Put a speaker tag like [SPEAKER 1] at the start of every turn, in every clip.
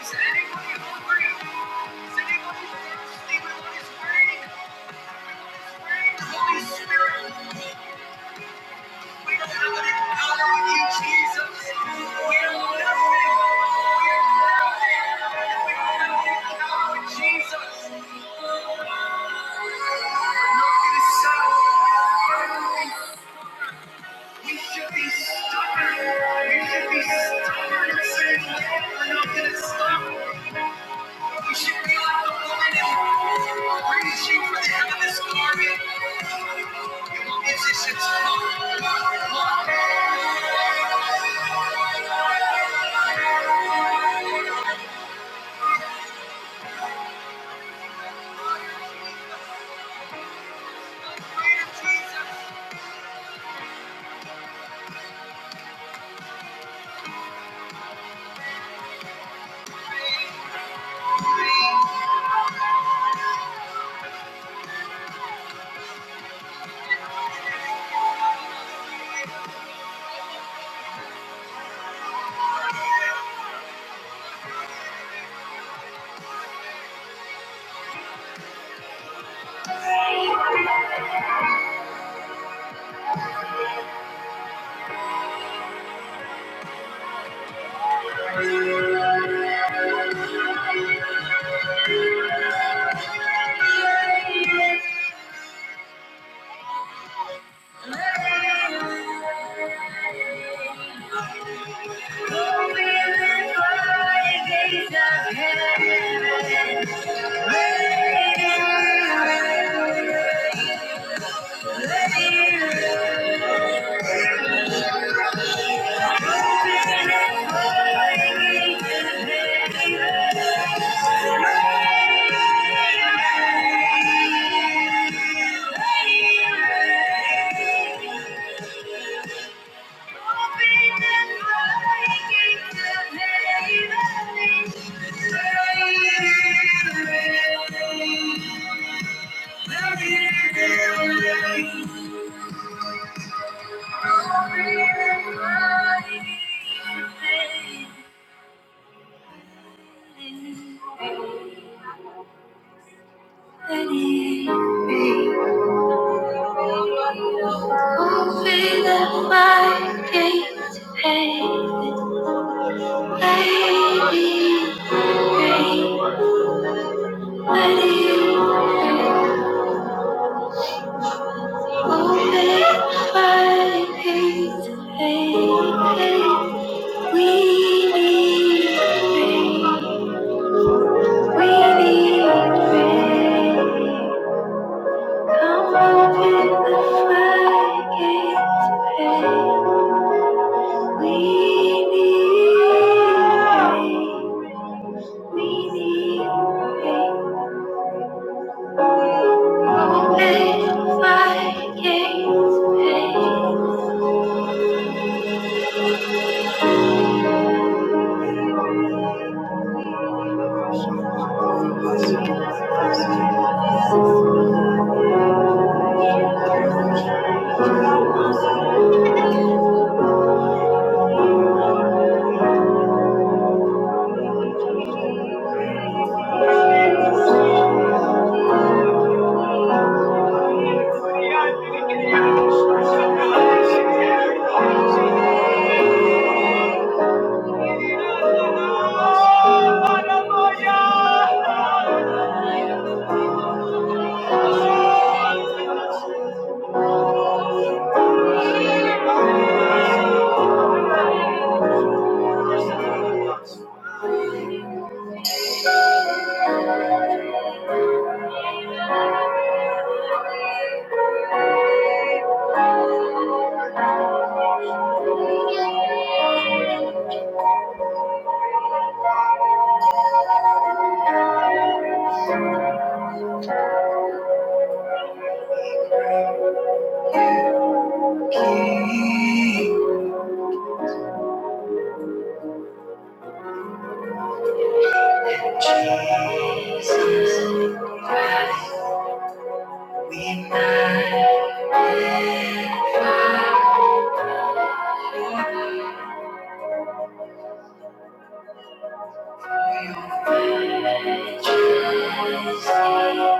[SPEAKER 1] Is anybody hungry? Is anybody thirsty? The Holy Spirit. Reaching for the heavenly glory. Musicians, come on, come on. Thank you. Open the floodgates of heaven, let it rain, let it rain. Open my gates, Thank you. Jesus. Christ, Jesus.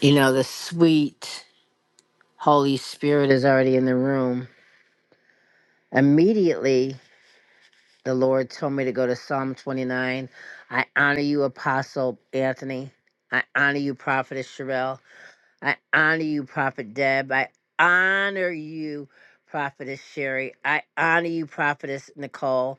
[SPEAKER 1] You know, the sweet Holy Spirit is already in the room. Immediately, the Lord told me to go to Psalm 29. I honor you, Apostle Anthony. I honor you, Prophetess Sherelle. I honor you, Prophet Deb. I honor you, Prophetess Sherry. I honor you, Prophetess Nicole.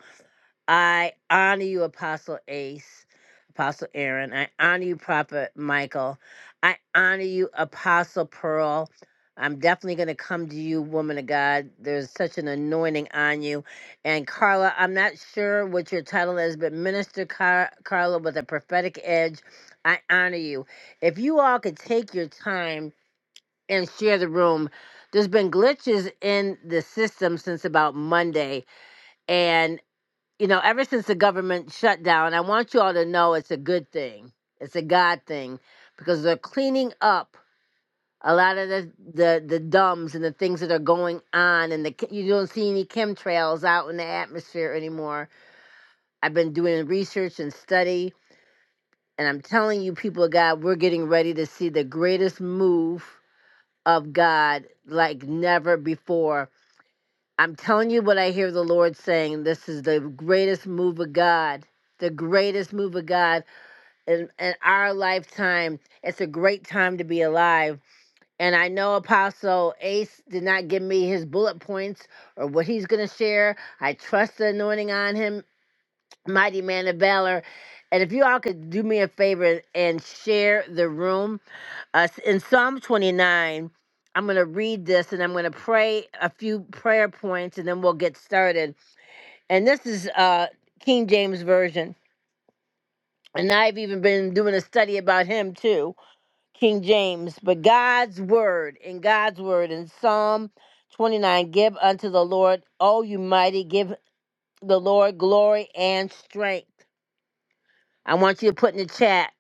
[SPEAKER 1] I honor you, Apostle Ace, Apostle Aaron. I honor you, Prophet Michael. I honor you, Apostle Pearl. I'm definitely going to come to you, woman of God. There's such an anointing on you. And Carla, I'm not sure what your title is, but Minister Car- Carla with a prophetic edge, I honor you. If you all could take your time and share the room, there's been glitches in the system since about Monday and you know, ever since the government shut down, I want you all to know it's a good thing. It's a God thing because they're cleaning up a lot of the the, the dumbs and the things that are going on, and the you don't see any chemtrails out in the atmosphere anymore. I've been doing research and study, and I'm telling you, people of God, we're getting ready to see the greatest move of God like never before I'm telling you what I hear the Lord saying. This is the greatest move of God, the greatest move of God in, in our lifetime. It's a great time to be alive. And I know Apostle Ace did not give me his bullet points or what he's going to share. I trust the anointing on him, mighty man of valor. And if you all could do me a favor and share the room. Uh, in Psalm 29, I'm going to read this and I'm going to pray a few prayer points and then we'll get started and this is uh King James version. And I've even been doing a study about him too, King James. But God's word, in God's word, in Psalm 29, give unto the Lord, O you mighty, give the Lord glory and strength. I want you to put in the chat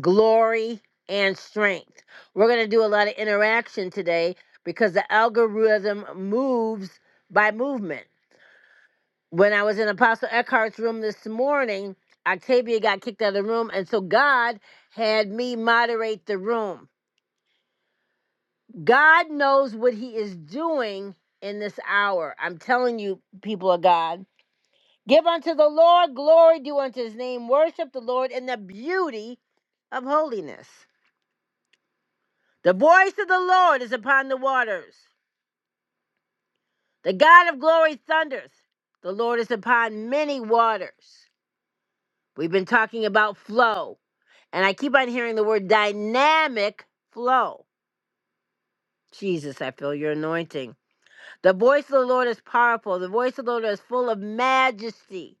[SPEAKER 1] glory and strength. We're going to do a lot of interaction today because the algorithm moves by movement. when I was in Apostle Eckhart's room this morning, Octavia got kicked out of the room. And so God had me moderate the room. God knows what he is doing in this hour. I'm telling you, people of God. Give unto the Lord glory, do unto his name, worship the Lord in the beauty of holiness. The voice of the Lord is upon the waters. The God of glory thunders. The Lord is upon many waters. We've been talking about flow. And I keep on hearing the word dynamic flow. Jesus, I feel your anointing. The voice of the Lord is powerful. The voice of the Lord is full of majesty.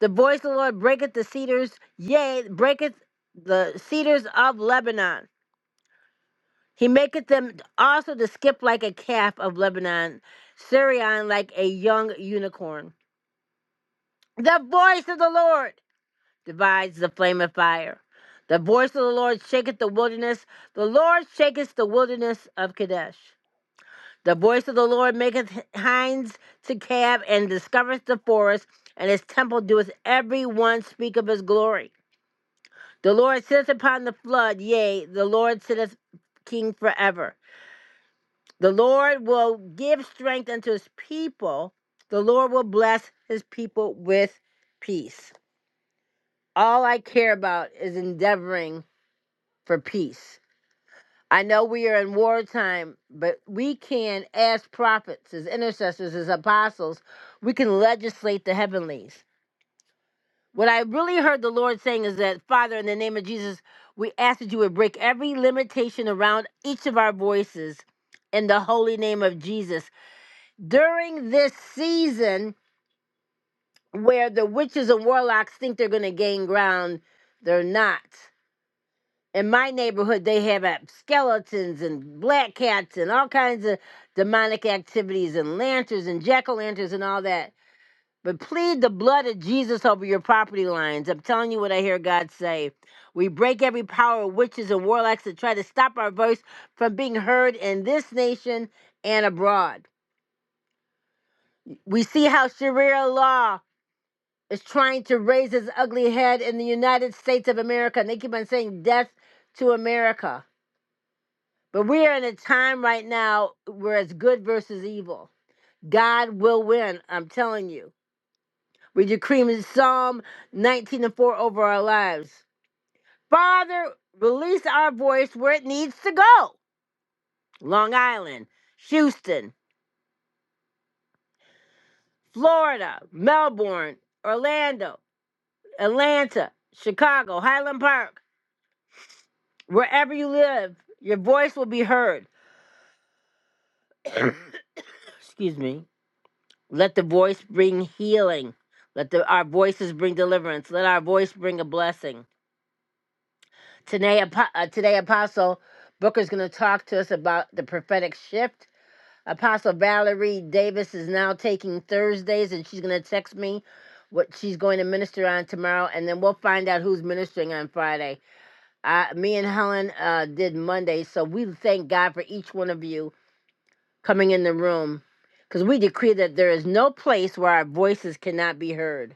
[SPEAKER 1] The voice of the Lord breaketh the cedars, yea, breaketh the cedars of Lebanon. He maketh them also to skip like a calf of Lebanon, Syrian like a young unicorn. The voice of the Lord. divides the flame of fire. The voice of the Lord shaketh the wilderness. The Lord shaketh the wilderness of Kadesh. The voice of the Lord maketh hinds to calve and discovereth the forest, and his temple doeth every one speak of his glory. The Lord sitteth upon the flood, yea, the Lord sitteth king forever. The Lord will give strength unto his people. The Lord will bless his people with peace. All I care about is endeavoring for peace. I know we are in wartime, but we can, as prophets, as intercessors, as apostles, we can legislate the heavenlies. What I really heard the Lord saying is that, Father, in the name of Jesus, we ask that you would break every limitation around each of our voices in the holy name of Jesus. During this season where the witches and warlocks think they're going to gain ground, they're not. in my neighborhood they have uh, skeletons and black cats and all kinds of demonic activities and lanterns and jack-o'-lanterns and all that but plead the blood of jesus over your property lines i'm telling you what i hear god say we break every power of witches and warlocks that try to stop our voice from being heard in this nation and abroad we see how sharia law is trying to raise its ugly head in the united states of america and they keep on saying death to america But we are in a time right now where it's good versus evil. God will win, I'm telling you. We decree in Psalm 19 and 4 over our lives. Father, release our voice where it needs to go. Long Island, Houston, Florida, Melbourne, Orlando, Atlanta, Chicago, Highland Park, wherever you live, your voice will be heard. Excuse me. Let the voice bring healing. Let the, our voices bring deliverance. Let our voice bring a blessing. Today, Apo- uh, today Apostle Booker's going to talk to us about the prophetic shift. Apostle Valerie Davis is now taking Thursdays, and she's going to text me what she's going to minister on tomorrow, and then we'll find out who's ministering on Friday. Uh, me and Helen uh, did Monday, so we thank God for each one of you coming in the room because we decree that there is no place where our voices cannot be heard.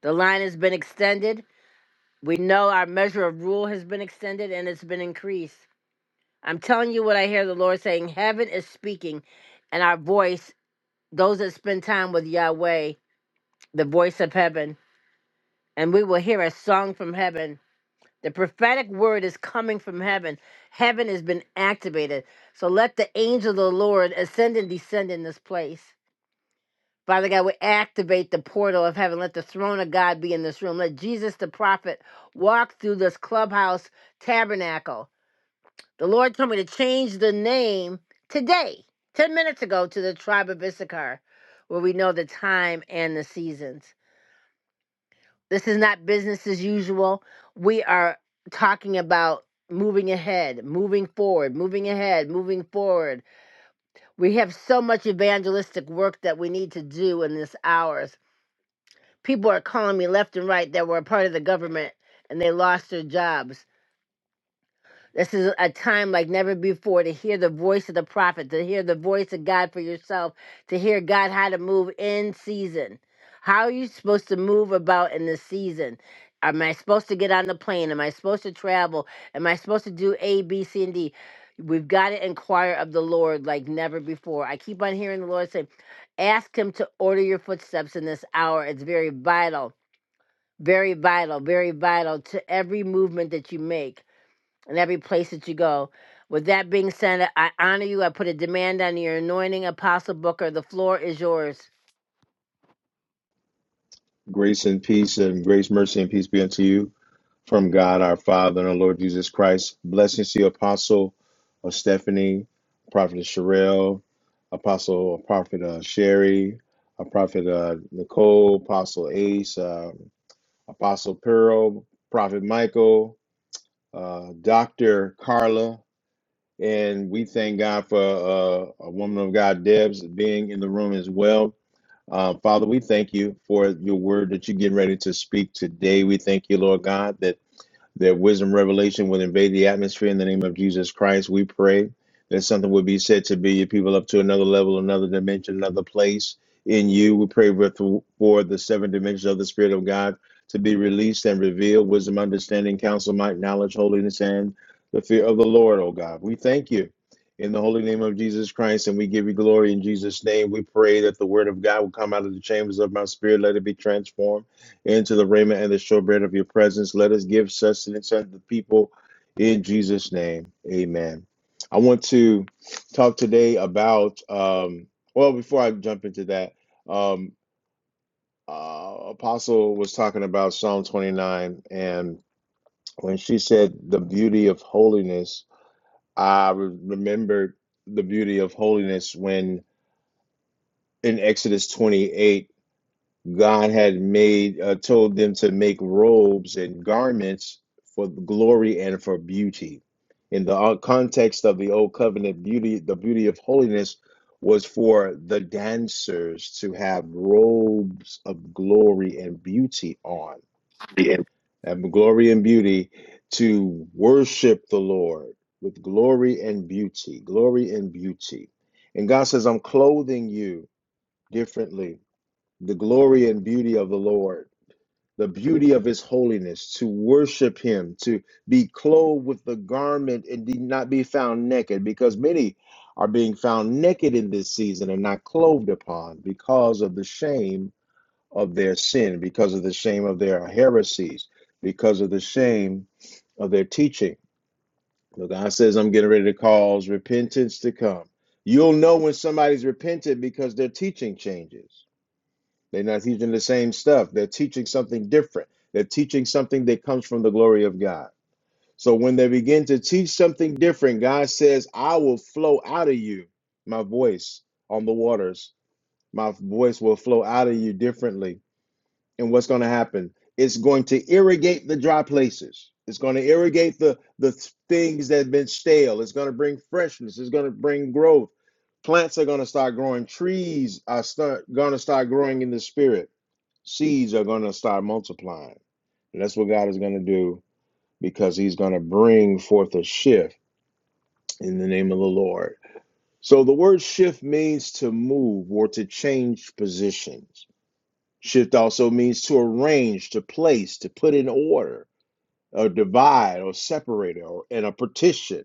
[SPEAKER 1] The line has been extended. We know our measure of rule has been extended and it's been increased. I'm telling you what I hear the Lord saying. Heaven is speaking, and our voice, those that spend time with Yahweh, the voice of heaven, and we will hear a song from heaven. The prophetic word is coming from heaven. Heaven has been activated. So let the angel of the Lord ascend and descend in this place. Father God, we activate the portal of heaven. Let the throne of God be in this room. Let Jesus the prophet walk through this clubhouse tabernacle. The Lord told me to change the name today, 10 minutes ago, to the tribe of Issachar, where we know the time and the seasons. This is not business as usual. We are talking about moving ahead, moving forward, moving ahead, moving forward. We have so much evangelistic work that we need to do in this hour.s people are calling me left and right that were a part of the government and they lost their jobs. This is a time like never before to hear the voice of the prophet, to hear the voice of God for yourself, to hear God how to move in season. How are you supposed to move about in this season? Am I supposed to get on the plane? Am I supposed to travel? Am I supposed to do A, B, C, and D? We've got to inquire of the Lord like never before. I keep on hearing the Lord say, Ask Him to order your footsteps in this hour. It's very vital very vital, very vital to every movement that you make and every place that you go. With that being said, I honor you. I put a demand on your anointing, Apostle Booker. The floor is yours.
[SPEAKER 2] Grace and peace and grace, mercy, and peace be unto you from God our Father and our Lord Jesus Christ. Blessings to you, Apostle of Stephanie, Prophet Sherelle, Apostle uh, Prophet uh, Sherry, uh, Prophet uh, Nicole, Apostle Ace, uh, Apostle Pearl, Prophet Michael, uh, Dr. Carla. And we thank God for uh, a woman of God, Debs, being in the room as well. Uh, Father, we thank you for your word that you're getting ready to speak today. We thank you, Lord God, that that wisdom revelation would invade the atmosphere in the name of Jesus Christ. We pray that something would be said to be your people up to another level, another dimension, another place in you. We pray with, for the seven dimensions of the Spirit of God to be released and revealed wisdom, understanding, counsel, might, knowledge, holiness, and the fear of the Lord, oh God. We thank you. In the holy name of Jesus Christ, and we give you glory in Jesus' name. We pray that the word of God will come out of the chambers of my spirit. Let it be transformed into the raiment and the showbread of your presence. Let us give sustenance unto the people in Jesus' name. Amen. I want to talk today about, um, well, before I jump into that, um, uh, Apostle was talking about Psalm 29, and when she said the beauty of holiness, I remembered the beauty of holiness when in Exodus 28. God had made uh, told them to make robes and garments for glory and for beauty. In the uh, context of the old covenant, beauty, the beauty of holiness was for the dancers to have robes of glory and beauty on,
[SPEAKER 3] Yeah.
[SPEAKER 2] and glory and beauty to worship the Lord with glory and beauty, glory and beauty. And God says, I'm clothing you differently, the glory and beauty of the Lord the beauty of his holiness, to worship him, to be clothed with the garment and be- not be found naked, because many are being found naked in this season and not clothed upon because of the shame of their sin, because of the shame of their heresies, because of the shame of their teaching. But God says, I'm getting ready to cause repentance to come. You'll know when somebody's repented because their teaching changes. They're not teaching the same stuff. They're teaching something different. They're teaching something that comes from the glory of God. So when they begin to teach something different, God says, I will flow out of you my voice on the waters. My voice will flow out of you differently. And what's going to happen? It's going to irrigate the dry places. It's going to irrigate the, the things that have been stale. It's going to bring freshness. It's going to bring growth. Plants are going to start growing. Trees are start, going to start growing in the spirit seeds are going to start multiplying. And that's what God is going to do because he's going to bring forth a shift in the name of the Lord. So the word shift means to move or to change positions. Shift also means to arrange, to place, to put in order, or divide, or separate, or in a partition.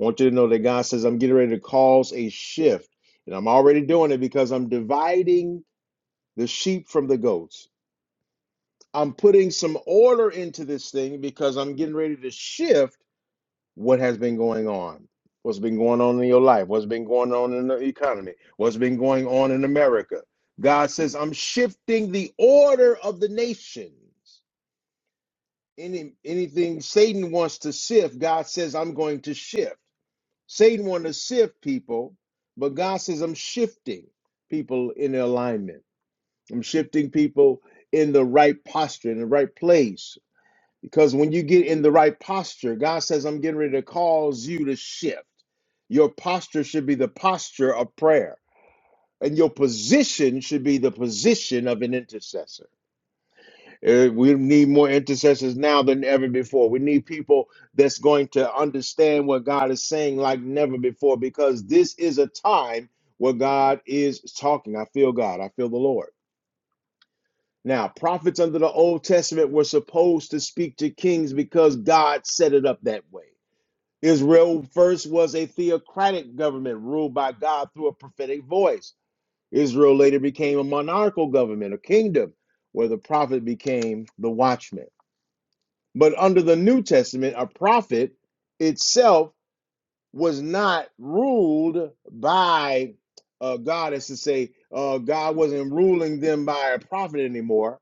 [SPEAKER 2] I want you to know that God says, I'm getting ready to cause a shift. And I'm already doing it because I'm dividing the sheep from the goats. I'm putting some order into this thing because I'm getting ready to shift what has been going on. What's been going on in your life? What's been going on in the economy? What's been going on in America? God says, I'm shifting the order of the nations. Any, anything Satan wants to sift, God says, I'm going to shift. Satan wants to sift people, but God says, I'm shifting people in alignment. I'm shifting people in the right posture, in the right place because when you get in the right posture, God says, I'm getting ready to cause you to shift. Your posture should be the posture of prayer, and your position should be the position of an intercessor. Eh, We need more intercessors now than ever before. We need people that's going to understand what God is saying like never before, because this is a time where God is talking. I feel God, I feel the Lord now, prophets under the Old Testament were supposed to speak to kings because God set it up that way. Israel first was a theocratic government ruled by God through a prophetic voice. Israel later became a monarchical government, a kingdom, where the prophet became the watchman. But under the New Testament, a prophet itself was not ruled by uh, God, as to say, uh, God wasn't ruling them by a prophet anymore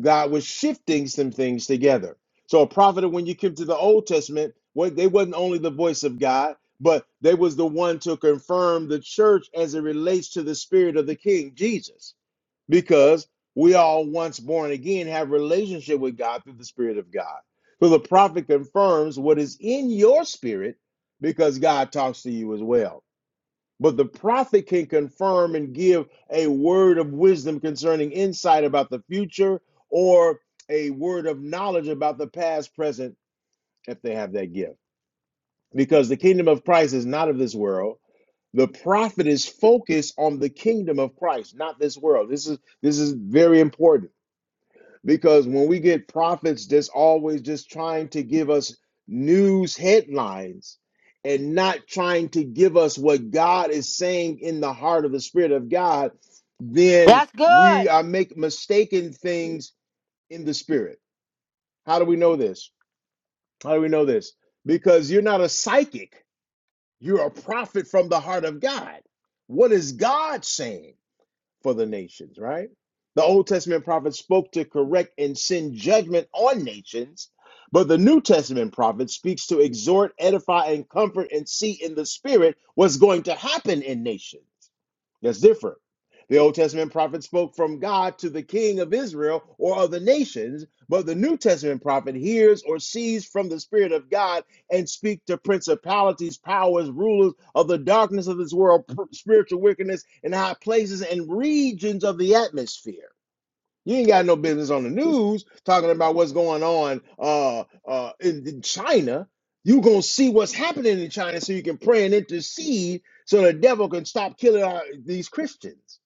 [SPEAKER 2] God was shifting some things together. So a prophet, when you come to the Old Testament, what they wasn't only the voice of God, but they was the one to confirm the church as it relates to the spirit of the King Jesus, because we all once born again have relationship with God through the Spirit of God. So the prophet confirms what is in your spirit because God talks to you as well. But the prophet can confirm and give a word of wisdom concerning insight about the future or a word of knowledge about the past, present, if they have that gift. Because the kingdom of Christ is not of this world. The prophet is focused on the kingdom of Christ, not this world. This is this is very important because when we get prophets that's always just trying to give us news headlines and not trying to give us what God is saying in the heart of the Spirit of God, then
[SPEAKER 1] That's
[SPEAKER 2] we
[SPEAKER 1] good.
[SPEAKER 2] are make mistaken things in the spirit. How do we know this? How do we know this? Because you're not a psychic, you're a prophet from the heart of God. What is God saying? for the nations, right? The Old Testament prophets spoke to correct and send judgment on nations, but the New Testament prophet speaks to exhort, edify, and comfort and see in the spirit what's going to happen in nations. That's different. The Old Testament prophet spoke from God to the king of Israel or of the nations, but the New Testament prophet hears or sees from the Spirit of God and speaks to principalities, powers, rulers of the darkness of this world, spiritual wickedness in high places and regions of the atmosphere. You ain't got no business on the news talking about what's going on uh, uh, in, in China. You gonna see what's happening in China, so you can pray and intercede, so the devil can stop killing our, these Christians,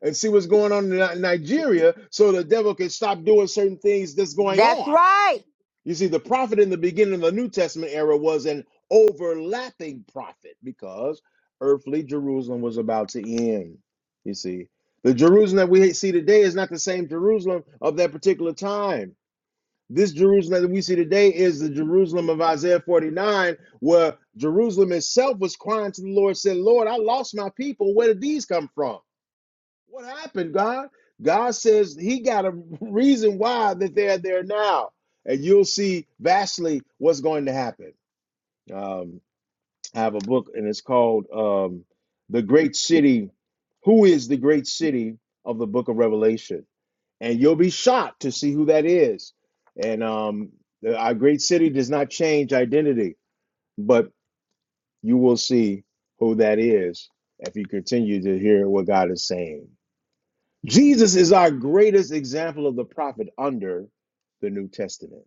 [SPEAKER 2] and see what's going on in Nigeria, so the devil can stop doing certain things that's going
[SPEAKER 1] That's
[SPEAKER 2] on.
[SPEAKER 1] right.
[SPEAKER 2] You see, the prophet in the beginning of the New Testament era was an overlapping prophet because earthly Jerusalem was about to end. You see, the Jerusalem that we see today is not the same Jerusalem of that particular time. This Jerusalem that we see today is the Jerusalem of Isaiah 49, where Jerusalem itself was crying to the Lord, said, Lord, I lost my people. Where did these come from? What happened, God? God says He got a reason why that they're there now, and you'll see vastly what's going to happen. Um, I have a book, and it's called um, "The Great City." Who is the great city of the Book of Revelation? And you'll be shocked to see who that is. And um, our great city does not change identity, but you will see who that is if you continue to hear what God is saying. Jesus is our greatest example of the prophet under the New Testament.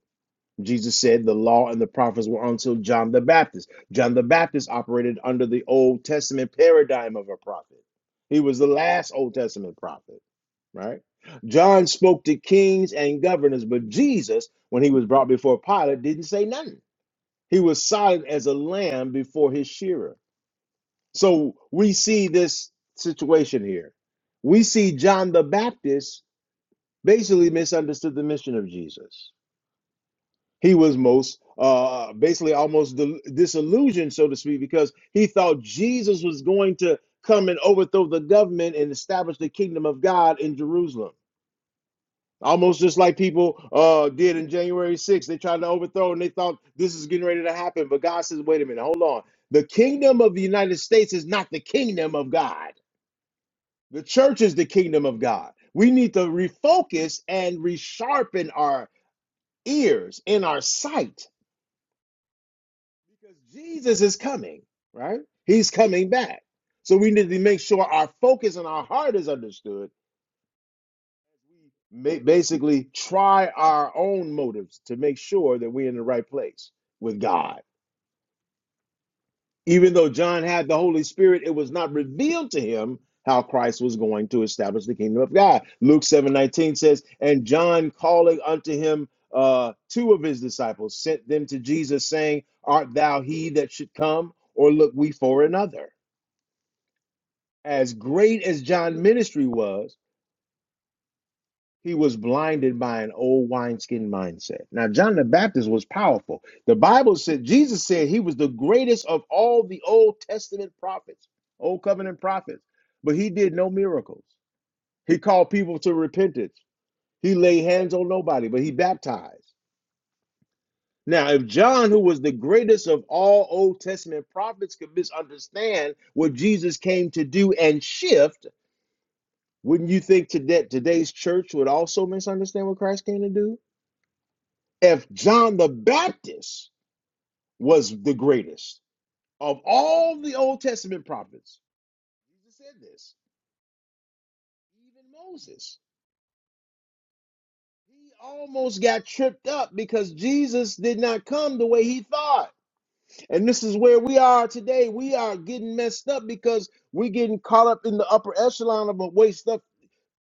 [SPEAKER 2] Jesus said the law and the prophets were until John the Baptist. John the Baptist operated under the Old Testament paradigm of a prophet. He was the last Old Testament prophet, right? John spoke to kings and governors, but Jesus, when he was brought before Pilate, didn't say nothing. He was silent as a lamb before his shearer. So we see this situation here. We see John the Baptist basically misunderstood the mission of Jesus. He was most uh, basically almost dil- disillusioned, so to speak, because he thought Jesus was going to come and overthrow the government and establish the kingdom of God in Jerusalem. Almost just like people uh, did in January 6th. They tried to overthrow and they thought this is getting ready to happen. But God says, wait a minute, hold on. The kingdom of the United States is not the kingdom of God. The church is the kingdom of God. We need to refocus and resharpen our ears, in our sight, because Jesus is coming, right? He's coming back. So we need to make sure our focus and our heart is understood. Ma- Basically, try our own motives to make sure that we're in the right place with God Even though John had the Holy Spirit, it was not revealed to him how Christ was going to establish the kingdom of God. Luke seven nineteen says, And John calling unto him uh, two of his disciples sent them to Jesus, saying, Art thou he that should come, or look we for another? As great as John's ministry was, He was blinded by an old wineskin mindset. Now, John the Baptist was powerful. The Bible said, Jesus said he was the greatest of all the Old Testament prophets, Old Covenant prophets, but he did no miracles. He called people to repentance. He laid hands on nobody, but he baptized. Now, if John, who was the greatest of all Old Testament prophets, could misunderstand what Jesus came to do and shift, wouldn't you think today, today's church would also misunderstand what Christ came to do? if John the Baptist was the greatest of all the Old Testament prophets, Jesus said this, even Moses, he almost got tripped up because Jesus did not come the way he thought. And this is where we are today. We are getting messed up because we're getting caught up in the upper echelon of what stuff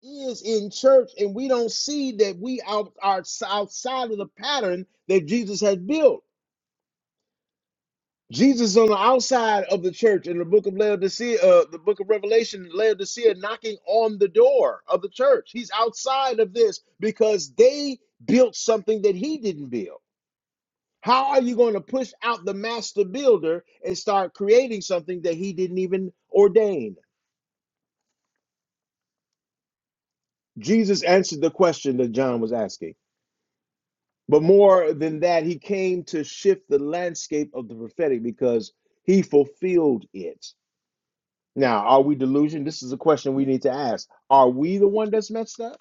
[SPEAKER 2] is in church, and we don't see that we out are outside of the pattern that Jesus had built. Jesus is on the outside of the church in the book of Laodicea, uh, the book of Revelation, Laodicea knocking on the door of the church. He's outside of this because they built something that he didn't build. How are you going to push out the master builder and start creating something that he didn't even ordain? Jesus answered the question that John was asking. But more than that, he came to shift the landscape of the prophetic because he fulfilled it. Now, are we delusioned? This is a question we need to ask. Are we the one that's messed up?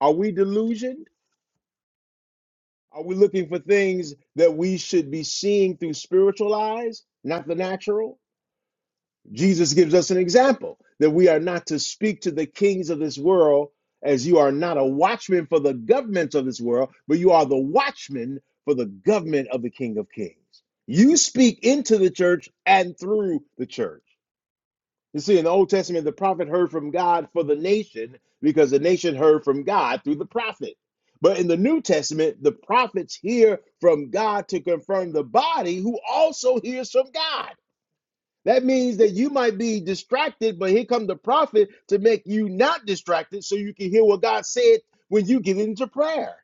[SPEAKER 2] Are we delusioned? Are we looking for things that we should be seeing through spiritual eyes, not the natural? Jesus gives us an example that we are not to speak to the kings of this world as you are not a watchman for the government of this world, but you are the watchman for the government of the King of Kings. You speak into the church and through the church. You see, in the Old Testament, the prophet heard from God for the nation because the nation heard from God through the prophet. But in the New Testament, the prophets hear from God to confirm the body who also hears from God. That means that you might be distracted, but here come the prophet to make you not distracted so you can hear what God said when you get into prayer.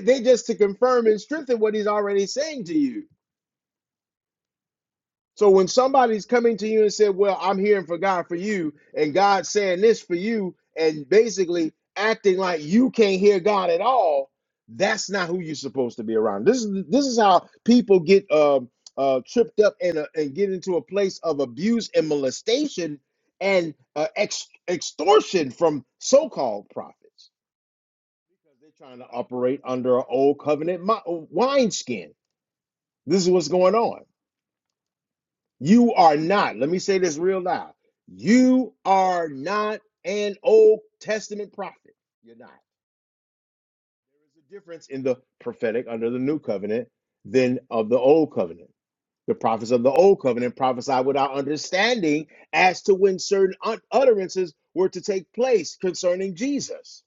[SPEAKER 2] they just to confirm and strengthen what he's already saying to you. So when somebody's coming to you and said, "Well, I'm hearing for God for you," and God's saying this for you, and basically acting like you can't hear God at all, that's not who you're supposed to be around. This is this is how people get um, uh, tripped up and uh, and get into a place of abuse and molestation and uh, ex- extortion from so-called prophets because they're trying to operate under an old covenant mi- wineskin. This is what's going on. You are not, let me say this real loud. You are not an Old Testament prophet. You're not. There is a difference in the prophetic under the new covenant than of the old covenant. The prophets of the old covenant prophesied without understanding as to when certain ut- utterances were to take place concerning Jesus.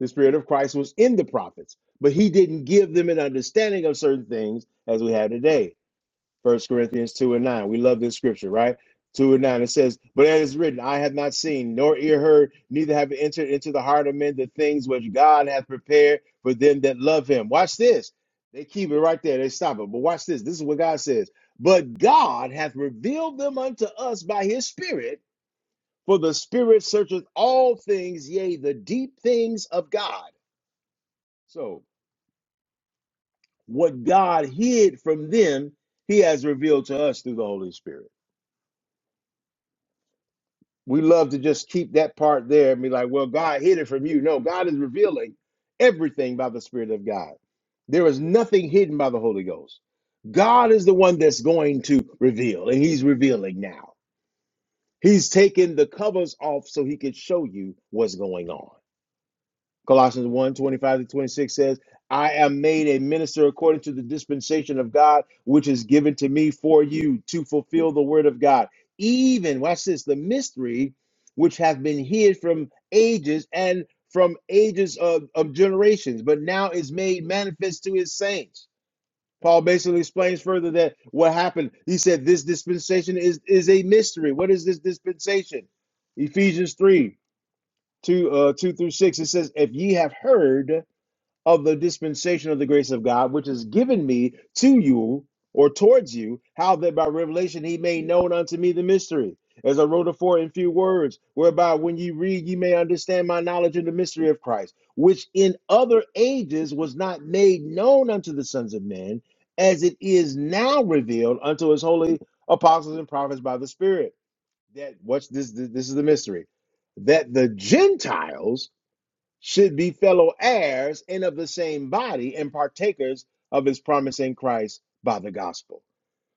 [SPEAKER 2] The Spirit of Christ was in the prophets, but he didn't give them an understanding of certain things as we have today. First Corinthians 2 and 9. We love this scripture, right? 2 and 9. It says, But as is written, I have not seen, nor ear heard, neither have entered into the heart of men the things which God hath prepared for them that love him. Watch this. They keep it right there. They stop it. But watch this. This is what God says. But God hath revealed them unto us by his Spirit, for the Spirit searcheth all things, yea, the deep things of God. So, what God hid from them, he has revealed to us through the Holy Spirit. we love to just keep that part there and be like, well, God hid it from you. No, God is revealing everything by the Spirit of God. There is nothing hidden by the Holy Ghost. God is the one that's going to reveal, and He's revealing now. He's taken the covers off so He can show you what's going on. Colossians one 25 to 26 says, I am made a minister according to the dispensation of God, which is given to me for you to fulfill the word of God. Even, watch this, the mystery which hath been hid from ages and from ages of, of generations, but now is made manifest to his saints. Paul basically explains further that what happened. He said, This dispensation is, is a mystery. What is this dispensation? Ephesians 3 2 uh 2 through 6 it says if ye have heard of the dispensation of the grace of god which is given me to you or towards you how that by revelation he made known unto me the mystery as i wrote afore in few words whereby when ye read ye may understand my knowledge in the mystery of christ which in other ages was not made known unto the sons of men as it is now revealed unto his holy apostles and prophets by the spirit that what's this this this is the mystery that the gentiles should be fellow heirs and of the same body and partakers of his promise in christ by the gospel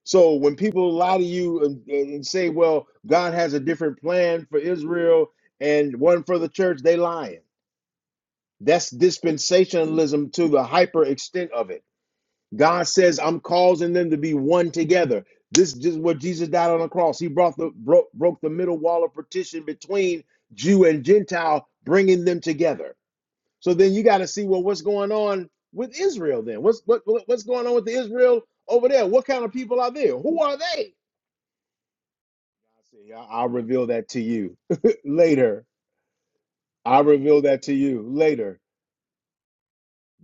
[SPEAKER 2] so when people lie to you and, and say well god has a different plan for israel and one for the church they lying that's dispensationalism to the hyper extent of it God says, I'm causing them to be one together. This is just what Jesus died on the cross. He brought the broke, broke the middle wall of partition between Jew and Gentile, bringing them together. So then you got to see well, what's going on with Israel? Then what's what what's going on with the Israel over there? What kind of people are there? Who are they? I see. I- I'll reveal that to you later. I'll reveal that to you later.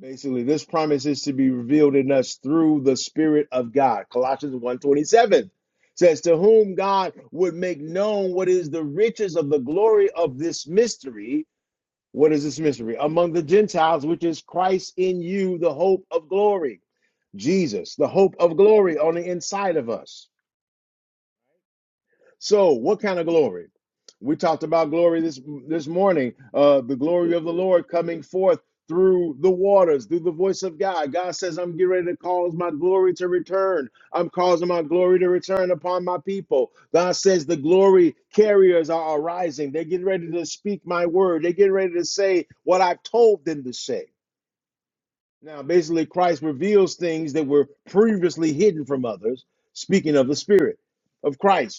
[SPEAKER 2] Basically, this promise is to be revealed in us through the Spirit of God. Colossians one twenty-seven says, To whom God would make known what is the riches of the glory of this mystery. What is this mystery? Among the Gentiles, which is Christ in you, the hope of glory. Jesus, the hope of glory on the inside of us so, what kind of glory? We talked about glory this this morning. Uh, the glory of the Lord coming forth through the waters, through the voice of God. God says, "I'm getting ready to cause my glory to return. I'm causing my glory to return upon my people." God says, "The glory carriers are arising. They're getting ready to speak my word. They're getting ready to say what I've told them to say." Now, basically, Christ reveals things that were previously hidden from others. Speaking of the Spirit of Christ.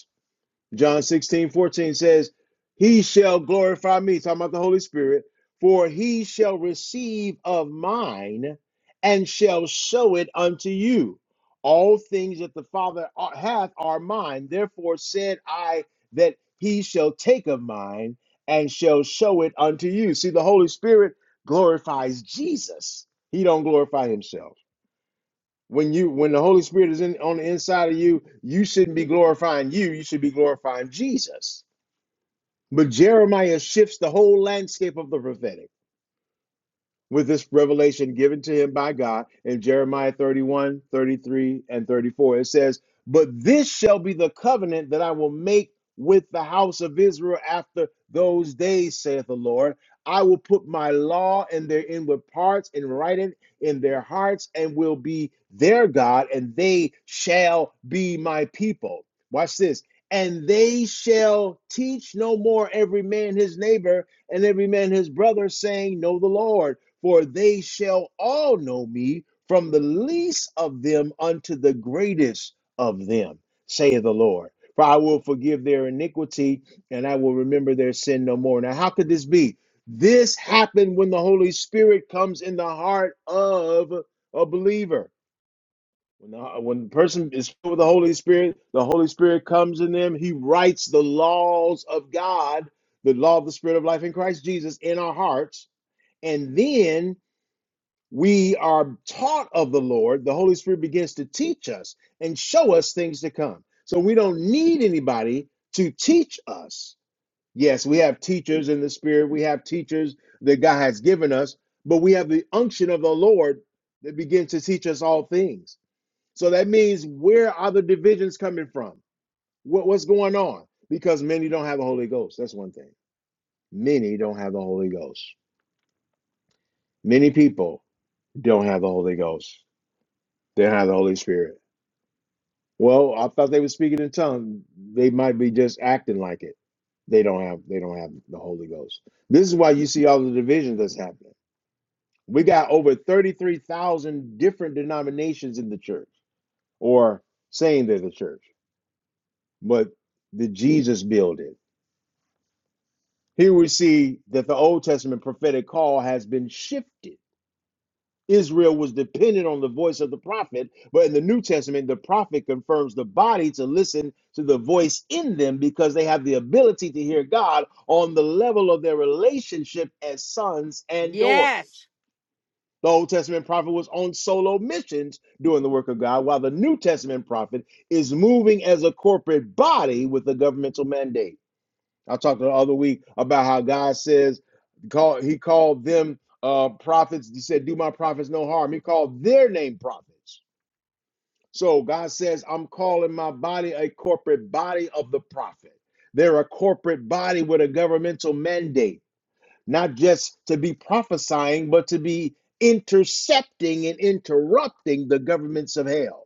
[SPEAKER 2] John 16 14 says, He shall glorify me, talking about the Holy Spirit, for he shall receive of mine and shall show it unto you. All things that the Father uh, hath are mine. Therefore said I that he shall take of mine and shall show it unto you. See, the Holy Spirit glorifies Jesus. He don't glorify himself when you when the holy spirit is in on the inside of you you shouldn't be glorifying you you should be glorifying jesus but jeremiah shifts the whole landscape of the prophetic with this revelation given to him by God in Jeremiah 31:33 and 34. It says, But this shall be the covenant that I will make with the house of Israel after those days, saith the Lord. I will put my law in their inward parts and write it in their hearts, and will be their God, and they shall be my people. Watch this. And they shall teach no more every man his neighbor and every man his brother, saying, Know the Lord for they shall all know me, from the least of them unto the greatest of them, saith the Lord. For I will forgive their iniquity, and I will remember their sin no more. Now, how could this be? This happened when the Holy Spirit comes in the heart of a believer. When the, when the person is filled with the Holy Spirit, the Holy Spirit comes in them. He writes the laws of God, the law of the Spirit of life in Christ Jesus in our hearts. And then we are taught of the Lord, the Holy Spirit begins to teach us and show us things to come. So we don't need anybody to teach us. Yes, we have teachers in the Spirit, we have teachers that God has given us, but we have the unction of the Lord that begins to teach us all things. So that means where are the divisions coming from? What, what's going on? Because many don't have the Holy Ghost. That's one thing. Many don't have the Holy Ghost. Many people don't have the Holy Ghost. They don't have the Holy Spirit Well, I thought they were speaking in tongues. They might be just acting like it. They don't have they don't have the Holy Ghost. This is why you see all the division that's happening. We got over 33,000 different denominations in the church or saying they're the church. But the Jesus building. Here we see that the Old Testament prophetic call has been shifted Israel was dependent on the voice of the prophet, but in the New Testament, the prophet confirms the body to listen to the voice in them because they have the ability to hear God on the level of their relationship as sons and daughters.
[SPEAKER 1] Yes.
[SPEAKER 2] The Old Testament prophet was on solo missions doing the work of God, while the New Testament prophet is moving as a corporate body with a governmental mandate. I talked the other week about how God says call he called them uh prophets. He said, Do my prophets no harm. He called their name prophets. So God says, I'm calling my body a corporate body of the prophet. They're a corporate body with a governmental mandate, not just to be prophesying, but to be intercepting and interrupting the governments of hell,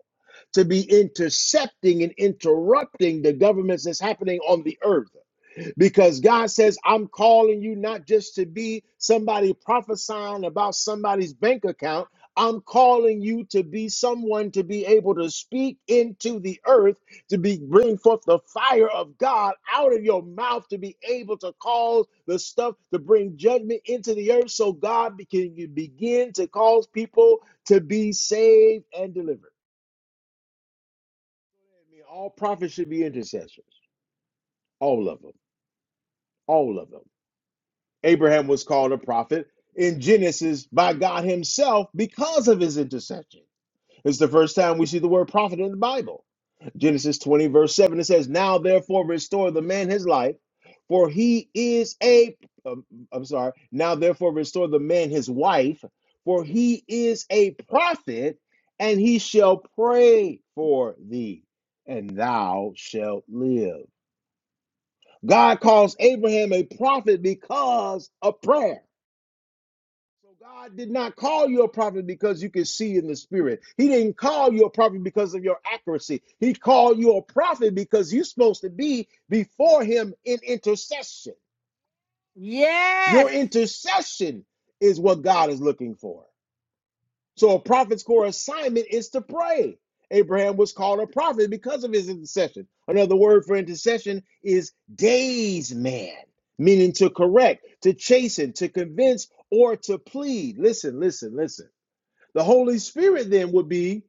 [SPEAKER 2] to be intercepting and interrupting the governments that's happening on the earth because God says, I'm calling you not just to be somebody prophesying about somebody's bank account. I'm calling you to be someone to be able to speak into the earth, to be bring forth the fire of God out of your mouth, to be able to cause the stuff to bring judgment into the earth so God be- can you begin to cause people to be saved and delivered. I mean, all prophets should be intercessors, all of them, all of them. Abraham was called a prophet in Genesis by God himself because of his intercession. It's the first time we see the word prophet in the Bible. Genesis 20, verse 7, it says, Now therefore restore the man his life, for he is a, um, I'm sorry, now therefore restore the man his wife, for he is a prophet, and he shall pray for thee, and thou shalt live. God calls Abraham a prophet because of prayer. So God did not call you a prophet because you can see in the spirit. He didn't call you a prophet because of your accuracy. He called you a prophet because you're supposed to be before him in intercession.
[SPEAKER 1] Yes.
[SPEAKER 2] Your intercession is what God is looking for. So a prophet's core assignment is to pray. Abraham was called a prophet because of his intercession. Another word for intercession is days man, meaning to correct, to chasten, to convince, or to plead. Listen, listen, listen. The Holy Spirit then would be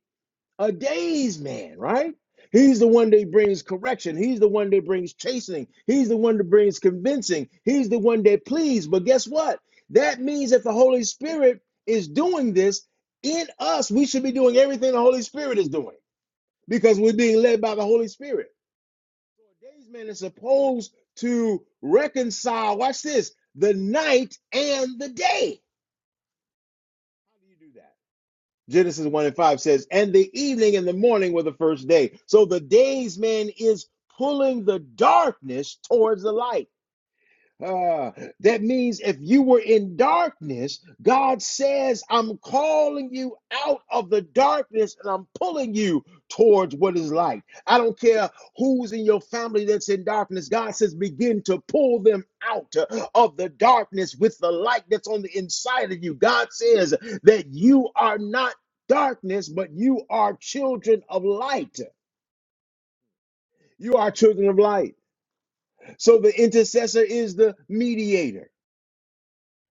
[SPEAKER 2] a day's man, right? He's the one that brings correction. He's the one that brings chastening. He's the one that brings convincing. He's the one that pleads. But guess what? That means that the Holy Spirit is doing this in us. We should be doing everything the Holy Spirit is doing because we're being led by the Holy Spirit. So a day's man is supposed to reconcile, watch this, the night and the day. How do you do that? Genesis 1 and 5 says, And the evening and the morning were the first day. So the days man is pulling the darkness towards the light. Ah, that means if you were in darkness, God says, I'm calling you out of the darkness and I'm pulling you towards what is light. I don't care who's in your family that's in darkness. God says, begin to pull them out of the darkness with the light that's on the inside of you. God says that you are not darkness, but you are children of light. You are children of light. So the intercessor is the mediator.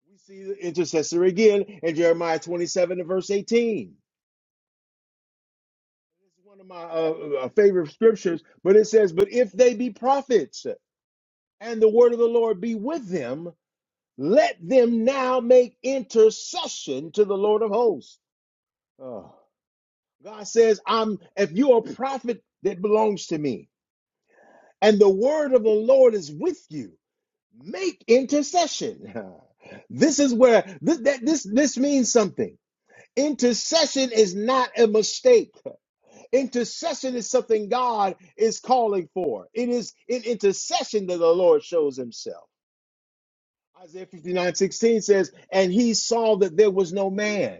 [SPEAKER 2] We see the intercessor again in Jeremiah 27 and verse 18. This is one of my uh, uh, favorite scriptures, but it says, But if they be prophets and the word of the Lord be with them, let them now make intercession to the Lord of hosts. Oh. God says, I'm if you're a prophet that belongs to me, and the word of the Lord is with you, make intercession. This is where this that, this this means something Intercession is not a mistake. Intercession is something God is calling for. It is in intercession that the Lord shows himself. Isaiah 59 16 says, And he saw that there was no man,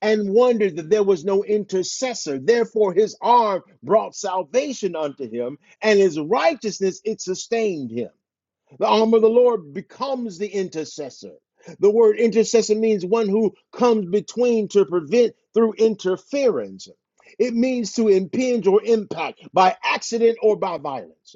[SPEAKER 2] and wondered that there was no intercessor. Therefore, his arm brought salvation unto him, and his righteousness it sustained him. The arm of the Lord becomes the intercessor. The word intercessor means one who comes between to prevent through interference. It means to impinge or impact by accident or by violence.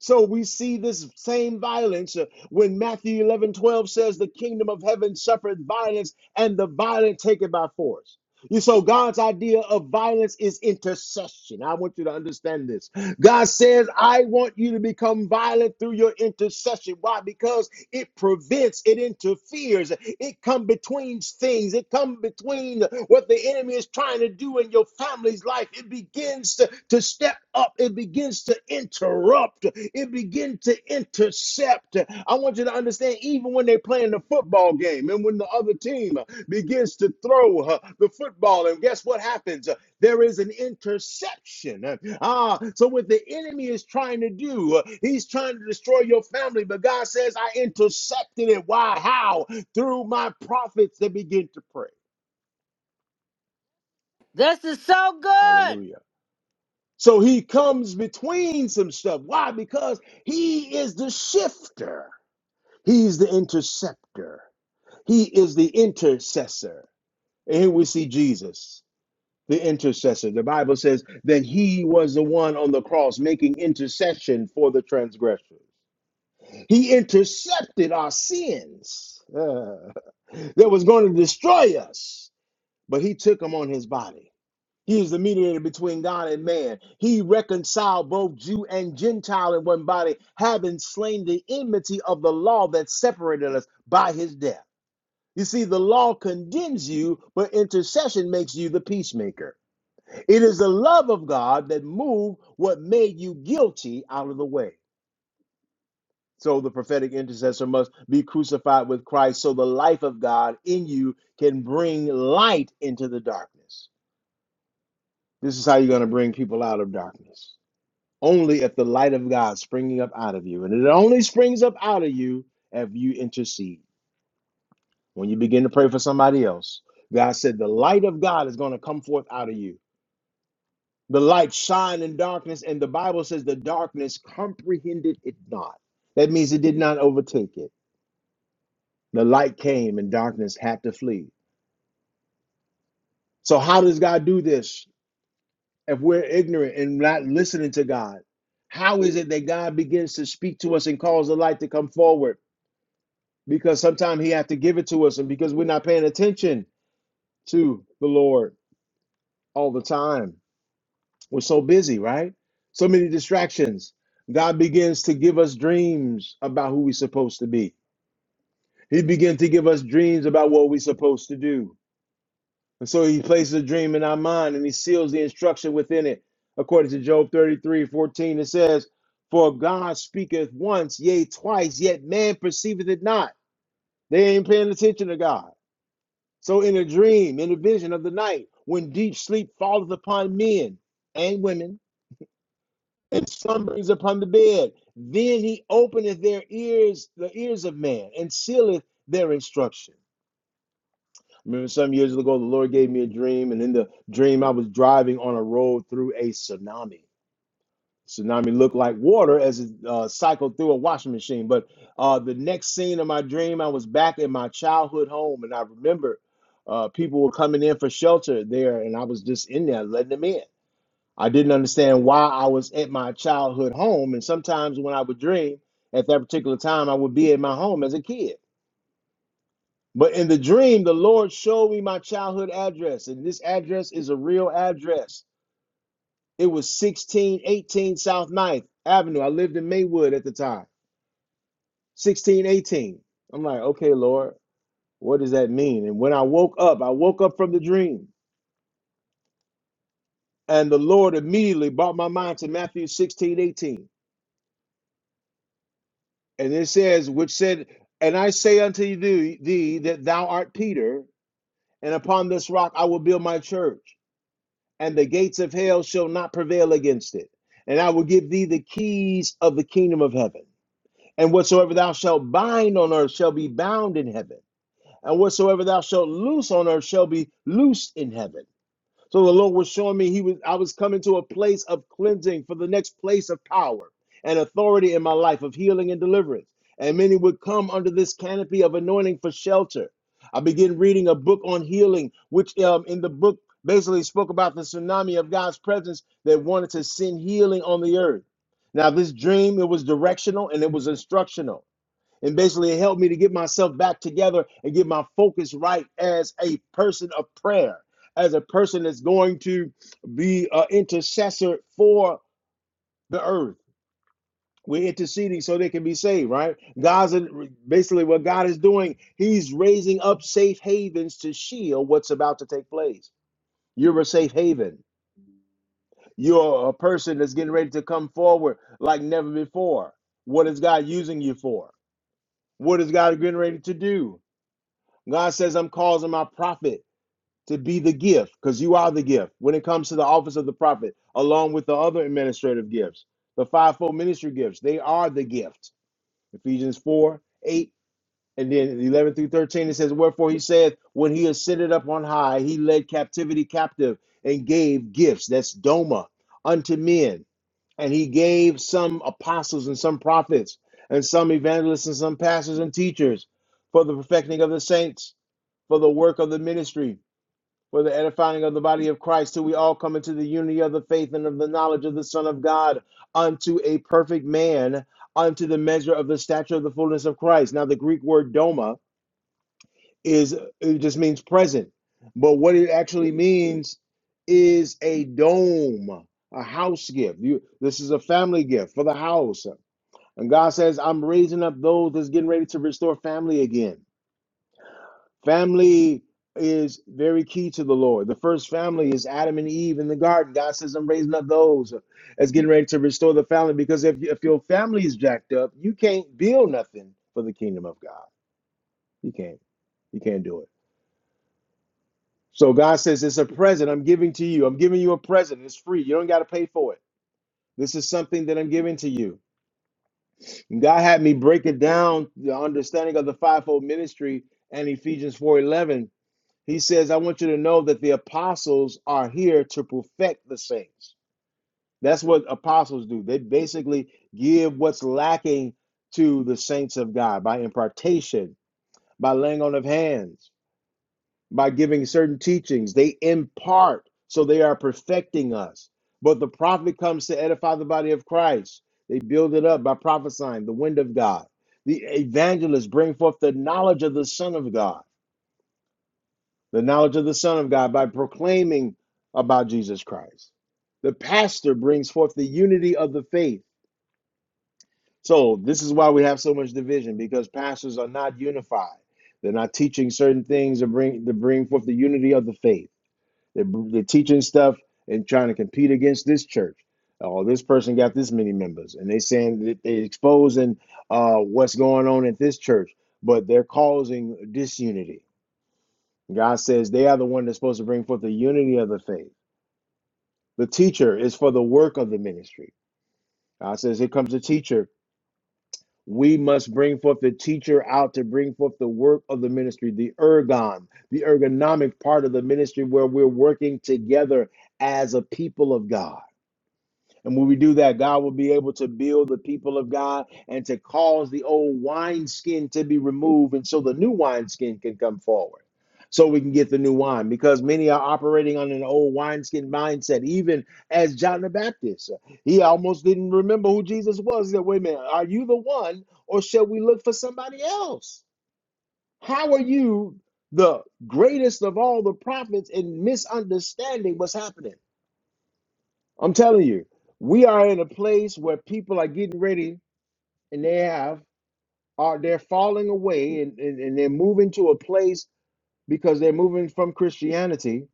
[SPEAKER 2] So we see this same violence uh, when Matthew 11 12 says, The kingdom of heaven suffereth violence, and the violent take it by force. You so God's idea of violence is intercession. I want you to understand this. God says, I want you to become violent through your intercession. Why? Because it prevents, it interferes, it come between things, it come between what the enemy is trying to do in your family's life. It begins to, to step up, it begins to interrupt, it begins to intercept. I want you to understand, even when they're playing the football game and when the other team begins to throw uh, the football, and guess what happens? there is an interception. Ah, so what the enemy is trying to do, he's trying to destroy your family, but God says, I intercepted it. Why? How? Through my prophets that begin to pray.
[SPEAKER 1] This is so good.
[SPEAKER 2] Hallelujah. So he comes between some stuff. Why? Because he is the shifter, he's the interceptor, he is the intercessor. And here we see Jesus. the intercessor. The Bible says that he was the one on the cross making intercession for the transgressors. He intercepted our sins uh, that was going to destroy us, but he took them on his body. He is the mediator between God and man. He reconciled both Jew and Gentile in one body, having slain the enmity of the law that separated us by his death. You see, the law condemns you, but intercession makes you the peacemaker. It is the love of God that moved what made you guilty out of the way. So the prophetic intercessor must be crucified with Christ so the life of God in you can bring light into the darkness. This is how you're going to bring people out of darkness. Only if the light of God springing up out of you. And it only springs up out of you if you intercede. When you begin to pray for somebody else, God said the light of God is going to come forth out of you. The light shine in darkness, and the Bible says the darkness comprehended it not. That means it did not overtake it. The light came and darkness had to flee. So, how does God do this if we're ignorant and not listening to God? How is it that God begins to speak to us and calls the light to come forward? Because sometimes He has to give it to us, and because we're not paying attention to the Lord all the time. We're so busy, right? So many distractions. God begins to give us dreams about who we're supposed to be. He begins to give us dreams about what we're supposed to do. And so he places a dream in our mind and he seals the instruction within it. According to Job 33 14. it says, For God speaketh once, yea, twice, yet man perceiveth it not. They ain't paying attention to God. So in a dream, in a vision of the night, when deep sleep falleth upon men and women, and slumbers upon the bed. Then he openeth their ears, the ears of man, and sealeth their instruction. I remember some years ago, the Lord gave me a dream, and in the dream, I was driving on a road through a tsunami. Tsunami looked like water as it uh, cycled through a washing machine. But uh, the next scene of my dream, I was back in my childhood home, and I remember uh, people were coming in for shelter there, and I was just in there letting them in. I didn't understand why I was at my childhood home. And sometimes when I would dream at that particular time, I would be at my home as a kid. But in the dream, the Lord showed me my childhood address. And this address is a real address. It was 1618 South Ninth Avenue. I lived in Maywood at the time, 1618. I'm like, okay, Lord, what does that mean? And when I woke up, I woke up from the dream. And the Lord immediately brought my mind to Matthew 1618. And it says, which said, And I say unto thee, thee that thou art Peter, and upon this rock I will build my church, and the gates of hell shall not prevail against it. And I will give thee the keys of the kingdom of heaven. And whatsoever thou shalt bind on earth shall be bound in heaven. And whatsoever thou shalt loose on earth shall be loosed in heaven. So the Lord was showing me he was I was coming to a place of cleansing for the next place of power and authority in my life of healing and deliverance. And many would come under this canopy of anointing for shelter. I began reading a book on healing, which um, in the book basically spoke about the tsunami of God's presence that wanted to send healing on the earth. Now, this dream, it was directional and it was instructional. And basically, it helped me to get myself back together and get my focus right as a person of prayer, as a person that's going to be an intercessor for the earth. We're interceding so they can be saved, right? God's basically what God is doing, He's raising up safe havens to shield what's about to take place. You're a safe haven. You're a person that's getting ready to come forward like never before. What is God using you for? What is God getting ready to do? God says, I'm causing my prophet to be the gift because you are the gift when it comes to the office of the prophet, along with the other administrative gifts, the fivefold ministry gifts. They are the gift. Ephesians 4 8, and then 11 through 13, it says, Wherefore he said, When he ascended up on high, he led captivity captive and gave gifts. That's Doma unto men and he gave some apostles and some prophets and some evangelists and some pastors and teachers for the perfecting of the saints for the work of the ministry for the edifying of the body of christ till we all come into the unity of the faith and of the knowledge of the son of god unto a perfect man unto the measure of the stature of the fullness of christ now the greek word doma is it just means present. But what it actually means is a dome, a house gift. You, this is a family gift for the house. And God says, I'm raising up those that's getting ready to restore family again. Family is very key to the Lord. The first family is Adam and Eve in the garden. God says, I'm raising up those that's getting ready to restore the family because if, if your family is jacked up, you can't build nothing for the kingdom of God. You can't. You can't do it. So God says, It's a present I'm giving to you. I'm giving you a present. It's free. You don't got to pay for it. This is something that I'm giving to you. And God had me break it down, the understanding of the fivefold ministry and Ephesians 4:11. He says, I want you to know that the apostles are here to perfect the saints. That's what apostles do. They basically give what's lacking to the saints of God by impartation, by laying on of hands. by giving certain teachings. They impart, so they are perfecting us. But the prophet comes to edify the body of Christ. They build it up by prophesying the wind of God. The evangelists bring forth the knowledge of the Son of God, the knowledge of the Son of God by proclaiming about Jesus Christ. The pastor brings forth the unity of the faith. So, this is why we have so much division because pastors are not unified. They're not teaching certain things to bring, to bring forth the unity of the faith They're, they're teaching stuff and trying to compete against this church. Oh, this person got this many members, and they saying that they exposing uh, what's going on at this church, but they're causing disunity. God says they are the one that's supposed to bring forth the unity of the faith. The teacher is for the work of the ministry. God says, here comes the teacher. We must bring forth the teacher out to bring forth the work of the ministry, the ergon, the ergonomic part of the ministry where we're working together as a people of God. And when we do that, God will be able to build the people of God and to cause the old wineskin to be removed. And so the new wineskin can come forward so we can get the new wine because many are operating on an old wineskin mindset, even as John the Baptist. He almost didn't remember who Jesus was. He said, Wait a minute, are you the one or shall we look for somebody else? How are you the greatest of all the prophets and misunderstanding what's happening? I'm telling you, we are in a place where people are getting ready and they have are they're falling away and, and, and they're moving to a place because they're moving from Christianity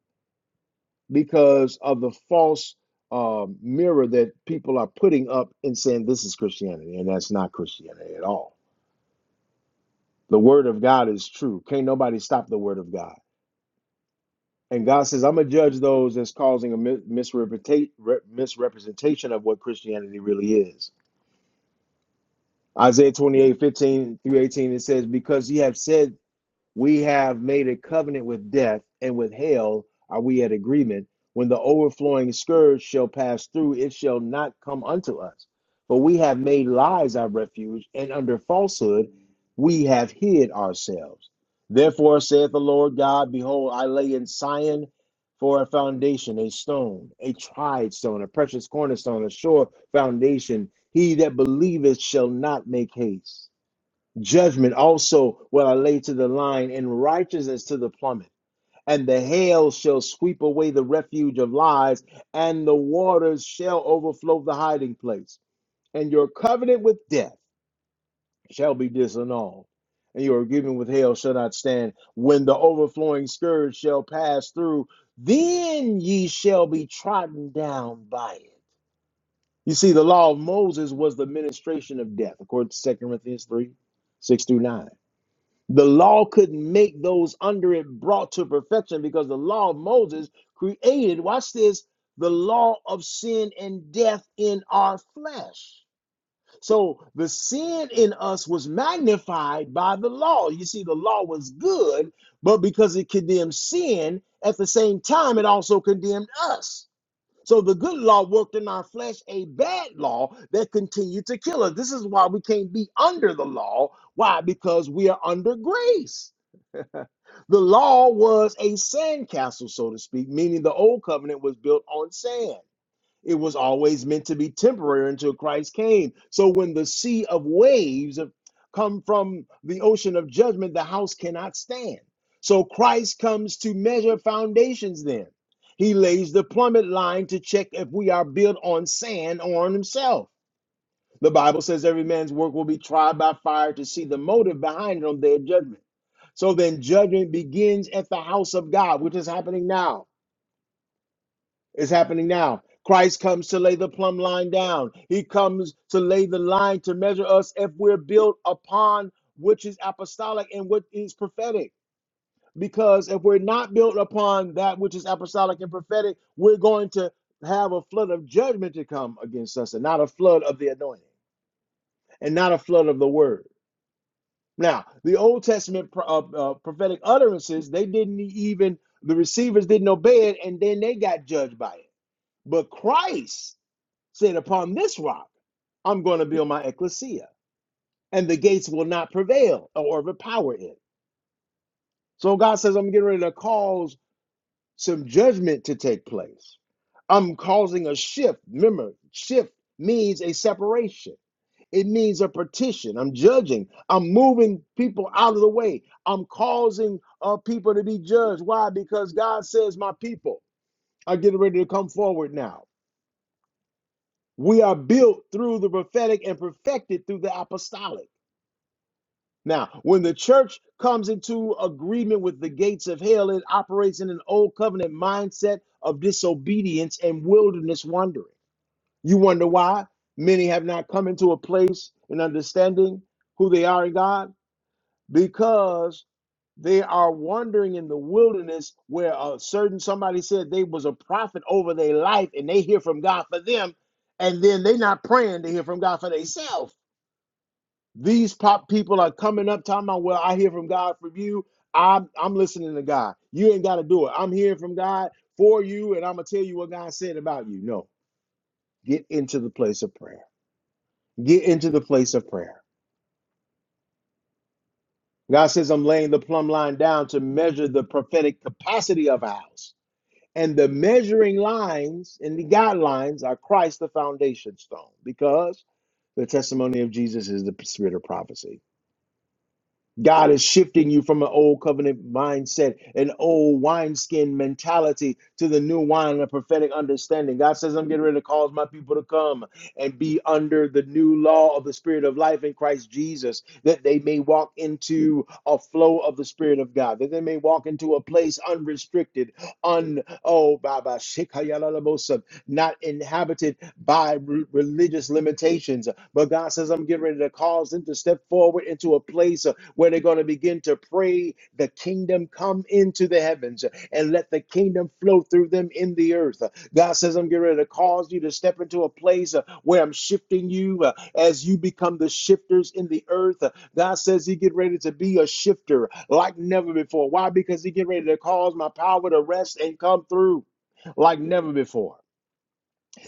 [SPEAKER 2] because of the false um, mirror that people are putting up and saying this is Christianity and that's not Christianity at all. The word of God is true. Can't nobody stop the word of God. And God says, I'm gonna judge those that's causing a mi- misrepresenta- re- misrepresentation of what Christianity really is Isaiah 28 15 through 18, it says, Because ye have said we have made a covenant with death, and with hell are we at agreement. When the overflowing scourge shall pass through, it shall not come unto us. For we have made lies our refuge, and under falsehood we have hid ourselves. Therefore saith the Lord God, Behold, I lay in Sion for a foundation, a stone, a tried stone, a precious cornerstone, a sure foundation. He that believeth shall not make haste judgment also will I lay to the line, and righteousness to the plummet. And the hail shall sweep away the refuge of lies, and the waters shall overflow the hiding place. And your covenant with death shall be disannulled, and your agreement with hail shall not stand. When the overflowing scourge shall pass through, then ye shall be trodden down by it. You see, the law of Moses was the ministration of death, according to Second Corinthians 3 6 through 9. The law couldn't make those under it brought to perfection because the law of Moses created, watch this, the law of sin and death in our flesh. So the sin in us was magnified by the law. You see, the law was good, but because it condemned sin, at the same time, it also condemned us. So the good law worked in our flesh a bad law that continued to kill us. This is why we can't be under the law. Why? Because we are under grace. The law was a sandcastle, so to speak, meaning the old covenant was built on sand. It was always meant to be temporary until Christ came. So when the sea of waves come from the ocean of judgment, the house cannot stand. So Christ comes to measure foundations then. He lays the plummet line to check if we are built on sand or on himself. The Bible says every man's work will be tried by fire to see the motive behind it on their judgment. So then judgment begins at the house of God, which is happening now. It's happening now. Christ comes to lay the plumb line down. He comes to lay the line to measure us if we're built upon which is apostolic and what is prophetic. Because if we're not built upon that which is apostolic and prophetic, we're going to have a flood of judgment to come against us and not a flood of the anointing and not a flood of the word. Now, the Old Testament pro- uh, uh, prophetic utterances, they didn't e, even, the receivers didn't obey it, and then they got judged by it. But Christ said, Upon this rock, I'm going to build my ecclesia, and the gates will not prevail or overpower it. So God says, I'm getting ready to cause some judgment to take place. I'm causing a shift. Remember, shift means a separation. It needs a petition. I'm judging. I'm moving people out of the way. I'm causing uh, people to be judged. Why? Because God says, My people are getting ready to come forward now. We are built through the prophetic and perfected through the apostolic. Now, when the church comes into agreement with the gates of hell, it operates in an old covenant mindset of disobedience and wilderness wandering. You wonder why? Many have not come into a place in understanding who they are in God because they are wandering in the wilderness where a certain somebody said they was a prophet over their life and they hear from God for them and then they not praying to hear from God for themselves. These pop people are coming up talking about, well, I hear from God from you. I'm, I'm listening to God. You ain't got to do it. I'm hearing from God for you and I'm going to tell you what God said about you. No, get into the place of prayer. Get into the place of prayer God says, I'm laying the plumb line down to measure the prophetic capacity of a house. And the measuring lines and the guidelines are Christ, the foundation stone, because the testimony of Jesus is the spirit of prophecy. God is shifting you from an old covenant mindset, an old wineskin mentality to the new wine and prophetic understanding. God says, I'm getting ready to cause my people to come and be under the new law of the Spirit of life in Christ Jesus, that they may walk into a flow of the Spirit of God, that they may walk into a place unrestricted, un oh, Baba not inhabited by re- religious limitations. But God says, I'm getting ready to cause them to step forward into a place uh, where they're going to begin to pray the kingdom come into the heavens uh, and let the kingdom flow through them in the earth. Uh, God says, I'm getting ready to cause you to step into a place uh, where I'm shifting you uh, as you become the shifters in the earth. Uh, God says, He get ready to be a shifter like never before. Why? Because He get ready to cause my power to rest and come through like never before.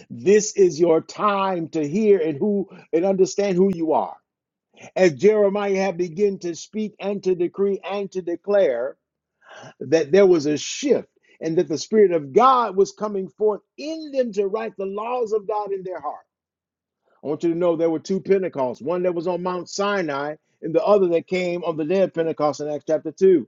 [SPEAKER 2] This is your time to hear and who and understand who you are. As Jeremiah had begun to speak and to decree and to declare that there was a shift and that the Spirit of God was coming forth in them to write the laws of God in their heart. I want you to know there were two Pentecosts, one that was on Mount Sinai and the other that came on the day of Pentecost in Acts chapter 2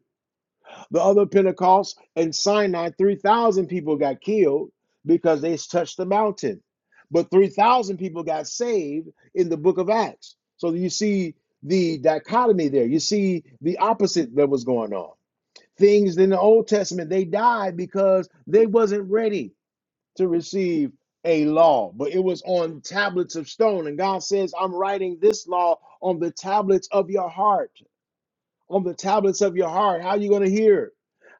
[SPEAKER 2] the other Pentecost and Sinai, 3,000 people got killed because they touched the mountain. But 3,000 people got saved in the book of Acts. So you see the dichotomy there. You see the opposite that was going on. Things in the Old Testament, they died because they wasn't ready to receive a law, but it was on tablets of stone. And God says, I'm writing this law on the tablets of your heart on the tablets of your heart. How are you going to hear?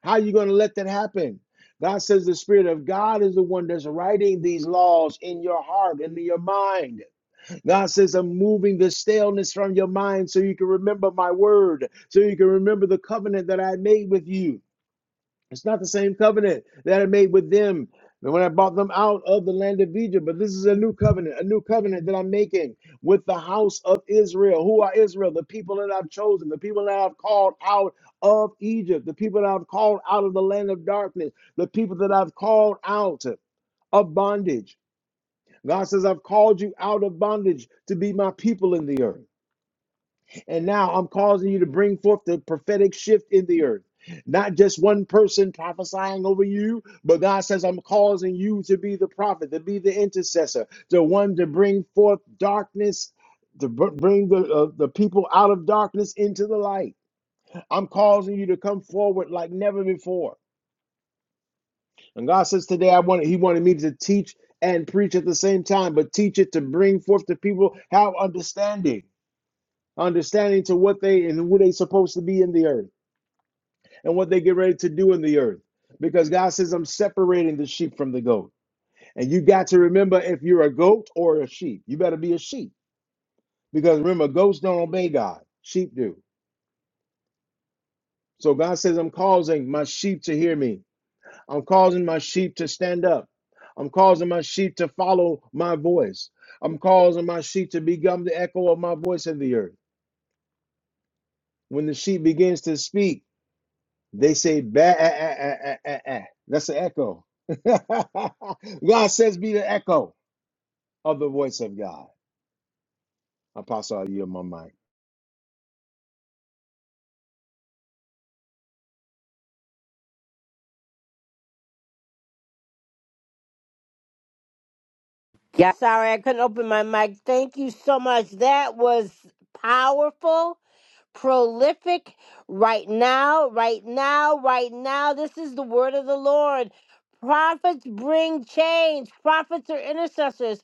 [SPEAKER 2] How are you going to let that happen? God says the Spirit of God is the one that's writing these laws in your heart and in your mind. God says, I'm moving the staleness from your mind so you can remember my word, so you can remember the covenant that I made with you. It's not the same covenant that I made with them when I brought them out of the land of Egypt. But this is a new covenant, a new covenant that I'm making with the house of Israel. Who are Israel? The people that I've chosen, the people that I've called out of Egypt, the people that I've called out of the land of darkness, the people that I've called out of bondage. God says, I've called you out of bondage to be my people in the earth. And now I'm causing you to bring forth the prophetic shift in the earth. Not just one person prophesying over you, but God says, I'm causing you to be the prophet, to be the intercessor, the one to bring forth darkness, to br- bring the, uh, the people out of darkness into the light. I'm causing you to come forward like never before. And God says, Today, I wanted, He wanted me to teach and preach at the same time, but teach it to bring forth to people have understanding, understanding to what they and who they supposed to be in the earth. and what they get ready to do in the earth. Because God says, I'm separating the sheep from the goat. And you got to remember if you're a goat or a sheep, you better be a sheep. Because remember, goats don't obey God, sheep do. So God says, I'm causing my sheep to hear me. I'm causing my sheep to stand up. I'm causing my sheep to follow my voice. I'm causing my sheep to become the echo of my voice in the earth. When the sheep begins to speak, They say ba ah, ah, ah, ah, ah, ah. ah." That's an echo. God says be the echo of the voice of God. Apostle, I yield my mic.
[SPEAKER 1] Yeah, sorry I couldn't open my mic. Thank you so much. That was powerful. prolific right now, right now, right now. This is the word of the Lord. Prophets bring change. Prophets are intercessors.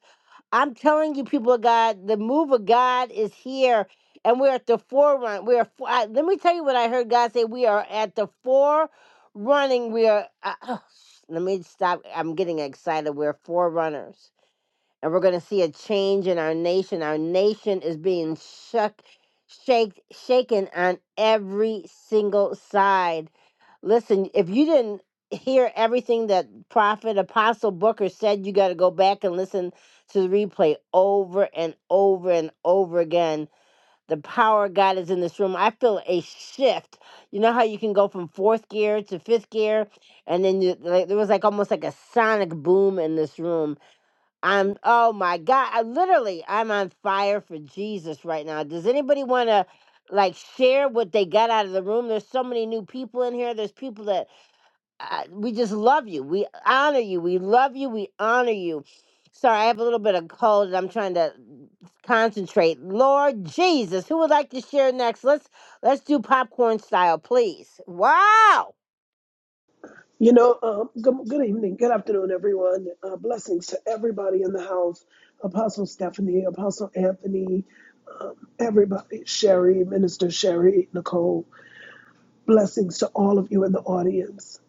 [SPEAKER 1] I'm telling you, people of God, the move of God is here, and we're at the forefront. We are. fo- I, let me tell you what I heard God say. We are at the forerunning. We are. Uh, let me stop. I'm getting excited. We're forerunners and we're going to see a change in our nation. Our nation is being shook, shaked, shaken on every single side. Listen, if you didn't hear everything that Prophet Apostle Booker said, you got to go back and listen to the replay over and over and over again. The power of God is in this room. I feel a shift. You know how you can go from fourth gear to fifth gear, and then you, like, there was like almost like a sonic boom in this room I'm oh my God. I literally I'm on fire for Jesus right now. Does anybody wanna like share what they got out of the room? There's so many new people in here. There's people that uh, we just love you. We honor you. We love you. We honor you. Sorry, I have a little bit of cold and I'm trying to concentrate. Lord Jesus, who would like to share next? Let's let's do popcorn style, please. Wow.
[SPEAKER 4] You know, um, good, good evening, good afternoon, everyone. Uh, blessings to everybody in the house. Apostle Stephanie, Apostle Anthony, everybody, Sherry, Minister Sherry, Nicole. Blessings to all of you in the audience.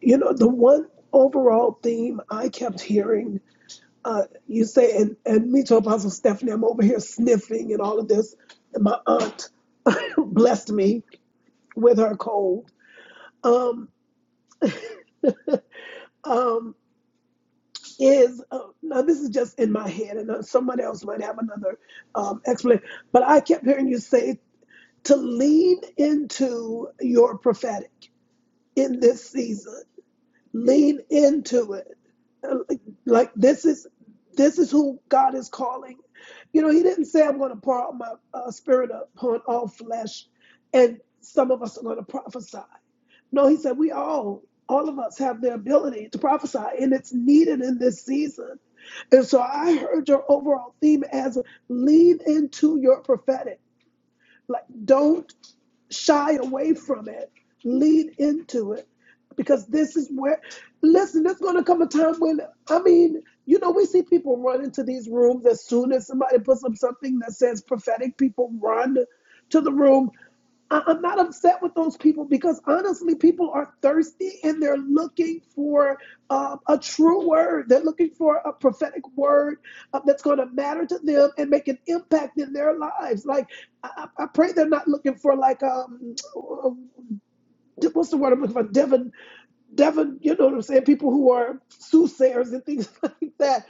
[SPEAKER 4] You know, the one overall theme I kept hearing, uh, you say, and, and me to Apostle Stephanie, I'm over here sniffing and all of this. And my aunt blessed me with her cold. Um, um, is uh, now this is just in my head and uh, somebody else might have another um, explanation but i kept hearing you say to lean into your prophetic in this season lean into it Uh, like like this is this is who god is calling you know he didn't say i'm going to pour out my uh, spirit upon all flesh and some of us are going to prophesy no, he said we all, all of us have the ability to prophesy, and it's needed in this season. And so I heard your overall theme as lean into your prophetic. Like, don't shy away from it, lead into it, because this is where, listen, there's going to come a time when, I mean, you know, we see people run into these rooms as soon as somebody puts up something that says prophetic, people run to the room. I- I'm not upset with those people because honestly, people are thirsty and they're looking for uh, a true word. They're looking for a prophetic word uh, that's going to matter to them and make an impact in their lives. Like, I, I pray they're not looking for like um uh, what's the word I'm looking for? Devon, Devon, you know what I'm saying? People who are soothsayers and things like that.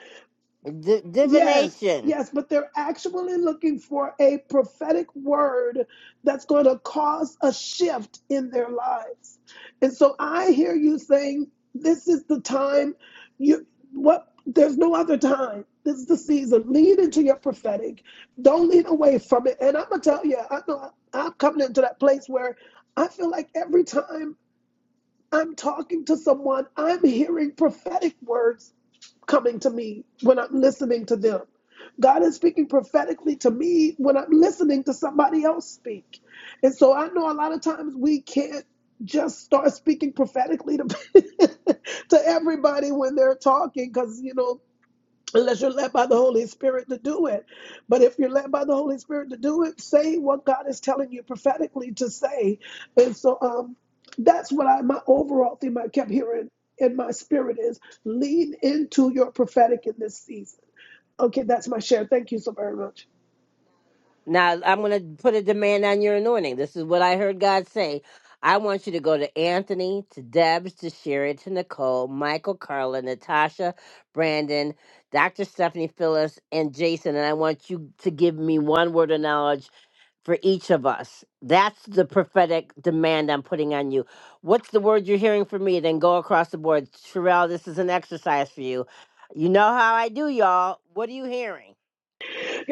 [SPEAKER 1] D-
[SPEAKER 4] Yes,
[SPEAKER 1] divination.
[SPEAKER 4] yes, but they're actually looking for a prophetic word that's going to cause a shift in their lives. And so I hear you saying this is the time you what there's no other time. This is the season. Lean into your prophetic. Don't lean away from it. And I'm gonna tell you, I know I- I'm coming into that place where I feel like every time I'm talking to someone. I'm hearing prophetic words coming to me when I'm listening to them. God is speaking prophetically to me when I'm listening to somebody else speak. And so I know a lot of times we can't just start speaking prophetically to, to everybody when they're talking because, you know, unless you're led by the Holy Spirit to do it. But if you're led by the Holy Spirit to do it, say what God is telling you prophetically to say. And so um that's what I my overall theme I kept hearing in my spirit is lean into your prophetic in this season. Okay, that's my share. Thank you so very much.
[SPEAKER 1] Now I'm going to put a demand on your anointing. This is what I heard God say. I want you to go to Anthony, to Debs, to Sherry, to Nicole, Michael, Carla, Natasha, Brandon, Dr. Stephanie Phyllis, and Jason. And I want you to give me one word of knowledge for each of us. That's the prophetic demand I'm putting on you. What's the word you're hearing from me? Then go across the board. Sherelle, this is an exercise for you. You know how I do, y'all. What are you hearing?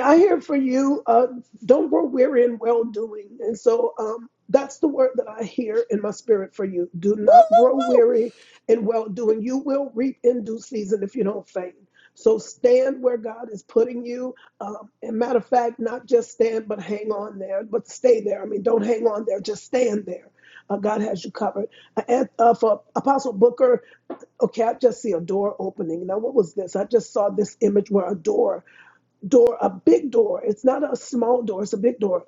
[SPEAKER 4] I hear for you. Uh, don't grow weary in well doing. And so um, that's the word that I hear in my spirit for you. Do
[SPEAKER 1] Woo,
[SPEAKER 4] not grow
[SPEAKER 1] woo,
[SPEAKER 4] weary in well doing. You will reap in due season if you don't faint. So stand where God is putting you. Um, and matter of fact, not just stand, but hang on there, but stay there. I mean, don't hang on there, just stand there. Uh, God has you covered. Uh, and, uh, for Apostle Booker, okay, I just see a door opening. Now, what was this? I just saw this image where a door door, a big door. It's not a small door, it's a big door.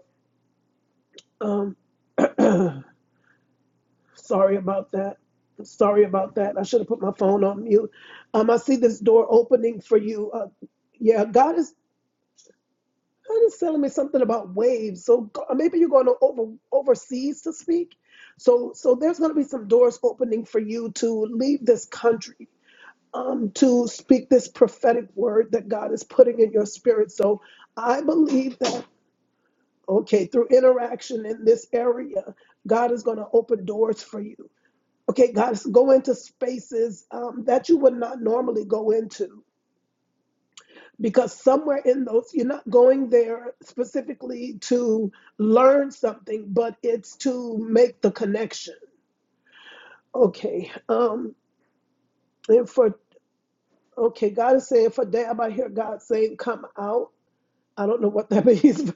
[SPEAKER 4] Um, sorry about that. Sorry about that. I should have put my phone on mute. Um, I see this door opening for you. Uh, yeah, God is God is telling me something about waves. So go- maybe you're going to over overseas to speak. So so there's going to be some doors opening for you to leave this country. Um, to speak this prophetic word that God is putting in your spirit. So I believe that Okay, through interaction in this area, God is going to open doors for you. Okay, God is go into spaces um, that you would not normally go into because somewhere in those, you're not going there specifically to learn something, but it's to make the connection. Okay, um, and for okay, God is saying for damn, I hear God saying, "Come out." I don't know what that means,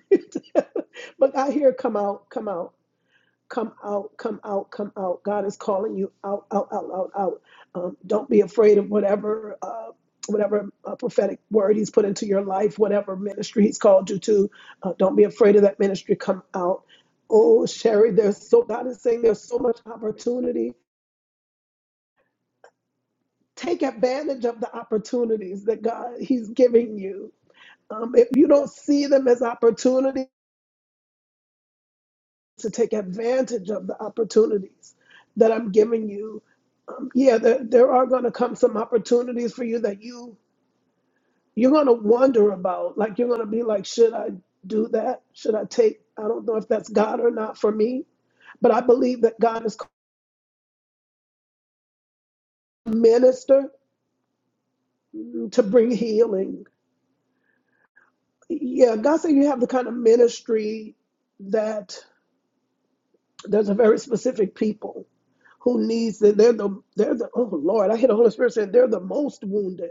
[SPEAKER 4] but I hear, "Come out, come out." Come out, come out, come out. God is calling you out, out, out, out, out. Um, don't be afraid of whatever, uh, whatever uh, prophetic word He's put into your life, whatever ministry He's called you to. Uh, don't be afraid of that ministry. Come out. Oh, Sherry, there's so God is saying there's so much opportunity. Take advantage of the opportunities that God He's giving you. Um, if you don't see them as opportunities, to take advantage of the opportunities that I'm giving you yeah there, there are going to come some opportunities for you that you you're going to wonder about like you're going to be like should i do that should i take i don't know if that's god or not for me but i believe that god is called to minister to bring healing yeah god said you have the kind of ministry that there's a very specific people who needs it. They're the they're the oh Lord, I hear the Holy Spirit saying they're the most wounded.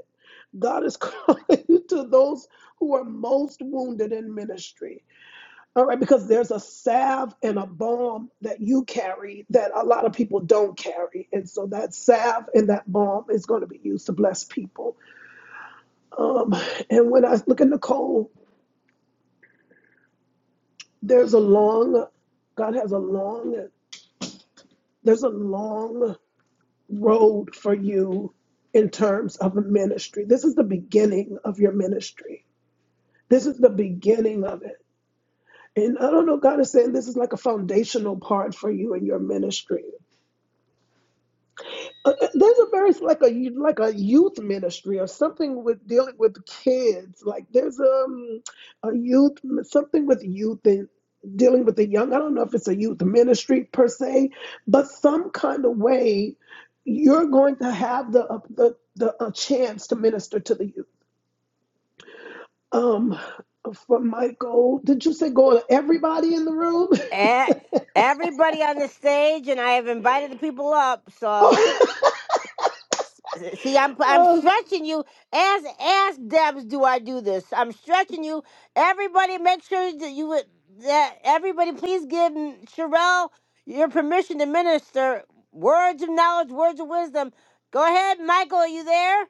[SPEAKER 4] God is calling to those who are most wounded in ministry. All right, because there's a salve and a balm that you carry that a lot of people don't carry. And so that salve and that balm is going to be used to bless people. Um, and when I look at Nicole, there's a long, God has a long, there's a long road for you in terms of a ministry. This is the beginning of your ministry. This is the beginning of it. And I don't know, God is saying this is like a foundational part for you in your ministry. Uh, uh, there's a very like a like a youth ministry or something with dealing with kids like there's um a youth something with youth and dealing with the young i don't know if it's a youth ministry per se but some kind of way you're going to have the uh, the, the a chance to minister to the youth um for michael did you say go to everybody in the room
[SPEAKER 1] Eh, everybody on the stage, and I have invited the people up. So,
[SPEAKER 4] oh,
[SPEAKER 1] see, I'm I'm
[SPEAKER 4] uh,
[SPEAKER 1] stretching you as as Debs. Do I do this? I'm stretching you. Everybody, make sure that you would- that everybody please give Sherelle your permission to minister words of knowledge, words of wisdom. Go ahead, Michael. Are you there?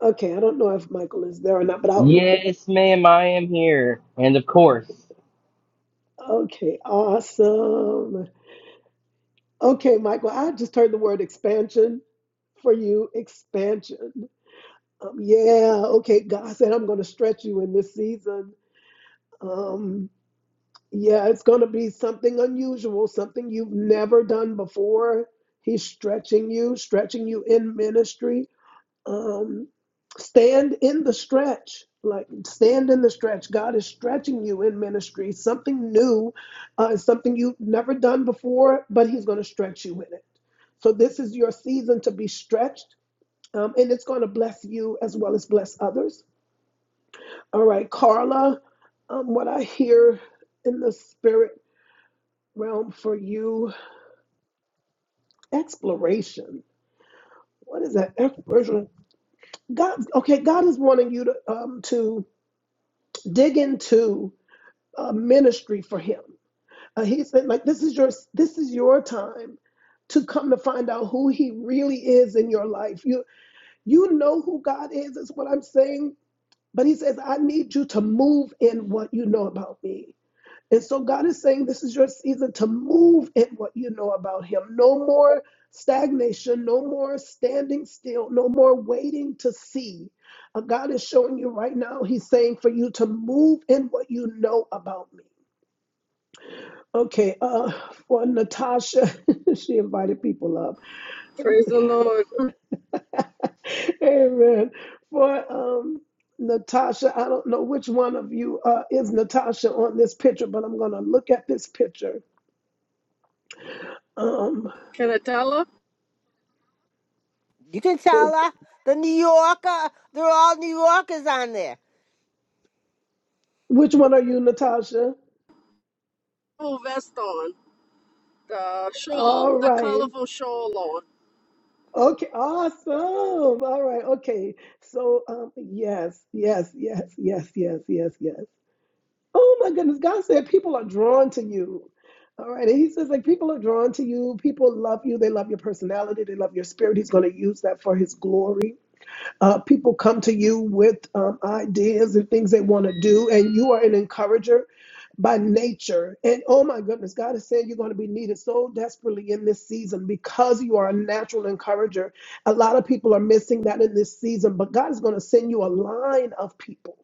[SPEAKER 4] okay i don't know if michael is there or not but i'll
[SPEAKER 5] Yes, ma'am, I am here. And of course,
[SPEAKER 4] okay awesome Okay, Michael, I just heard the word expansion for you. Expansion. Um, yeah, okay. God said, I'm going to stretch you in this season. Um, yeah, it's going to be something unusual, something you've never done before. He's stretching you, stretching you in ministry um, stand in the stretch like stand in the stretch god is stretching you in ministry something new uh, something you've never done before but he's going to stretch you in it so this is your season to be stretched um, and it's going to bless you as well as bless others all right carla um, what i hear in the spirit realm for you exploration what is that exploration god okay god is wanting you to um to dig into uh, ministry for him. Uh, he said, like, this is your this is your time to come to find out who he really is in your life. You you know who God is, is what I'm saying. But he says, I need you to move in what you know about me. And so God is saying, this is your season to move in what you know about him. No more stagnation, no more standing still, no more waiting to see. Uh, God is showing you right now, he's saying for you to move in what you know about me. Okay, uh, for Natasha, she invited people up.
[SPEAKER 6] Praise the Lord.
[SPEAKER 4] Amen. For um, Natasha, I don't know which one of you uh, is Natasha on this picture, but I'm going to look at this picture. Um,
[SPEAKER 6] Can I tell her?
[SPEAKER 1] You can
[SPEAKER 4] is,
[SPEAKER 1] tell her the New Yorker. They're all New Yorkers on there.
[SPEAKER 4] which one are you, Natasha?
[SPEAKER 6] Full vest on, the shawl,
[SPEAKER 4] All
[SPEAKER 6] the
[SPEAKER 4] right.
[SPEAKER 6] colorful shawl on.
[SPEAKER 4] Okay, awesome. All right, okay. So, um, yes, yes, yes, yes, yes, yes, yes. Oh my goodness. God said people are drawn to you. All right. And he says, like, people are drawn to you. People love you. They love your personality. They love your spirit. He's going to use that for his glory. Uh, people come to you with um, ideas and things they want to do. And you are an encourager by nature. And oh my goodness, God is saying you're going to be needed so desperately in this season because you are a natural encourager. A lot of people are missing that in this season, but God is going to send you a line of people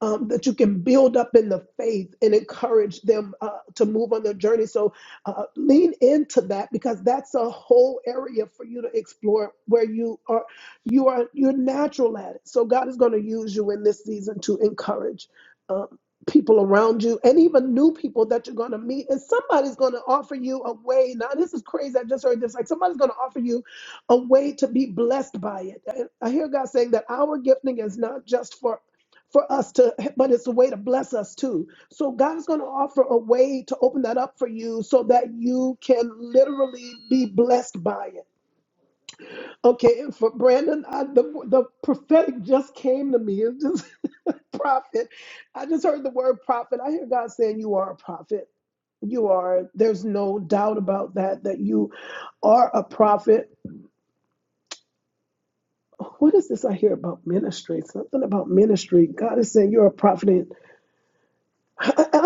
[SPEAKER 4] um, that you can build up in the faith and encourage them uh, to move on their journey. So uh, lean into that because that's a whole area for you to explore where you are you are you're natural at it. So God is going to use you in this season to encourage. Um, people around you and even new people that you're going to meet and somebody's going to offer you a way now this is crazy i just heard this like somebody's going to offer you a way to be blessed by it. And I hear God saying that our gifting is not just for for us to, but it's a way to bless us too. So God is going to offer a way to open that up for you so that you can literally be blessed by it. Okay, and for Brandon, I, the, the prophetic just came to me. It's just prophet. I just heard the word prophet. I hear God saying, You are a prophet. You are. There's no doubt about that, that you are a prophet. What is this I hear about ministry? Something about ministry. God is saying, You're a prophet. I, I, I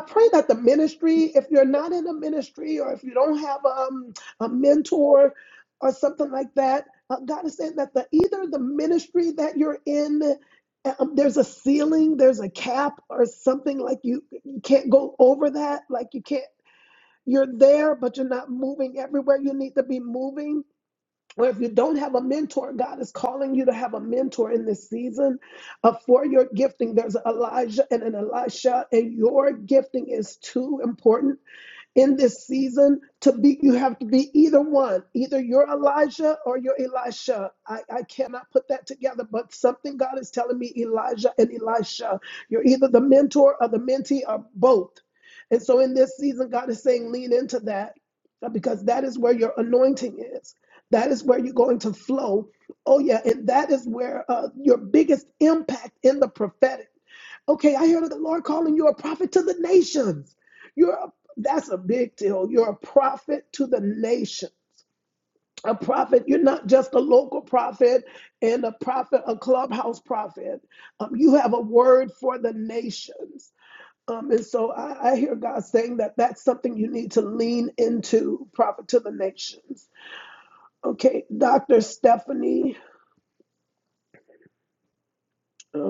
[SPEAKER 4] pray that the ministry, if you're not in a ministry or if you don't have um, a mentor or something like that, uh, God is saying that the either the ministry that you're in, uh, um, there's a ceiling, there's a cap or something like you, you can't go over that, like you can't. You're there, but you're not moving everywhere you need to be moving or if you don't have a mentor, God is calling you to have a mentor in this season uh, for your gifting. There's Elijah and an Elisha, and your gifting is too important in this season to be you have to be either one either you're elijah or you're elisha I, I cannot put that together but something god is telling me elijah and elisha you're either the mentor or the mentee or both and so in this season god is saying lean into that uh, because that is where your anointing is that is where you're going to flow oh yeah and that is where uh, your biggest impact in the prophetic Okay, I heard of the Lord calling you a prophet to the nations. You're a, that's a big deal. You're a prophet to the nation. A prophet, you're not just a local prophet and a prophet, a clubhouse prophet. Um, you have a word for the nations. Um, and so I, I hear God saying that that's something you need to lean into, prophet to the nations. Okay, Dr. Stephanie.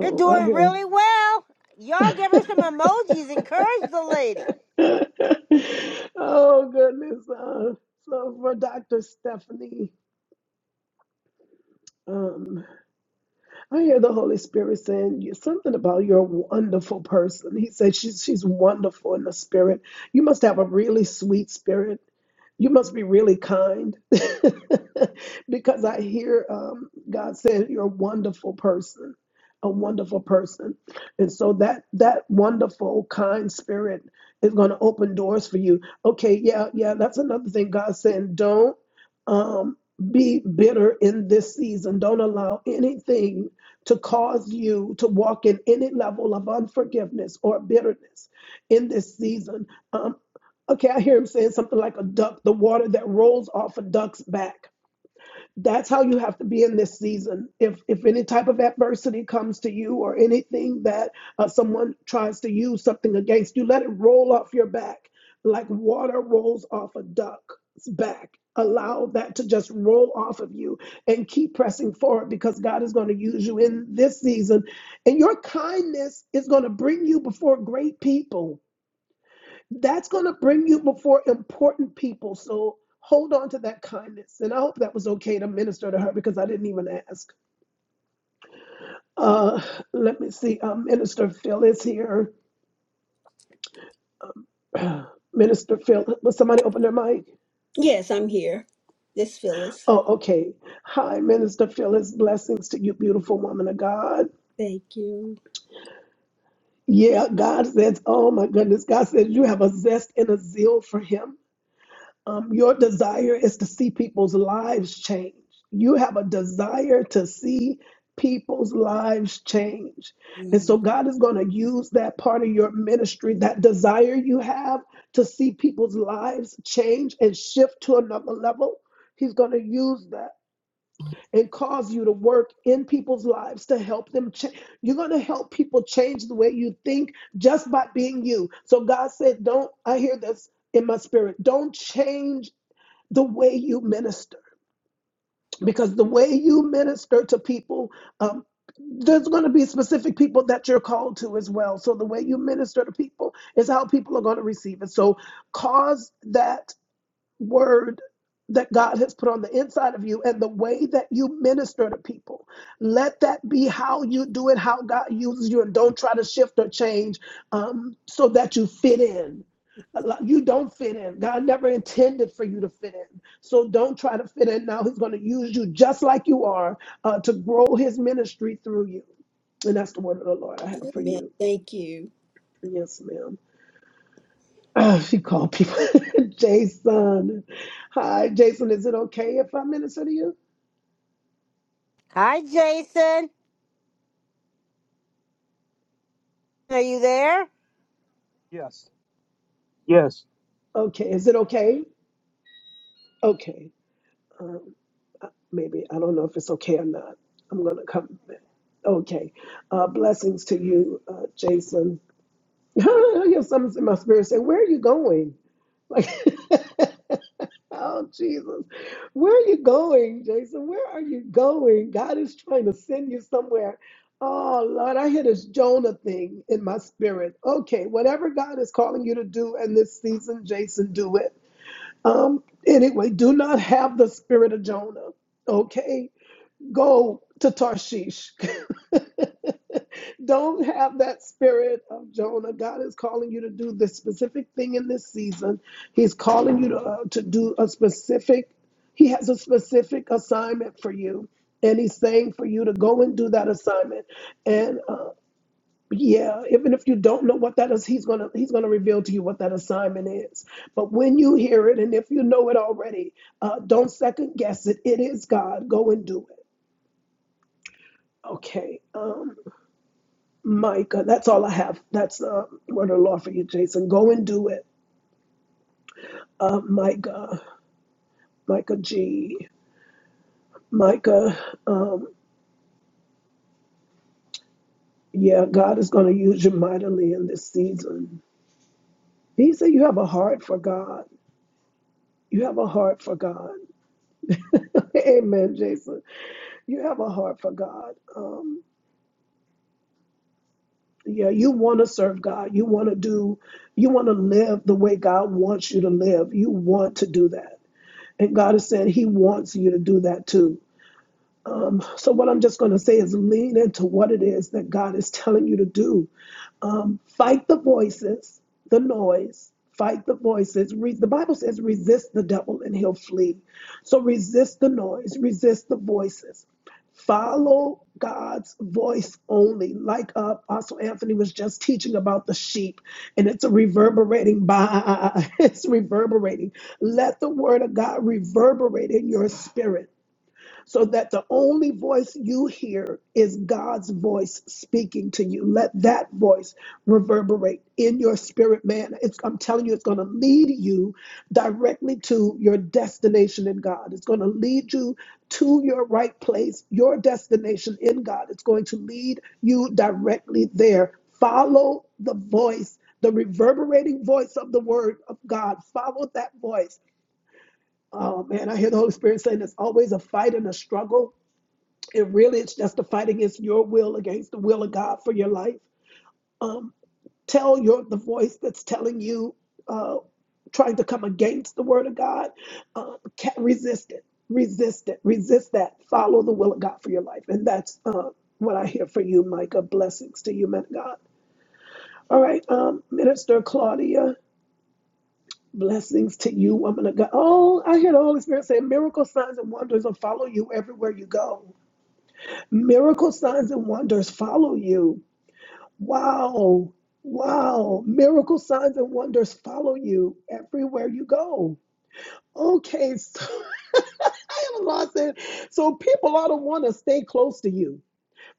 [SPEAKER 1] You're
[SPEAKER 4] I
[SPEAKER 1] doing
[SPEAKER 4] hear.
[SPEAKER 1] really well. Y'all give her some emojis. Encourage the lady.
[SPEAKER 4] oh goodness. Uh, so for Dr. Stephanie, um, I hear the Holy Spirit saying you- something about you're a wonderful person. He said she's she's wonderful in the spirit. You must have a really sweet spirit. You must be really kind, because I hear um, God saying you're a wonderful person, a wonderful person, and so that that wonderful kind spirit is going to open doors for you. Okay, yeah, yeah, that's another thing God's saying. Don't um, be bitter in this season. Don't allow anything to cause you to walk in any level of unforgiveness or bitterness in this season. Um, okay, I hear him saying something like a duck, the water that rolls off a duck's back that's how you have to be in this season. If if any type of adversity comes to you or anything that uh, someone tries to use something against you, let it roll off your back like water rolls off a duck's back. Allow that to just roll off of you and keep pressing forward because God is going to use you in this season. And your kindness is going to bring you before great people that's going to bring you before important people. So hold on to that kindness. And I hope that was okay to minister to her because I didn't even ask. Uh, let me see. Uh, Minister Phil is here. Minister Phil, will somebody open their mic?
[SPEAKER 7] Yes, I'm here. This Phyllis.
[SPEAKER 4] Oh, okay. Hi, Minister Phyllis. blessings to you, beautiful woman of God.
[SPEAKER 7] Thank you.
[SPEAKER 4] Yeah, God says, oh my goodness, God says you have a zest and a zeal for Him Um, your desire is to see people's lives change. You have a desire to see people's lives change. And so
[SPEAKER 7] Mm.
[SPEAKER 4] God is going to use that part of your ministry, that desire you have to see people's lives change and shift to another level. He's going to use that and cause you to work in people's lives to help them change. You're going to help people change the way you think just by being you. So God said, Don't, I hear this in my spirit, don't change the way you minister because the way you minister to people um, there's going to be specific people that you're called to as well so the way you minister to people is how people are going to receive it so cause that word that God has put on the inside of you and the way that you minister to people. Let that be how you do it, how God uses you, and don't try to shift or change um, so that you fit in. You don't fit in. God never intended for you to fit in. So don't try to fit in now. He's going to use you just like you are uh, to grow his ministry through you. And that's the word of the Lord I have for
[SPEAKER 7] Amen.
[SPEAKER 4] you.
[SPEAKER 7] Thank you.
[SPEAKER 4] Yes, ma'am. Oh, she called people Jason. Hi, Jason. Is it okay if I minister to you?
[SPEAKER 1] Hi, Jason. Are you there?
[SPEAKER 8] Yes. Yes.
[SPEAKER 4] Okay. Is it okay? Okay. Um, uh, maybe I don't know if it's okay or not. I'm gonna come. back. Okay. Uh, blessings to you, uh, Jason. I hear something in my spirit say, "Where are you going?" Like. Oh, Jesus. Where are you going, Jason? Where are you going? God is trying to send you somewhere. Oh, Lord, I hear this Jonah thing in my spirit. Okay, whatever God is calling you to do in this season, Jason, do it. Um, anyway, do not have the spirit of Jonah. Okay, Go to Tarshish. Don't have that spirit of Jonah. God is calling you to do this specific thing in this season. He's calling you to, uh, to do a specific, He has a specific assignment for you. And He's saying for you to go and do that assignment. And uh, yeah, even if you don't know what that is, He's going to He's gonna reveal to you what that assignment is. But when you hear it, and if you know it already, uh, don't second guess it. It is God. Go and do it. Okay, um, Micah, that's all I have. That's uh, word of the Lord for you, Jason. Go and do it, uh, Micah, Micah G, Micah. Um, yeah, God is going to use you mightily in this season. He said you have a heart for God. You have a heart for God. Amen, Jason. You have a heart for God. Um, yeah, you want to serve God. You want to do. You want to live the way God wants you to live. You want to do that, and God is saying He wants you to do that too. Um, so, what I'm just going to say is lean into what it is that God is telling you to do. Um, fight the voices, the noise, fight the voices. Re- the Bible says, resist the devil and he'll flee. So, resist the noise, resist the voices. Follow God's voice only, like uh, Apostle Anthony was just teaching about the sheep, and it's a reverberating by, it's reverberating. Let the word of God reverberate in your spirit so that the only voice you hear is God's voice speaking to you. Let that voice reverberate in your spirit, man. It's, I'm telling you, it's going to lead you directly to your destination in God. It's going to lead you to your right place, your destination in God. It's going to lead you directly there. Follow the voice, the reverberating voice of the word of God. Follow that voice. Oh man, I hear the Holy Spirit saying it's always a fight and a struggle it really is just a fight against your will, against the will of God for your life. Um, tell your the voice that's telling you, uh, trying to come against the word of God. Um, ca resist it, resist it, resist that. Follow the will of God for your life, and that's uh, what I hear for you, Micah. Blessings to you, man of God. All right, um, Minister Claudia. Blessings to you, woman of God. Oh, I hear the Holy Spirit say, miracle signs and wonders will follow you everywhere you go. Miracle signs and wonders follow you. Wow, wow. Miracle signs and wonders follow you everywhere you go. Okay, so I have a lot saying. So people ought to want to stay close to you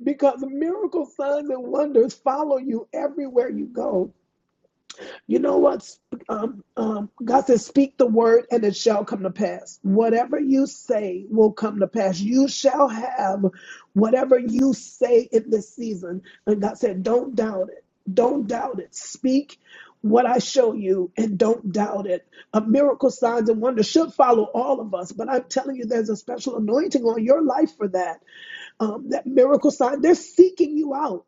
[SPEAKER 4] because miracle signs and wonders follow you everywhere you go. You know what? Um, um, God says, Speak the word and it shall come to pass. Whatever you say will come to pass. You shall have whatever you say in this season. And God said, Don't doubt it. Don't doubt it. Speak what I show you and don't doubt it. A miracle, signs, and wonders should follow all of us, but I'm telling you, there's a special anointing on your life for that. Um, that miracle sign, they're seeking you out.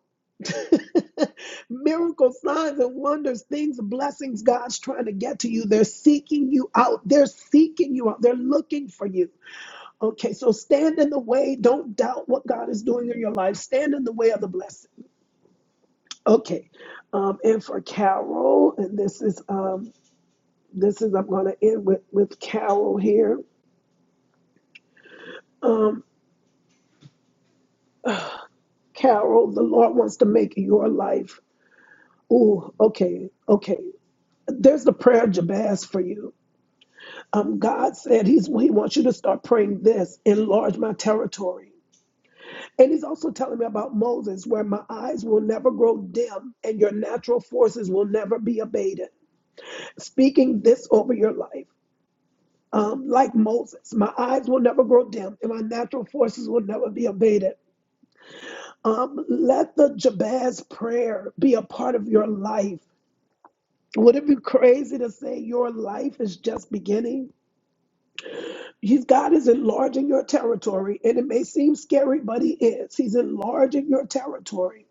[SPEAKER 4] Miracle signs and wonders, things, blessings God's trying to get to you. They're seeking you out. They're seeking you out. They're looking for you. Okay, so stand in the way. Don't doubt what God is doing in your life. Stand in the way of the blessing. Okay, um, and for Carol, and this is um, this is I'm going to end with with Carol here. Um, Carol, the Lord wants to make your life. Oh, okay, okay. There's the prayer of Jabez for you um, God said he's, He wants you to start praying this enlarge my territory. And He's also telling me about Moses, where my eyes will never grow dim and your natural forces will never be abated. Speaking this over your life. Um, like Moses, my eyes will never grow dim and my natural forces will never be abated. Um, let the Jabez prayer be a part of your life. Would it be crazy to say your life is just beginning? He's God is enlarging your territory, and it may seem scary, but He is. He's enlarging your territory.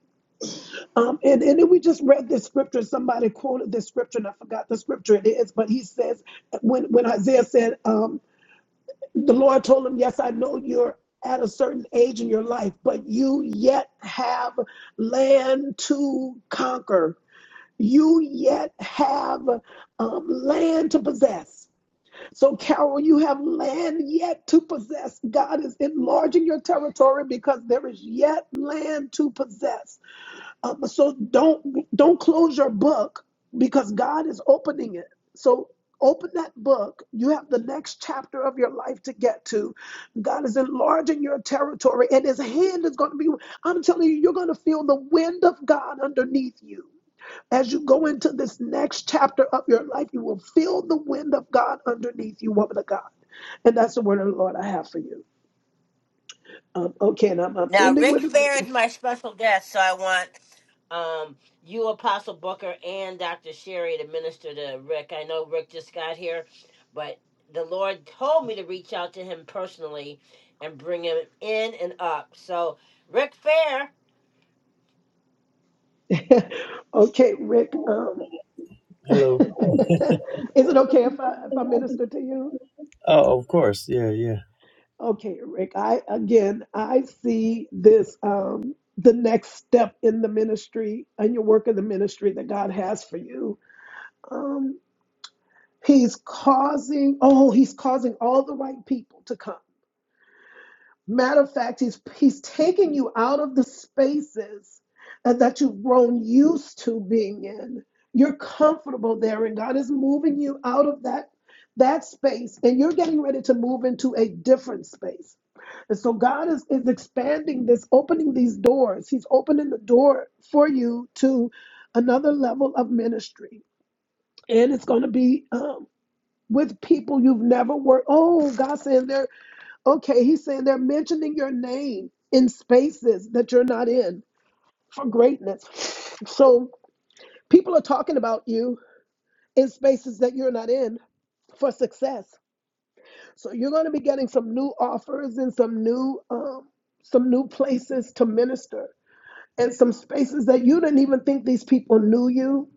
[SPEAKER 4] Um, and, and then we just read this scripture. Somebody quoted this scripture, and I forgot the scripture it is, but he says, when, when Isaiah said, um, the Lord told him, Yes, I know you're at a certain age in your life, but you yet have land to conquer. You yet have um, land to possess so, Carol, you have land yet to possess. God is enlarging your territory because there is yet land to possess. Um, so don't don't close your book because God is opening it. So open that book. You have the next chapter of your life to get to. God is enlarging your territory, and His hand is going to be. I'm telling you, you're going to feel the wind of God underneath you. As you go into this next chapter of your life, you will feel the wind of God underneath you, woman of God. And that's the word of the Lord I have for you. Um, okay, and I'm, I'm
[SPEAKER 1] Now,
[SPEAKER 4] ending
[SPEAKER 1] Rick
[SPEAKER 4] with
[SPEAKER 1] Fair is my special guest, so I want um, you, Apostle Booker, and Dr. Sherry to minister to Rick. I know Rick just got here, but the Lord told me to reach out to him personally and bring him in and up. So, Rick Fair.
[SPEAKER 4] a okay, Rick. Um, is
[SPEAKER 9] Hello.
[SPEAKER 4] it okay if I if I minister to you?
[SPEAKER 9] Oh, of course. Yeah, yeah.
[SPEAKER 4] Okay, Rick. I again, I see this um, the next step in the ministry and your work in the ministry that God has for you. Um, he's causing. Oh, he's causing all the right people to come. Matter of fact, he's he's taking you out of the spaces uh, that you've grown used to being in. You're comfortable there, and God is moving you out of that that space, and you're getting ready to move into a different space. And so God is, is expanding this, opening these doors. He's opening the door for you to another level of ministry. And it's going to be um, with people you've never worked. Oh, God says there Okay, he's saying they're mentioning your name in spaces that you're not in for greatness. So people are talking about you in spaces that you're not in for success. So you're going to be getting some new offers and some new um, some new places to minister and some spaces that you didn't even think these people knew you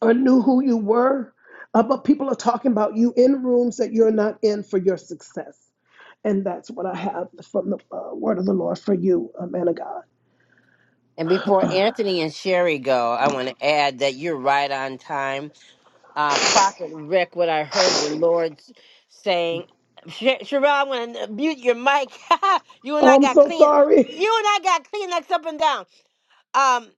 [SPEAKER 4] or knew who you were. Uh, but people are talking about you in rooms that you're not in for your success. And that's what I have from the uh, word of the Lord for you, uh, man of God.
[SPEAKER 1] And before Anthony and Sherry go, I want to add that you're right on time uh, Prophet Rick, what I heard the Lord s- saying. Sh- Sherelle, I'm gonna mute your mic. you and
[SPEAKER 4] Oh,
[SPEAKER 1] I
[SPEAKER 4] I'm
[SPEAKER 1] got
[SPEAKER 4] so
[SPEAKER 1] clean. You
[SPEAKER 4] sorry.
[SPEAKER 1] and I got Kleenex up and down. Um,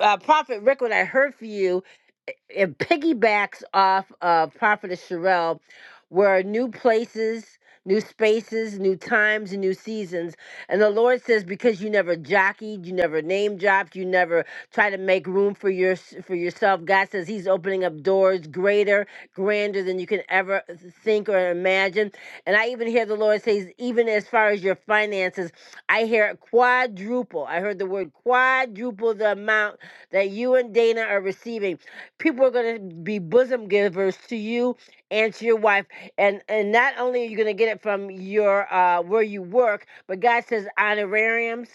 [SPEAKER 1] uh, Prophet Rick, what I heard for you, i- it piggybacks off of Prophetess Sherelle, where new places, new spaces, new times, and new seasons. And the Lord says, because you never jockeyed, you never name dropped, you never try to make room for your for yourself. God says He's opening up doors greater, grander than you can ever think or imagine. And I even hear the Lord says, even as far as your finances, I hear quadruple. I heard the word quadruple the amount that you and Dana are receiving. People are going to be bosom givers to you and to your wife, and and not only are you going to get it from your uh, where you work, but God says honorariums.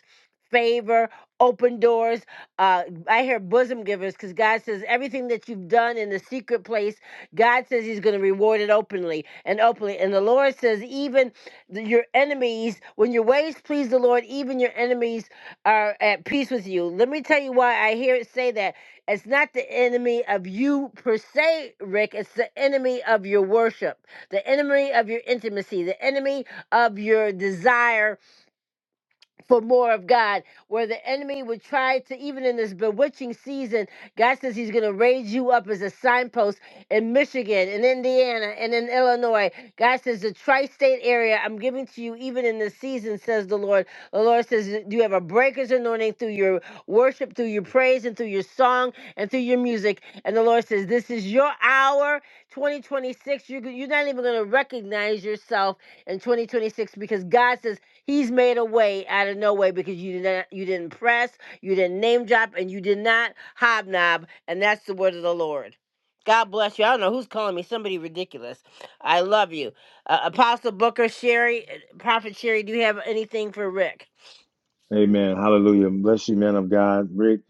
[SPEAKER 1] Favor, open doors. Uh, I hear bosom givers because God says everything that you've done in the secret place, God says He's going to reward it openly and openly. And the Lord says, even th- your enemies, when your ways please the Lord, even your enemies are at peace with you. Let me tell you why I hear it say that. It's not the enemy of you per se, Rick. It's the enemy of your worship, the enemy of your intimacy, the enemy of your desire for more of God, where the enemy would try to, even in this bewitching season, God says He's going to raise you up as a signpost in Michigan, in Indiana, and in Illinois. God says, The tri state area I'm giving to you, even in this season, says the Lord. The Lord says, You have a breaker's anointing through your worship, through your praise, and through your song, and through your music. And the Lord says, This is your hour, 2026. You're, you're not even going to recognize yourself in 2026 because God says, He's made a way out of no way because you did not you didn't press, you didn't name drop, and you did not hobnob, and that's the word of the Lord. God bless you. I don't know who's calling me. Somebody ridiculous. I love you. Uh, Apostle Booker, Sherry, uh, Prophet Sherry, do you have anything for Rick?
[SPEAKER 2] Amen. Hallelujah. Bless you, man of God. Rick,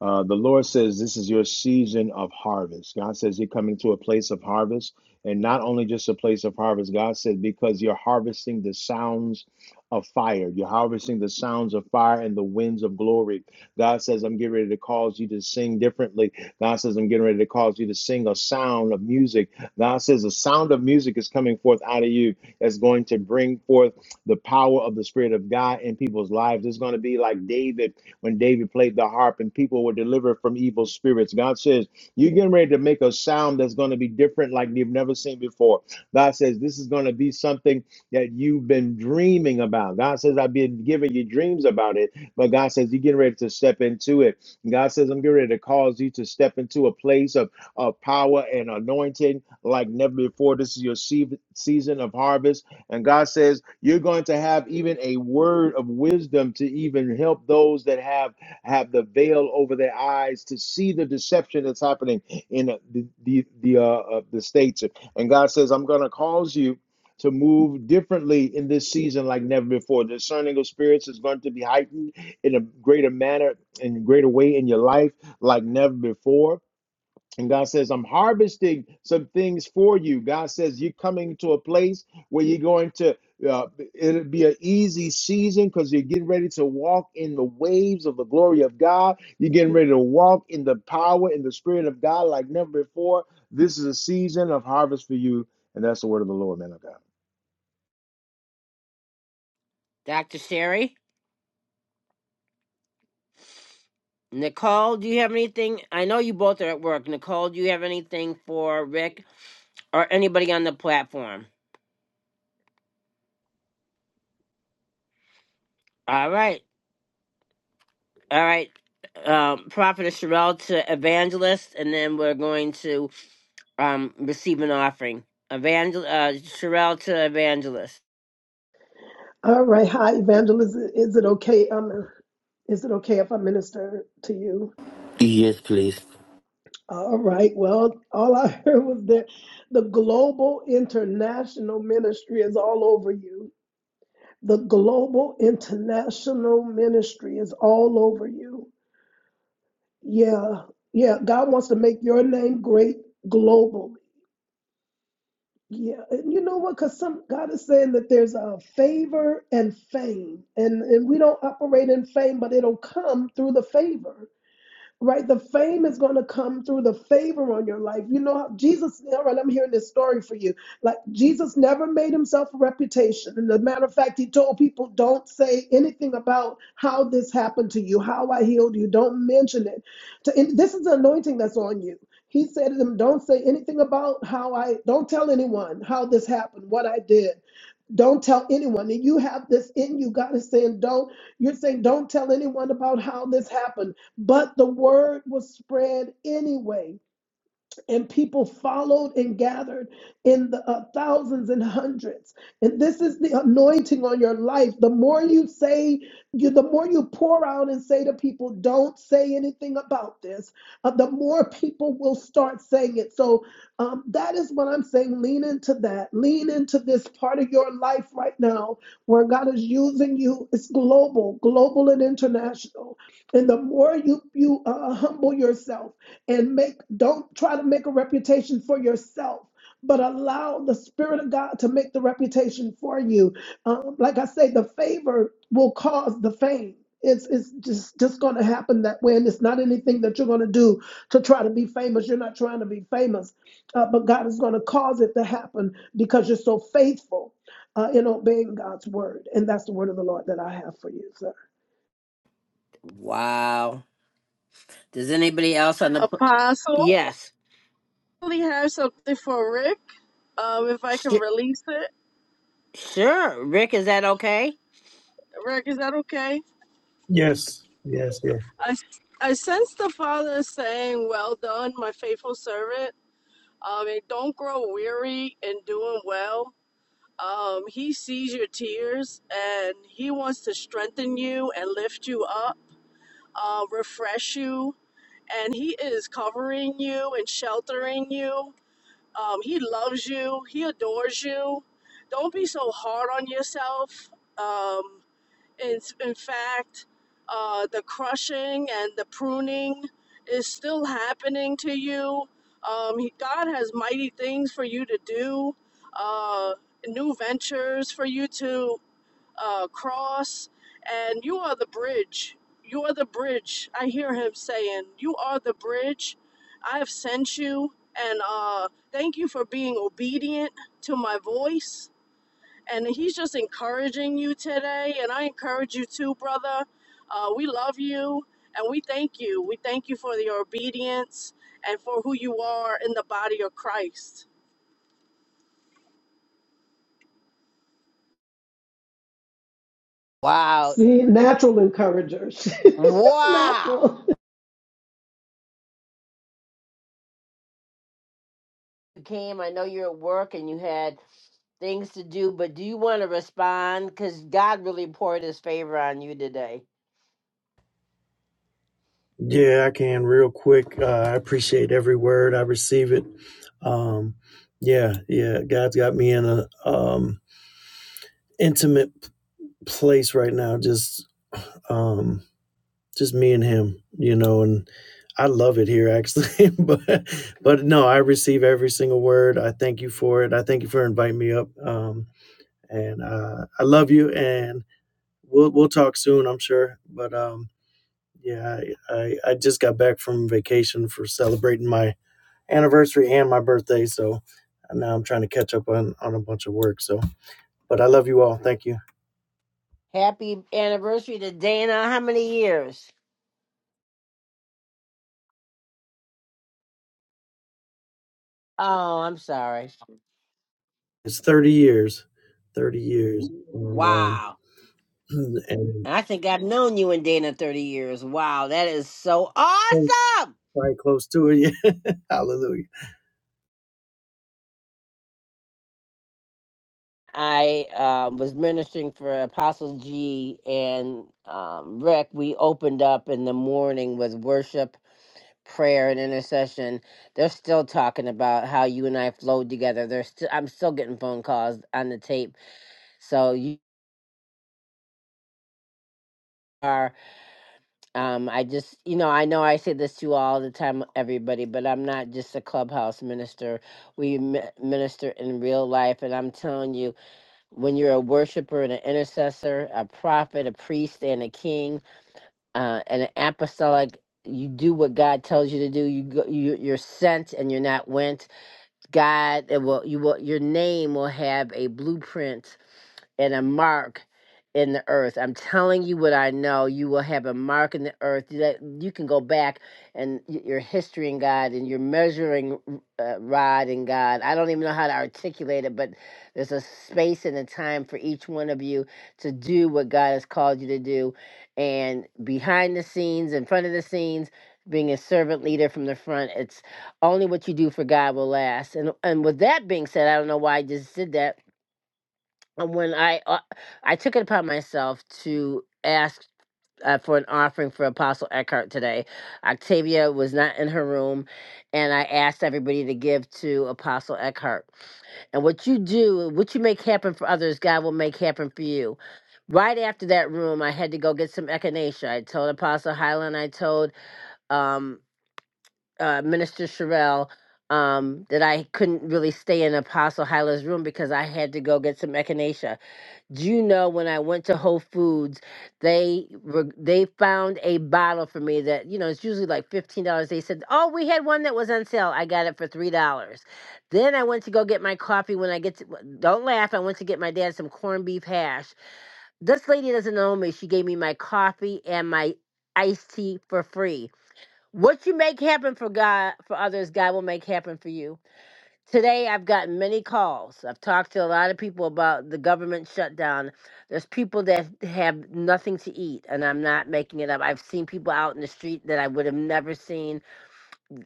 [SPEAKER 2] uh, the Lord says this is your season of harvest. God says you're coming to a place of harvest, and not only just a place of harvest. God said because you're harvesting the sounds of fire, you're harvesting the sounds of fire and the winds of glory. God says, I'm getting ready to cause you to sing differently. God says, I'm getting ready to cause you to sing a sound of music. God says, a sound of music is coming forth out of you that's going to bring forth the power of the Spirit of God in people's lives. It's going to be like David when David played the harp and people were delivered from evil spirits. God says, You're getting ready to make a sound that's going to be different like you've never seen before. God says, This is going to be something that you've been dreaming about. God says, I've been giving you dreams about it, but God says, You're getting ready to step into it. And God says, I'm getting ready to cause you to step into a place of, of power and anointing like never before. This is your sea- season of harvest. And God says, you're going to have even a word of wisdom to even help those that have have the veil over their eyes to see the deception that's happening in uh, the the, the uh, uh, the states. And God says, I'm going to cause you to move differently in this season like never before. Discerning of spirits is going to be heightened in a greater manner, in a greater way in your life like never before. And God says, I'm harvesting some things for you. God says, You're coming to a place where you're going to, uh, it'll be an easy season because you're getting ready to walk in the waves of the glory of God. You're getting ready to walk in the power and the spirit of God like never before. This is a season of harvest for you. And that's the word of the Lord, man of God.
[SPEAKER 1] Dr. Sherry? Nicole, do you have anything? I know you both are at work. Nicole, do you have anything for Rick or anybody on the platform? All right. All right, um, Prophetess Sherelle to Evangelist, and then we're going to um, receive an offering. Evangel- uh, Sherelle to Evangelist.
[SPEAKER 4] All right. Hi, evangelist. Is it okay? Um, is it okay if I minister to you?
[SPEAKER 10] Yes, please.
[SPEAKER 4] All right. Well, all I heard was that the global international ministry is all over you. The global international ministry is all over you. Yeah. Yeah. God wants to make your name great globally. Yeah, and you know what? Because some God is saying that there's a favor and fame, and and we don't operate in fame, but it'll come through the favor right? The fame is going to come through the favor on your life. You know, how Jesus, all right, I'm hearing this story for you. Like, Jesus never made himself a reputation. And as a matter of fact, he told people, don't say anything about how this happened to you, how I healed you. Don't mention it. To, and this is the anointing that's on you. He said to them, don't say anything about how I, don't tell anyone how this happened, what I did. Don't tell anyone that you have this in you. God is saying, don't, you're saying, don't tell anyone about how this happened. But the word was spread anyway and people followed and gathered in the uh, thousands and hundreds and this is the anointing on your life the more you say you the more you pour out and say to people don't say anything about this uh, the more people will start saying it so um, that is what i'm saying lean into that lean into this part of your life right now where god is using you it's global global and international and the more you you uh, humble yourself and make don't try to make a reputation for yourself but allow the spirit of god to make the reputation for you um, like i say the favor will cause the fame it's, it's just just going to happen that way and it's not anything that you're going to do to try to be famous you're not trying to be famous uh, but god is going to cause it to happen because you're so faithful uh, in obeying god's word and that's the word of the lord that i have for you sir
[SPEAKER 1] Wow. Does anybody else on the. pl-
[SPEAKER 6] Apostle,
[SPEAKER 1] Yes.
[SPEAKER 6] we have something for Rick. Um, if I can
[SPEAKER 1] Sh-
[SPEAKER 6] release it,
[SPEAKER 1] sure. Rick, is that okay?
[SPEAKER 6] Rick, is that okay?
[SPEAKER 9] Yes, yes, yes.
[SPEAKER 6] I I sense the Father saying, "Well done, my faithful servant." Um, and don't grow weary in doing well. Um, he sees your tears and he wants to strengthen you and lift you up, uh, refresh you, and he is covering you and sheltering you. Um, he loves you. He adores you. Don't be so hard on yourself. Um, in, in fact, uh, the crushing and the pruning is still happening to you. Um, he, God has mighty things for you to do, uh, new ventures for you to uh, cross, and you are the bridge. You are the bridge. I hear him saying, You are the bridge. I have sent you, and uh, thank you for being obedient to my voice. And he's just encouraging you today, and I encourage you too, brother. Uh, we love you, and we thank you. We thank you for your obedience and for who you are in the body of Christ.
[SPEAKER 1] Wow.
[SPEAKER 4] see natural encouragers it's
[SPEAKER 1] Wow.
[SPEAKER 4] natural
[SPEAKER 1] You came, I know you're at work and you had things to do, but do you want to respond? Because God really poured his favor on you today.
[SPEAKER 9] Yeah, I can real quick. Uh, I appreciate every word. I receive it. Um, yeah, yeah. God's got me in a um, intimate p- place right now. Just, um, just me and Him. You know, and I love it here actually. but, but no, I receive every single word. I thank you for it. I thank you for inviting me up. Um, and uh, I love you. And we'll we'll talk soon. I'm sure. But um, Yeah, I, I, I just got back from vacation for celebrating my anniversary and my birthday. So now I'm trying to catch up on, on a bunch of work. So, but I love you all. Thank you.
[SPEAKER 1] Happy anniversary to Dana. How many years? Oh, I'm sorry.
[SPEAKER 9] It's 30 years, 30 years. And, um,
[SPEAKER 1] Wow.
[SPEAKER 9] and
[SPEAKER 1] And I think I've known you and Dana 30 years. Wow, that is so awesome.
[SPEAKER 9] quite close to it. Yeah. Hallelujah.
[SPEAKER 1] I uh, was ministering for Apostle G and um, Rick. We opened up in the morning with worship, prayer, and intercession. They're still talking about how you and I flowed together. They're still. I'm still getting phone calls on the tape. So you are. Um, I just, you know, I know I say this to all the time, everybody, but I'm not just a clubhouse minister. We mi- minister in real life. And I'm telling you, when you're a worshiper and an intercessor, a prophet, a priest, and a king, uh, and an apostolic, you do what God tells you to do. You go, you, you're sent and you're not went God it will you will your name will have a blueprint and a mark in the earth. I'm telling you what I know. You will have a mark in the earth that you can go back and y- your history in God and your measuring uh, rod in God. I don't even know how to articulate it, but there's a space and a time for each one of you to do what God has called you to do. And behind the scenes, in front of the scenes, being a servant leader from the front, it's only what you do for God will last. And and with that being said, I don't know why I just did that. And when I uh, I took it upon myself to ask uh, for an offering for Apostle Eckhart today, Octavia was not in her room, and I asked everybody to give to Apostle Eckhart. And what you do, what you make happen for others, God will make happen for you. Right after that room, I had to go get some echinacea. I told Apostle Highland. I told um uh, Minister Sherelle um, that I couldn't really stay in Apostle Hyla's room because I had to go get some echinacea. Do you know when I went to Whole Foods, they were they found a bottle for me that you know it's usually like fifteen dollars. They said, "Oh, we had one that was on sale. I got it for three dollars." Then I went to go get my coffee. When I get to, don't laugh, I went to get my dad some corned beef hash. This lady doesn't know me. She gave me my coffee and my iced tea for free what you make happen for God, for others, God will make happen for you. Today, I've gotten many calls. I've talked to a lot of people about the government shutdown. There's people that have nothing to eat, and I'm not making it up. I've seen people out in the street that I would have never seen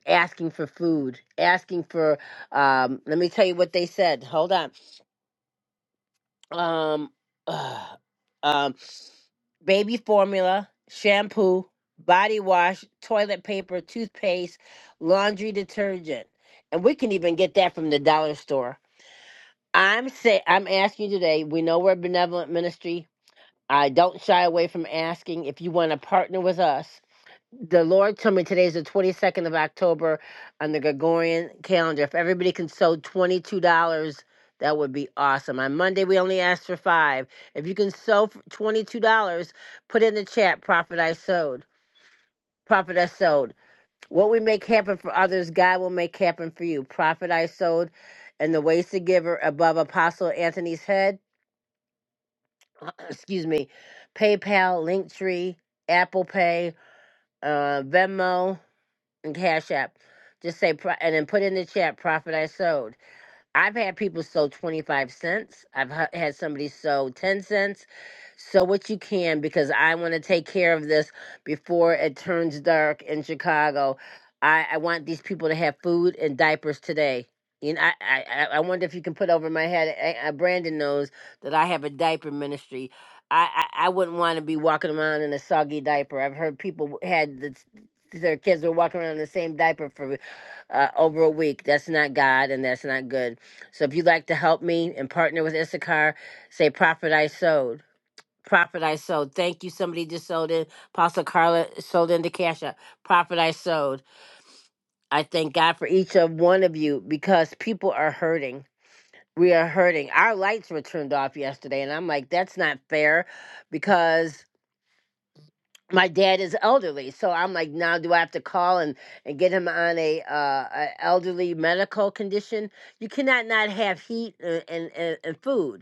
[SPEAKER 1] asking for food, asking for, um, let me tell you what they said. Hold on. Um, uh, um, baby formula, shampoo, body wash, toilet paper, toothpaste, laundry detergent. And we can even get that from the dollar store. I'm say I'm asking you today, we know we're a benevolent ministry. I don't shy away from asking if you want to partner with us the Lord told me today is the 22nd of October on the Gregorian calendar. If everybody can sew $22, that would be awesome. On Monday, we only asked for five. If you can sew for $22, put in the chat, Prophet I sewed. Prophet I sewed. What we make happen for others, God will make happen for you. Prophet I sewed, and the ways to give are above Apostle Anthony's head. Excuse me. PayPal, Linktree, Apple Pay, uh, Venmo. and Cash App. Just say, pro- and then put in the chat, profit I sold. I've had people sew 25 cents. I've ha- had somebody sew 10 cents. Sew what you can because I want to take care of this before it turns dark in Chicago. I, I want these people to have food and diapers today. You know, I, I, I I wonder if you can put over my head. I, I, Brandon knows that I have a diaper ministry. I, I, I wouldn't want to be walking around in a soggy diaper. I've heard people had the, their kids were walking around in the same diaper for uh, over a week. That's not God, and that's not good. So if you'd like to help me and partner with Issachar, say Prophet I sowed. Prophet I sowed. Thank you. Somebody just sold in. Apostle Carla sold into Cash App. Prophet I sowed. I thank God for each of one of you because people are hurting. We are hurting. Our lights were turned off yesterday, and I'm like, that's not fair because my dad is elderly. So I'm like, now do I have to call and, and get him on a, uh, a elderly medical condition? You cannot not have heat uh, and, and, and food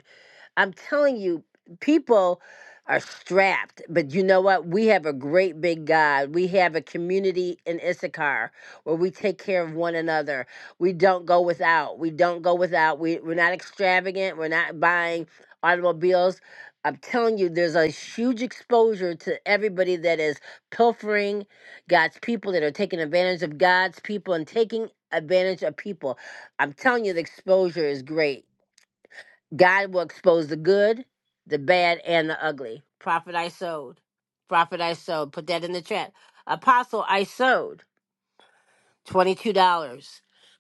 [SPEAKER 1] I'm telling you, people are strapped, but you know what? We have a great big God. We have a community in Issachar where we take care of one another. We don't go without. We don't go without. We, we're not extravagant. We're not buying automobiles. I'm telling you, there's a huge exposure to everybody that is pilfering God's people, that are taking advantage of God's people and taking advantage of people. I'm telling you, the exposure is great God will expose the good, the bad, and the ugly. Prophet I sowed. Prophet I sowed. Put that in the chat. Apostle I sowed. $22.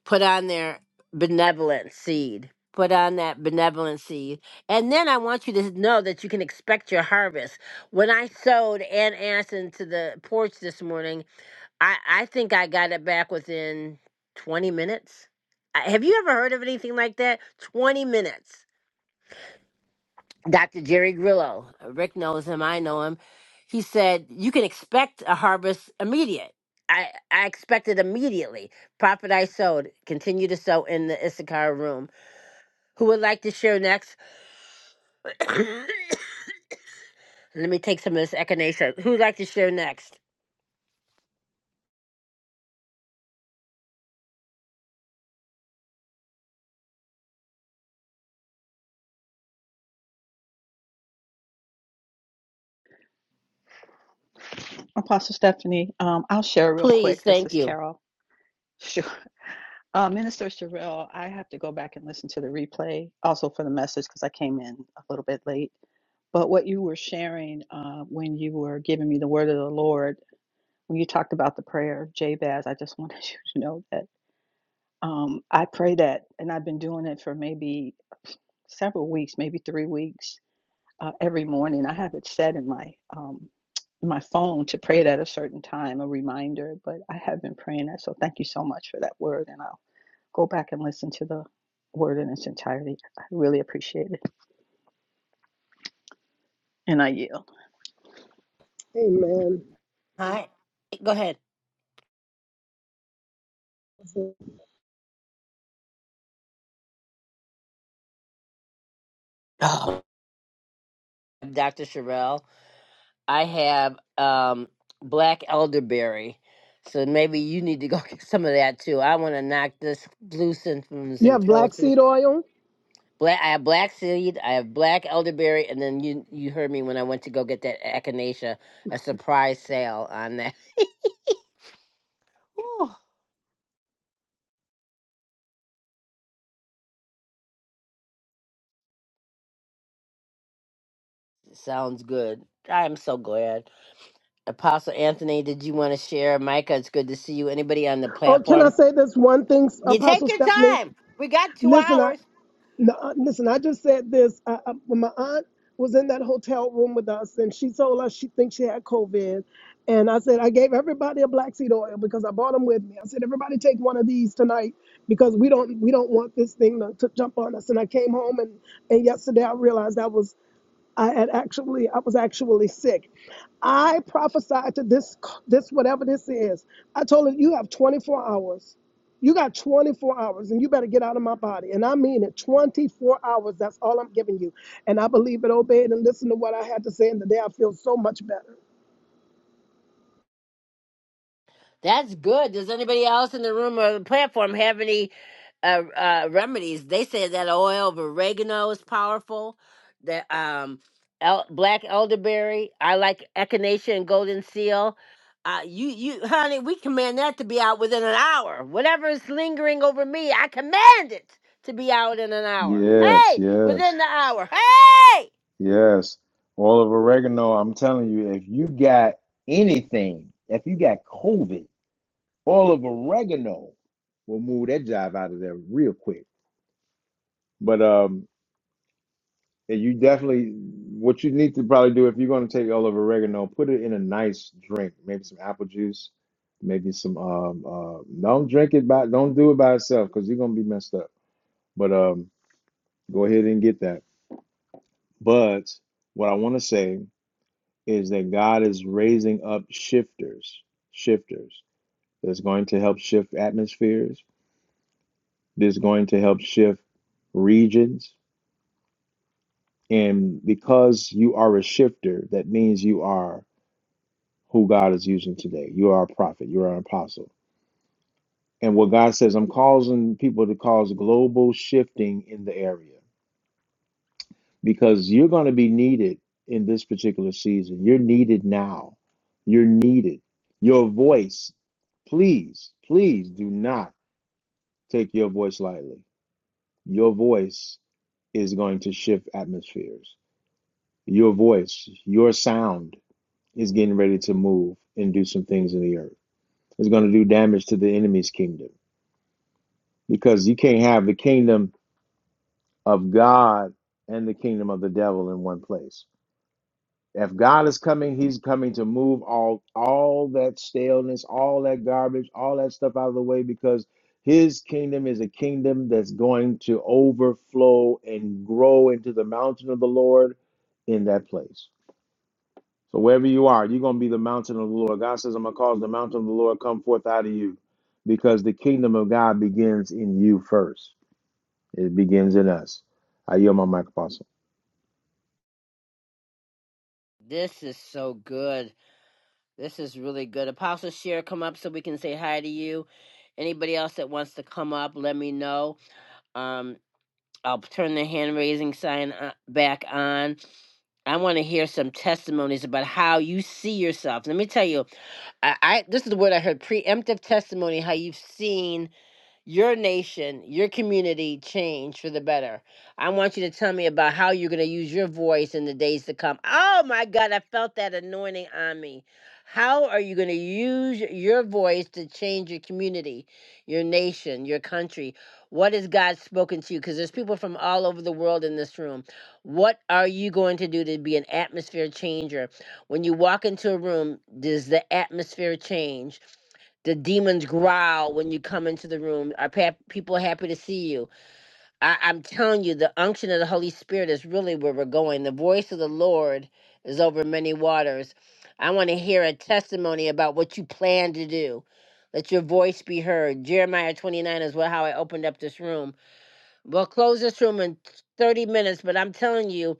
[SPEAKER 1] Put on their benevolent seed. Put on that benevolent seed. And then I want you to know that you can expect your harvest. When I sowed and asked into the porch this morning, I, I think I got it back within 20 minutes. I- Have you ever heard of anything like that? 20 minutes Dr. Jerry Grillo, uh, Rick knows him, I know him. He said, You can expect a harvest immediate. I, I expected immediately. Profit I sowed, continue to sow in the Issachar room. Who would like to share next? Let me take some of this echinacea. Who would like to share next?
[SPEAKER 11] Apostle Stephanie, um, I'll share real
[SPEAKER 1] Please,
[SPEAKER 11] quick. This
[SPEAKER 1] thank
[SPEAKER 11] is
[SPEAKER 1] you.
[SPEAKER 11] Carol. Sure. Uh, Minister Sherrill, I have to go back and listen to the replay also for the message because I came in a little bit late. But what you were sharing uh, when you were giving me the word of the Lord, when you talked about the prayer of Jabez, I just wanted you to know that um, I pray that, and I've been doing it for maybe several weeks, maybe three weeks uh, every morning. I have it set in my um, my phone to pray it at a certain time, a reminder. But I have been praying that, so thank you so much for that word, and I'll go back and listen to the word in its entirety. I really appreciate it, and I yield.
[SPEAKER 4] amen
[SPEAKER 1] Hi. Go ahead. Oh, Dr. Sherelle. I have um black elderberry. So maybe you need to go get some of that too. I want to knock this blue symptoms
[SPEAKER 4] Yeah,
[SPEAKER 1] and
[SPEAKER 4] black
[SPEAKER 1] colds.
[SPEAKER 4] seed oil.
[SPEAKER 1] Black, I have black seed, I have black elderberry, and then you you heard me when I went to go get that echinacea, a surprise sale on that. Whew, sounds good. I'm so glad. Apostle Anthony, did you want to share? Micah, it's good to see you. Anybody on the
[SPEAKER 4] Oh, can I
[SPEAKER 1] platform?
[SPEAKER 4] say this one thing,
[SPEAKER 1] You take
[SPEAKER 4] Apostle
[SPEAKER 1] your
[SPEAKER 4] Stephanie?
[SPEAKER 1] time. We got two
[SPEAKER 4] Listen, I
[SPEAKER 1] hours.
[SPEAKER 4] no, uh, listen. I just said this uh, uh, when my aunt was in that hotel room with us, and she told us she thinks she had COVID. And I said I gave everybody a black seed oil because I brought them with me. I said everybody take one of these tonight because we don't we don't want this thing to, to jump on us. And I came home and and yesterday I realized I was I had actually I was actually sick. I prophesied to this this whatever this is. I told her you have 24 hours. You got 24 hours, and you better get out of my body. And I mean it 24 hours. That's all I'm giving you. And I believe it, obeyed, and listened to what I had to say. And today I feel so much better.
[SPEAKER 1] That's good. Does anybody else in the room or the platform have any uh, uh, remedies? They said that oil of oregano is powerful. That um, el- black elderberry. I like echinacea and golden seal. Uh, you, you, honey, we command that to be out within an hour. Whatever is lingering over me, I command it to be out in an hour.
[SPEAKER 2] Yes,
[SPEAKER 1] Hey,
[SPEAKER 2] yes,
[SPEAKER 1] within the hour. Hey,
[SPEAKER 2] yes. All of oregano, I'm telling you, if you got anything, if you got COVID, All of oregano will move that jive out of there real quick. But um, and you definitely what you need to probably do if you're going to take all of oregano, put it in a nice drink, maybe some apple juice, maybe some um uh don't drink it by don't do it by itself because you're gonna be messed up. But um, go ahead and get that. But what I want to say is that God is raising up shifters, shifters that's going to help shift atmospheres. That's going to help shift regions And because you are a shifter, that means you are who God is using today. You are a prophet, you are an apostle. And what God says, I'm causing people to cause global shifting in the area because you're going to be needed in this particular season. You're needed now. You're needed. Your voice, please, please do not take your voice lightly. Your voice is going to shift atmospheres. Your voice, your sound is getting ready to move and do some things in the earth. It's going to do damage to the enemy's kingdom because you can't have the kingdom of God and the kingdom of the devil in one place. If God is coming, he's coming to move all all that staleness, all that garbage, all that stuff out of the way because his kingdom is a kingdom that's going to overflow and grow into the mountain of the Lord in that place. So wherever you are, you're going to be the mountain of the Lord. God says, I'm going to cause the mountain of the Lord come forth out of you because the kingdom of God begins in you first. It begins in us. I yield my mic, Apostle.
[SPEAKER 1] this is so good. This is really good. Apostle Share, come up so we can say hi to you. Anybody else that wants to come up, let me know. Um, I'll turn the hand raising sign o- back on. I want to hear some testimonies about how you see yourself. Let me tell you, I, I this is the word I heard: preemptive testimony. How you've seen your nation, your community change for the better. I want you to tell me about how you're going to use your voice in the days to come. Oh my God, I felt that anointing on me. How are you going to use your voice to change your community, your nation, your country? What has God spoken to you? Because there's people from all over the world in this room. What are you going to do to be an atmosphere changer? When you walk into a room, does the atmosphere change? the demons growl when you come into the room. Are pa- people happy to see you? I- I'm telling you, the unction of the Holy Spirit is really where we're going. The voice of the Lord is over many waters. I want to hear a testimony about what you plan to do. Let your voice be heard. Jeremiah 29 is what how I opened up this room. We'll close this room in 30 minutes, but I'm telling you,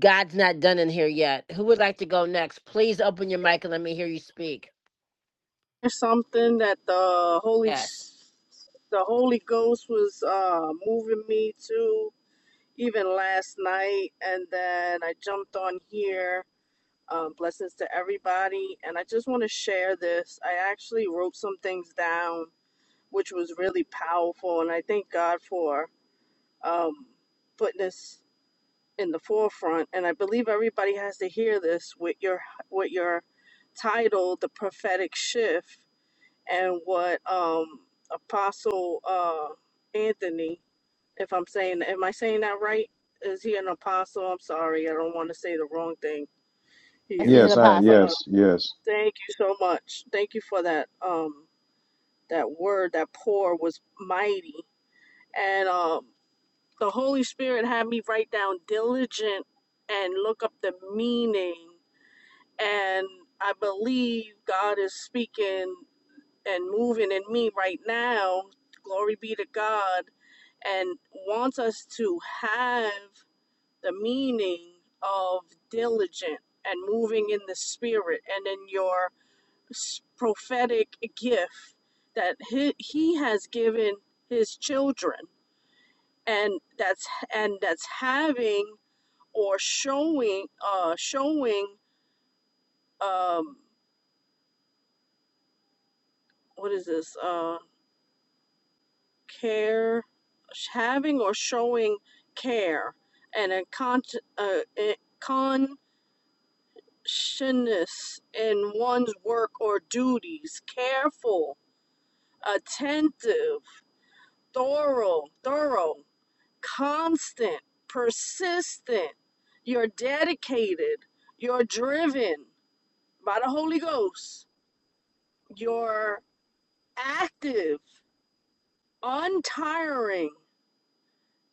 [SPEAKER 1] God's not done in here yet. Who would like to go next? Please open your mic and let me hear you speak.
[SPEAKER 6] There's something that the Holy
[SPEAKER 1] Yes.
[SPEAKER 6] S- the Holy Ghost was uh, moving me to even last night, and then I jumped on here. Um, blessings to everybody, and I just want to share this. I actually wrote some things down, which was really powerful, and I thank God for um, putting this in the forefront. And I believe everybody has to hear this with your with your title, the prophetic shift and what um apostle uh anthony if i'm saying am i saying that right is he an apostle i'm sorry i don't want to say the wrong thing
[SPEAKER 1] Yes,
[SPEAKER 6] here
[SPEAKER 1] he's an
[SPEAKER 2] Yes, I
[SPEAKER 6] uh,
[SPEAKER 1] apostle.
[SPEAKER 2] yes, yes.
[SPEAKER 6] thank you so much thank you for that um that word that pour was mighty and um the holy spirit had me write down diligent and look up the meaning and i believe god is speaking and moving in me right now, glory be to God, and wants us to have the meaning of diligent and moving in the spirit and in your prophetic gift that he, he has given his children and that's and that's having or showing uh showing um what is this uh. care, having or showing care, and a con- uh, a conscientious in one's work or duties, careful, attentive, thorough, thorough, constant, persistent. You're dedicated. You're driven by the Holy Ghost. You're active, untiring,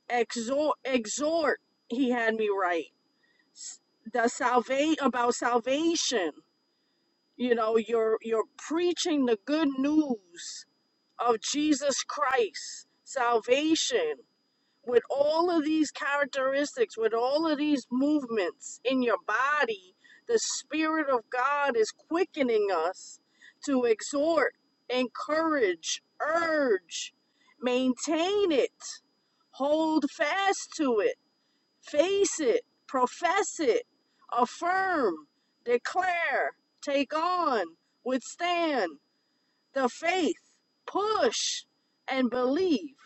[SPEAKER 6] exhort, exhort. He had me right s- the salvation about salvation you know you're you're preaching the good news of jesus christ salvation with all of these characteristics with all of these movements in your body the spirit of god is quickening us to exhort encourage urge maintain it hold fast to it Face it, profess it, affirm, declare, take on, withstand the faith, push, and believe.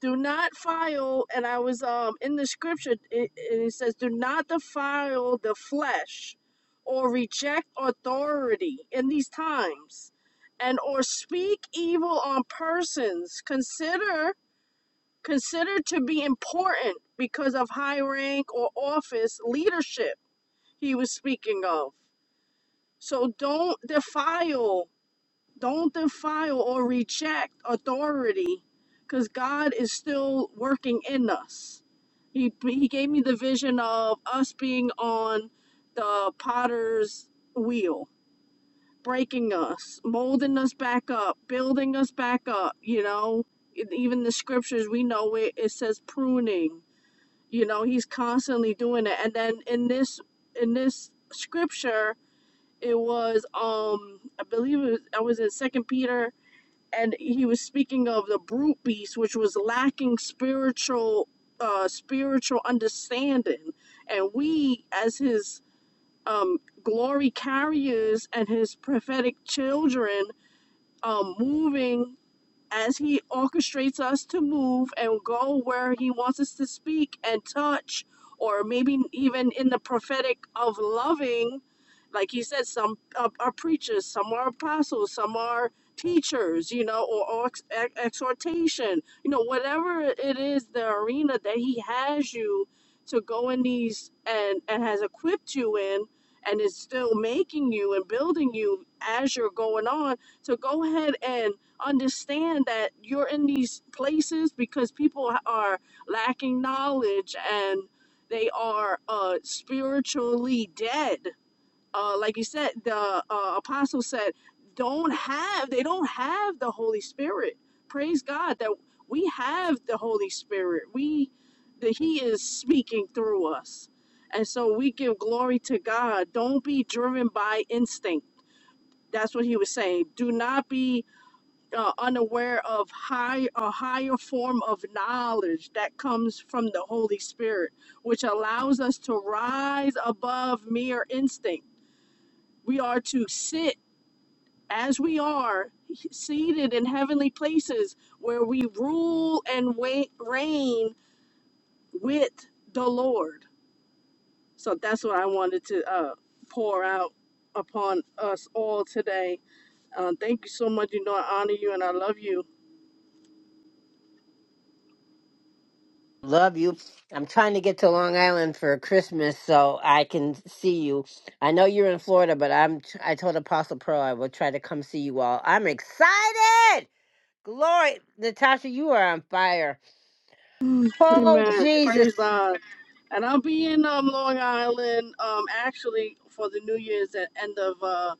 [SPEAKER 6] Do not file, and I was um in the scripture, it, and it says, do not defile the flesh or reject authority in these times and or speak evil on persons consider considered to be important because of high rank or office leadership he was speaking of. So don't defile, don't defile or reject authority because God is still working in us. He, he gave me the vision of us being on the potter's wheel, breaking us, molding us back up, building us back up, you know, e- even the scriptures we know it, it says pruning you know he's constantly doing it and then in this in this scripture it was um i believe it was, i was in second peter and he was speaking of the brute beast which was lacking spiritual uh spiritual understanding and we as his um glory carriers and his prophetic children um moving as he orchestrates us to move and go where he wants us to speak and touch or maybe even in the prophetic of loving like he said some are, are preachers some are apostles some are teachers you know or, or ex- exhortation you know whatever it is the arena that he has you to go in these and and has equipped you in and is still making you and building you as you're going on so go ahead and understand that you're in these places because people are lacking knowledge and they are uh, spiritually dead. Uh, like you said, the uh, apostle said, don't have, they don't have the Holy Spirit. Praise God that we have the Holy Spirit. We, that He is speaking through us. And so we give glory to God. Don't be driven by instinct. That's what he was saying. Do not be uh, unaware of high a higher form of knowledge that comes from the Holy Spirit, which allows us to rise above mere instinct. We are to sit as we are seated in heavenly places where we rule and wait, reign with the Lord. So that's what I wanted to uh, pour out upon us all today. Uh, thank you so much. You know, I honor you and I love you
[SPEAKER 1] Love you. I'm trying to get to Long Island for Christmas so I can see you. I know you're in Florida, but I'm I told Apostle Pearl I will try to come see you all. I'm excited. Glory, Natasha, you are on fire. Oh,
[SPEAKER 6] Amen. Praise
[SPEAKER 1] Jesus.
[SPEAKER 6] God. And I'll be in um, Long Island um, actually for the New Year's at end of uh,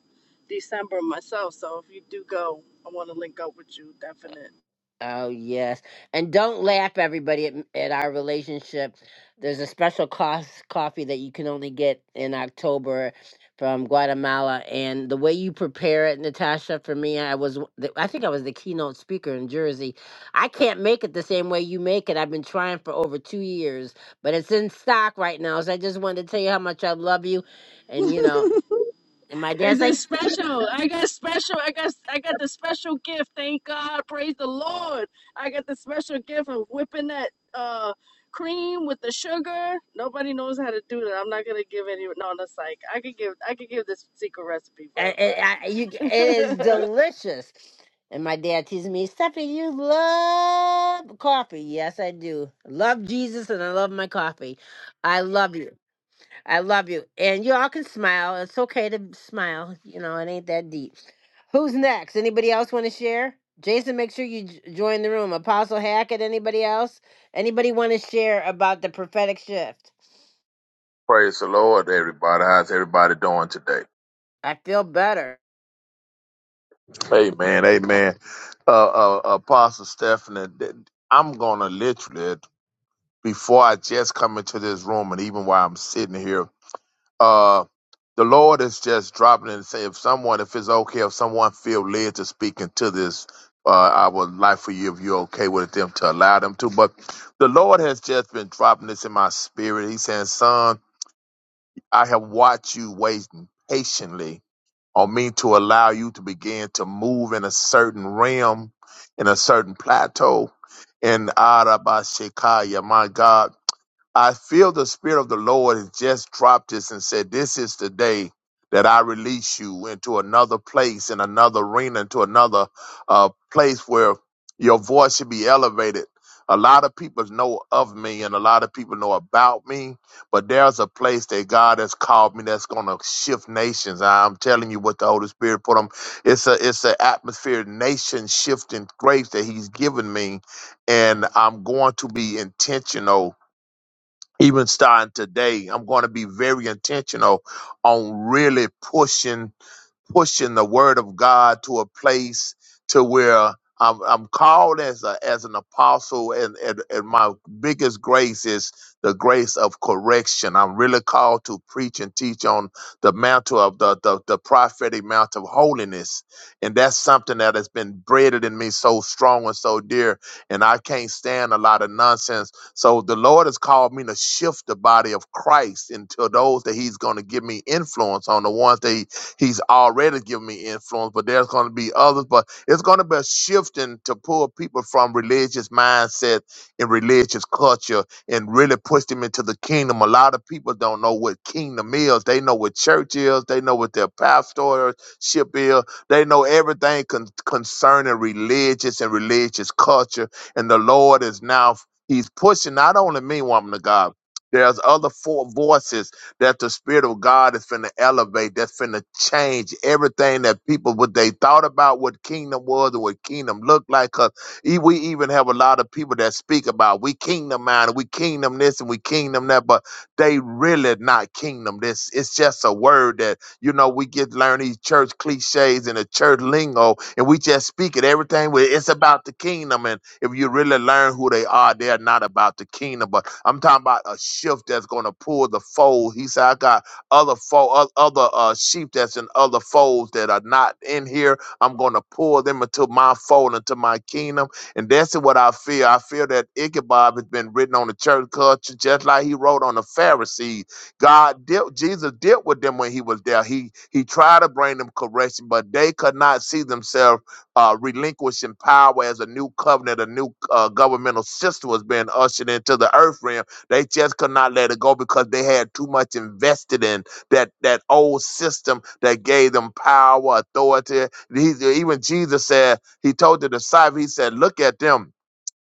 [SPEAKER 6] December myself. So if you do go, I want to link up with you. Definite.
[SPEAKER 1] Oh, yes. And don't laugh, everybody, at, at our relationship. There's a special cost coffee that you can only get in October from Guatemala. And the way you prepare it, Natasha, for me, I was, the- I think I was the keynote speaker in Jersey. I can't make it the same way you make it. I've been trying for over two years, but it's in stock right now. So I just wanted to tell you how much I love you. And, you know, and my
[SPEAKER 6] Is
[SPEAKER 1] dad's
[SPEAKER 6] it
[SPEAKER 1] like,
[SPEAKER 6] special? I got special. I got I got the special gift. Thank God. Praise the Lord. I got the special gift of whipping that uh, cream with the sugar. Nobody knows how to do that. I'm not gonna give any. No, that's like I could give. I could give this secret recipe for
[SPEAKER 1] And it,
[SPEAKER 6] everybody.
[SPEAKER 1] I, you, it is delicious. And my dad teases me, Stephanie, you love coffee. Yes, I do. Love Jesus and I love my coffee. I love you. I love you. And you all can smile. It's okay to smile. You know, it ain't that deep. Who's next? Anybody else want to share? Jason, make sure you j- join the room. Apostle Hackett, anybody else? Anybody want to share about the prophetic shift?
[SPEAKER 12] Praise the Lord, everybody. How's everybody doing today?
[SPEAKER 1] I feel better.
[SPEAKER 12] Amen. Amen. Uh, uh, Apostle Stephanie, th- I'm going to literally, before I just come into this room and even while I'm sitting here, uh, the Lord is just dropping and Say, if someone, if it's okay, if someone feel led to speak into this, uh, I would like for you, if you're okay with them, to allow them to. But the Lord has just been dropping this in my spirit. He's saying, son, I have watched you waiting patiently or mean to allow you to begin to move in a certain realm, in a certain plateau. In Arabashikaya, my God. I feel the Spirit of the Lord has just dropped this and said, This is the day that I release you into another place, in another arena, into another uh, place where your voice should be elevated. A lot of people know of me and a lot of people know about me, but there's a place that God has called me that's going to shift nations. I'm telling you what the Holy Spirit put on. It's a it's an atmosphere, nation shifting grace that He's given me, and I'm going to be intentional even starting today, I'm going to be very intentional on really pushing pushing the word of God to a place to where I'm, I'm called as a as an apostle, and, and and my biggest grace is the grace of correction. I'm really called to preach and teach on the mantle of the the, the prophetic mount of holiness, and that's something that has been bred in me so strong and so dear. And I can't stand a lot of nonsense. So the Lord has called me to shift the body of Christ into those that He's going to give me influence on, the ones that He He's already given me influence, but there's going to be others. But it's going to be a shifting to pull people from religious mindset and religious culture and really push them into the kingdom. A lot of people don't know what kingdom is. They know what church is. They know what their pastorship is. They know everything con- concerning religious and religious culture. And the Lord is now, He's pushing not only me, woman of God. There's other four voices that the Spirit of God is finna elevate, that's finna change everything that people, what they thought about what kingdom was and what kingdom looked like. 'Cause e- we even have a lot of people that speak about we kingdom minded, we kingdom this and we kingdom that, but they really not kingdom. This it's just a word that you know we get learn these church cliches and the church lingo, and we just speak it everything. with it's about the kingdom, and. If you really learn who they are, they're not about the kingdom, but I'm talking about a shift that's going to pull the fold. He said, I got other fold, other uh, sheep that's in other folds that are not in here. I'm going to pull them into my fold, into my kingdom. And that's what I feel. I feel that Ichabod has been written on the church culture, just like he wrote on the Pharisees. God dealt, Jesus dealt with them when he was there. He he tried to bring them correction, but they could not see themselves uh, relinquishing power as a new covenant, a new uh, governmental system was being ushered into the earth realm. They just could not let it go because they had too much invested in that that old system that gave them power, authority. He, even Jesus said, he told the disciples, he said, look at them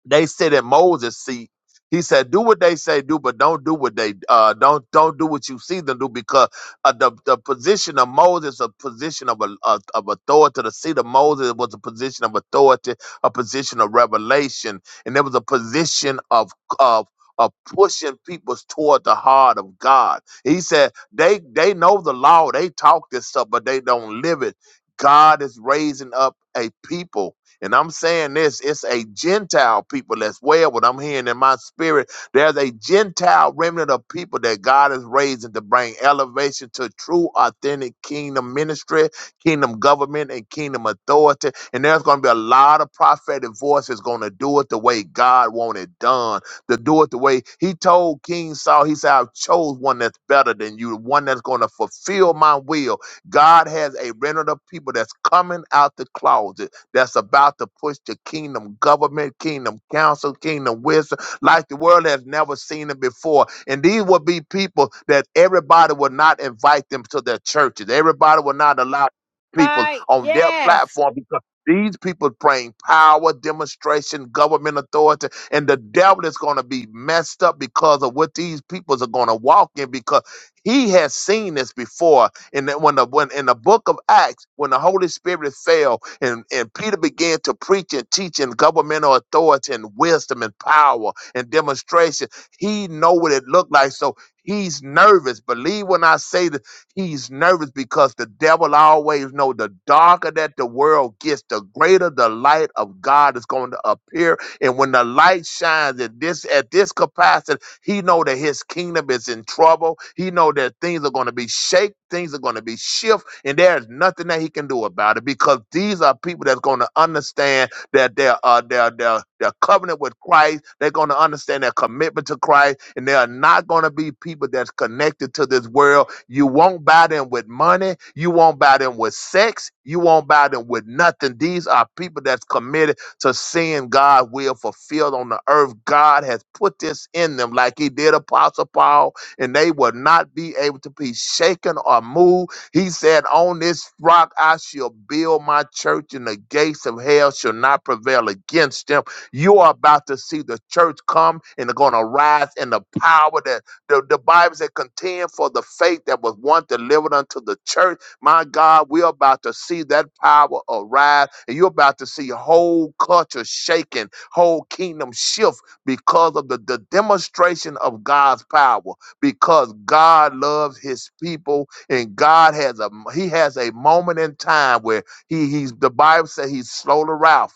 [SPEAKER 12] they sit at Moses' seat. He said, "Do what they say do, but don't do what they uh, don't don't do what you see them do." Because uh, the the position of Moses, a position of a, of of authority, the seat of Moses was a position of authority, a position of revelation, and there was a position of of of pushing people toward the heart of God. He said, "They they know the law, they talk this stuff, but they don't live it." God is raising up a people and I'm saying this, it's a Gentile people as well. What I'm hearing in my spirit, there's a Gentile remnant of people that God is raising to bring elevation to true, authentic kingdom ministry, kingdom government, and kingdom authority. And there's going to be a lot of prophetic voices going to do it the way God wanted it done, to do it the way He told King Saul, He said, I've chose one that's better than you, one that's going to fulfill my will. God has a remnant of people that's coming out the closet that's about to push the kingdom government, kingdom council, kingdom wisdom, like the world has never seen it before. And these will be people that everybody will not invite them to their churches. Everybody will not allow people
[SPEAKER 1] Right.
[SPEAKER 12] on their
[SPEAKER 1] Yes.
[SPEAKER 12] platform because these people praying power, demonstration, government authority, and the devil is going to be messed up because of what these peoples are going to walk in because he has seen this before. And that when the when in the book of Acts, when the Holy Spirit fell, and, and Peter began to preach and teach in governmental authority and wisdom and power and demonstration. He know what it looked like. So he's nervous. Believe when I say that he's nervous because the devil always know the darker that the world gets, the greater the light of God is going to appear. And when the light shines at this at this capacity, he know that his kingdom is in trouble. He know that things are going to be shake, things are going to be shift, and there's nothing that he can do about it because these are people that's going to understand that their uh their their their covenant with Christ. They're going to understand their commitment to Christ, and they are not going to be people that's connected to this world. You won't buy them with money. You won't buy them with sex. You won't buy them with nothing. These are people that's committed to seeing God's will fulfilled on the earth. God has put this in them like he did Apostle Paul, and they will not be able to be shaken or moved. He said, On this rock I shall build my church, and the gates of hell shall not prevail against them. You are about to see the church come and they're going to rise in the power that the, the Bible said contend for the faith that was once delivered unto the church my God, we're about to see that power arrive, and you're about to see whole culture shaking, whole kingdom shift because of the, the demonstration of God's power. Because God loves His people, and God has a He has a moment in time where He He's the Bible says He's slow to wrath,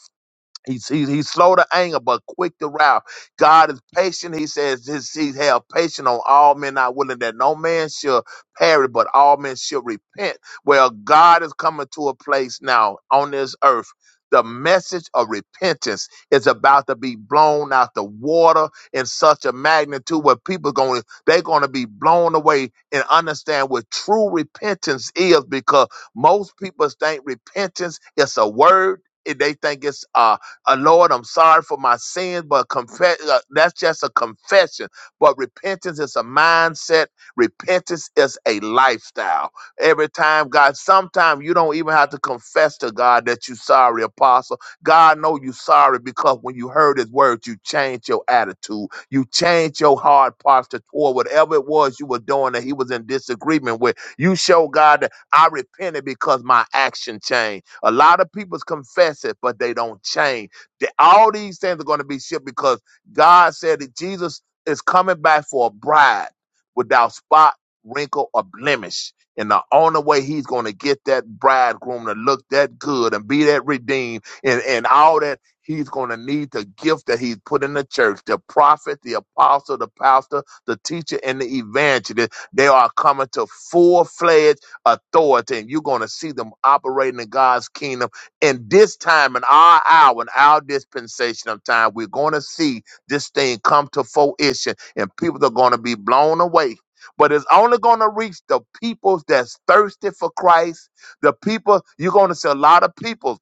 [SPEAKER 12] He's, he's, he's slow to anger, but quick to wrath. God is patient. He says, this, He have patience on all men, not willing that no man should perish, but all men should repent. Well, God is coming to a place now on this earth. The message of repentance is about to be blown out the water in such a magnitude where people going they're going to be blown away and understand what true repentance is because most people think repentance is a word. They think it's uh uh, Lord, I'm sorry for my sins, but confess, uh, that's just a confession. But repentance is a mindset, repentance is a lifestyle. Every time, God, sometimes you don't even have to confess to God that you're sorry, apostle. God know you sorry because when you heard his words, you changed your attitude. You changed your hard posture toward whatever it was you were doing that he was in disagreement with. You show God that I repented because my action changed. A lot of people's confess it, but they don't change that all these things are going to be shipped because God said that Jesus is coming back for a bride without spot, wrinkle, or blemish. And the only way he's going to get that bridegroom to look that good and be that redeemed and, and all that, he's going to need the gift that he's put in the church the prophet, the apostle, the pastor, the teacher, and the evangelist. They are coming to full fledged authority, and you're going to see them operating in God's kingdom in this time, in our hour, in our dispensation of time, we're going to see this thing come to fruition and people are going to be blown away. But it's only going to reach the people that's thirsty for Christ. The people, you're going to see a lot of people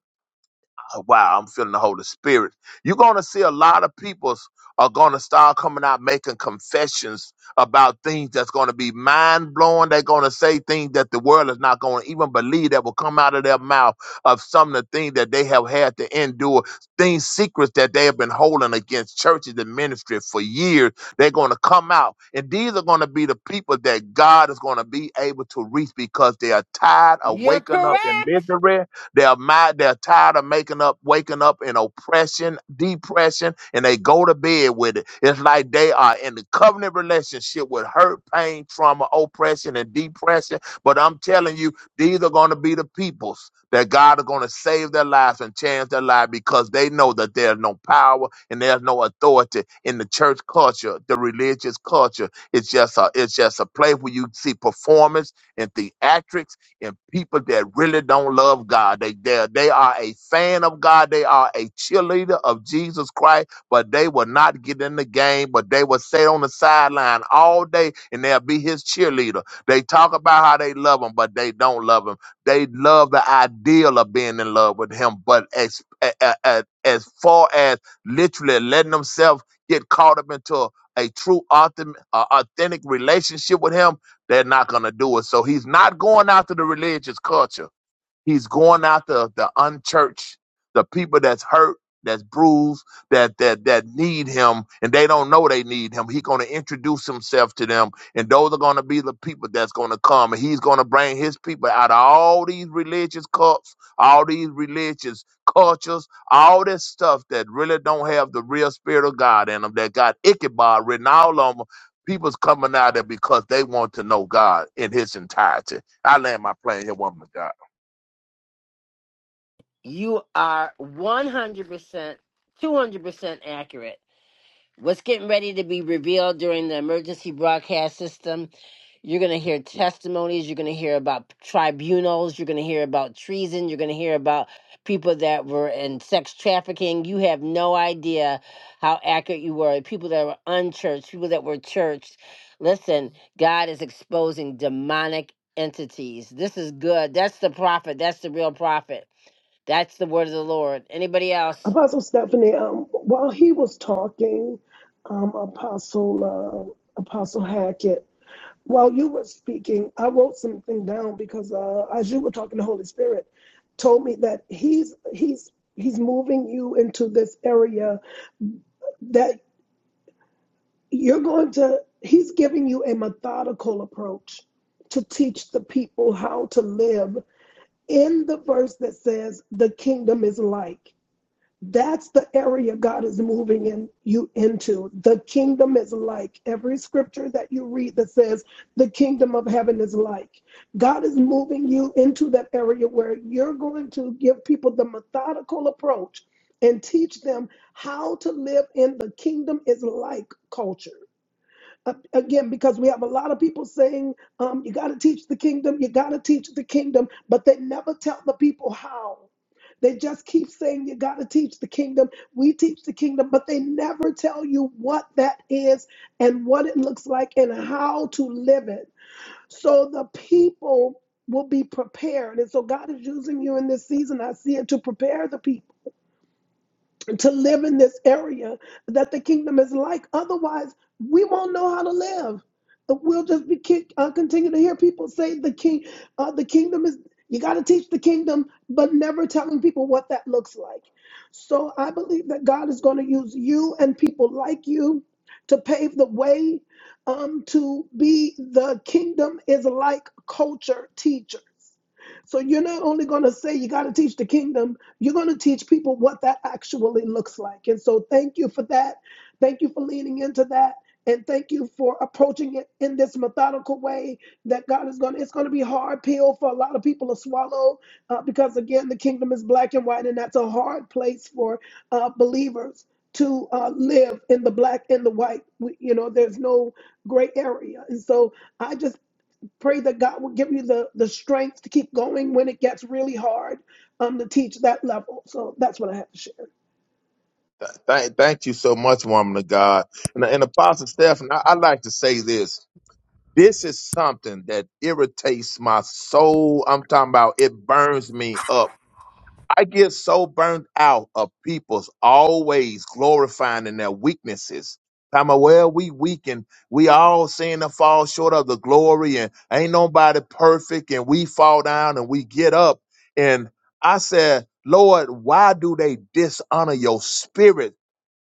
[SPEAKER 12] Oh, wow, I'm feeling the Holy Spirit. You're going to see a lot of people are going to start coming out making confessions about things that's going to be mind blowing. They're going to say things that the world is not going to even believe that will come out of their mouth of some of the things that they have had to endure, things, secrets that they have been holding against churches and ministry for years. They're going to come out. And these are going to be the people that God is going to be able to reach because they are tired of
[SPEAKER 1] You're
[SPEAKER 12] waking up in
[SPEAKER 1] correct.
[SPEAKER 12] misery they're mad. They're tired of making up, waking up in oppression, depression, and they go to bed with it. It's like they are in the covenant relationship with hurt, pain, trauma, oppression, and depression. But I'm telling you, these are going to be the peoples that God is going to save their lives and change their life because they know that there's no power and there's no authority in the church culture, the religious culture. It's just a it's just a place where you see performance and theatrics and people that really don't love God. They they they are a fan of God. They are a cheerleader of Jesus Christ, but they will not get in the game. But they will stay on the sideline all day, and they'll be his cheerleader. They talk about how they love him, but they don't love him. They love the ideal of being in love with him, but as a- a- as far as literally letting themselves get caught up into a a true authentic, uh, authentic relationship with him they're not going to do it. So he's not going after the religious culture. He's going after the unchurched, the people that's hurt, that's bruised, that that that need him, and they don't know they need him. He's going to introduce himself to them, and those are going to be the people that's going to come, and he's going to bring his people out of all these religious cults, all these religious cultures, all this stuff that really don't have the real spirit of God in them. That got Ichabod written all on them. People's coming out there because they want to know God in His entirety. I land my plane here, woman of God.
[SPEAKER 1] You are 100%, 200% accurate what's getting ready to be revealed during the emergency broadcast system. You're going to hear testimonies. You're going to hear about tribunals. You're going to hear about treason. You're going to hear about people that were in sex trafficking. You have no idea how accurate you were. People that were unchurched, people that were churched. Listen, God is exposing demonic entities. This is good. That's the prophet. That's the real prophet. That's the word of the Lord. Anybody else?
[SPEAKER 4] Apostle Stephanie, um, while he was talking, um, Apostle, uh, Apostle Hackett, while you were speaking, I wrote something down because uh, as you were talking, the Holy Spirit told me that he's he's he's moving you into this area that. you're going to he's giving you a methodical approach to teach the people how to live in the verse that says the kingdom is like that's the area god is moving in you into the kingdom is like every scripture that you read that says the kingdom of heaven is like god is moving you into that area where you're going to give people the methodical approach and teach them how to live in the kingdom is like culture uh, again because we have a lot of people saying um, you got to teach the kingdom you got to teach the kingdom but they never tell the people how they just keep saying you got to teach the kingdom we teach the kingdom but they never tell you what that is and what it looks like and how to live it so the people will be prepared and so god is using you in this season i see it to prepare the people to live in this area that the kingdom is like. Otherwise, we won't know how to live. We'll just be kick, uh, continue to hear people say the king, uh, the kingdom is. You got to teach the kingdom, but never telling people what that looks like. So I believe that God is going to use you and people like you to pave the way um, to be the kingdom is like culture teachers. So you're not only going to say you got to teach the kingdom, you're going to teach people what that actually looks like. And so, thank you for that. Thank you for leaning into that. And thank you for approaching it in this methodical way that God is going to, it's going to be a hard pill for a lot of people to swallow uh, because, again, the kingdom is black and white, and that's a hard place for uh, believers to uh, live in the black and the white. We, you know, there's no gray area. And so, I just. Pray that God will give you the, the strength to keep going when it gets really hard um, to teach that level. So that's what I have to share.
[SPEAKER 12] Thank, thank you so much, woman of God. And, and Apostle Stephen, I, I like to say this. This is something that irritates my soul. I'm talking about it burns me up. I get so burned out of people's always glorifying in their weaknesses. Talking about, well, we weak and we all sin and fall short of the glory and ain't nobody perfect and we fall down and we get up. And I said, Lord, why do they dishonor your spirit?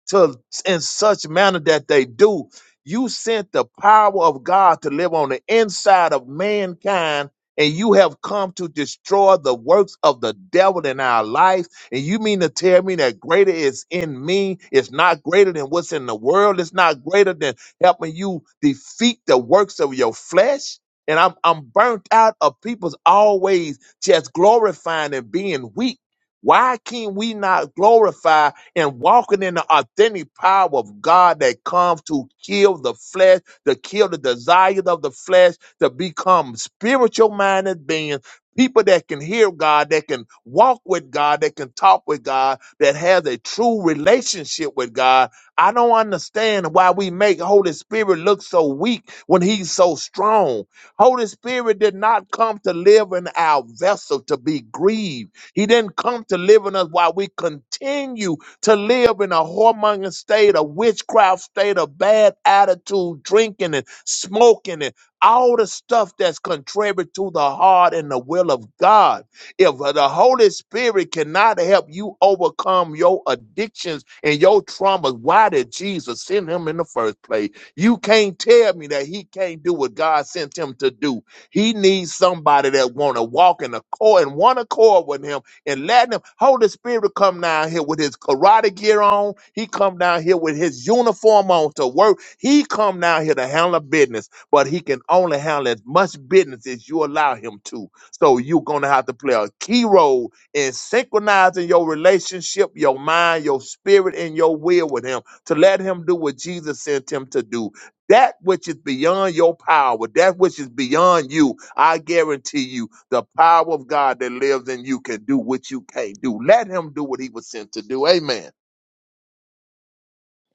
[SPEAKER 12] to in such manner that they do. You sent the power of God to live on the inside of mankind, and you have come to destroy the works of the devil in our life. And you mean to tell me that greater is in me, it's not greater than what's in the world, it's not greater than helping you defeat the works of your flesh. And I'm I'm burnt out of people's always just glorifying and being weak. Why can't we not glorify? and walking in the authentic power of God that comes to kill the flesh, to kill the desires of the flesh, to become spiritual minded beings. People that can hear God, that can walk with God, that can talk with God, that has a true relationship with God. I don't understand why we make Holy Spirit look so weak when He's so strong. Holy Spirit did not come to live in our vessel to be grieved. He didn't come to live in us while we continue to live in a whoremonger state, a witchcraft state, a bad attitude, drinking and smoking and all the stuff that's contrary to the heart and the will of God. If the Holy Spirit cannot help you overcome your addictions and your traumas, why did Jesus send him in the first place? You can't tell me that he can't do what God sent him to do. He needs somebody that want to walk in accord and one accord with him and letting him Holy Spirit will come down here with his karate gear on. He come down here with his uniform on to work. He come down here to handle business, but he can only handle as much business as you allow him to. So you're gonna have to play a key role in synchronizing your relationship, your mind, your spirit, and your will with him to let him do what Jesus sent him to do that which is beyond your power, that which is beyond you, I guarantee you, the power of God that lives in you can do what you can't do. Let him do what he was sent to do. Amen.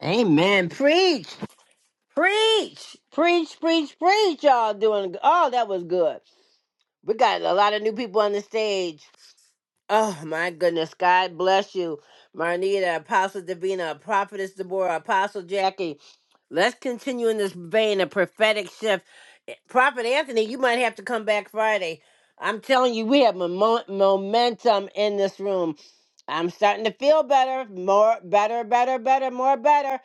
[SPEAKER 1] Amen. Preach. Preach, preach, preach, preach. Y'all doing, oh, that was good. We got a lot of new people on the stage. Oh, my goodness. God bless you. Marnita, Apostle Davina, Prophetess Deborah, Apostle Jackie. Let's continue in this vein of prophetic shift. Eh, Prophet Anthony, you might have to come back Friday. I'm telling you, we have momo- momentum in this room. I'm starting to feel better, more, better, better, better, more, better.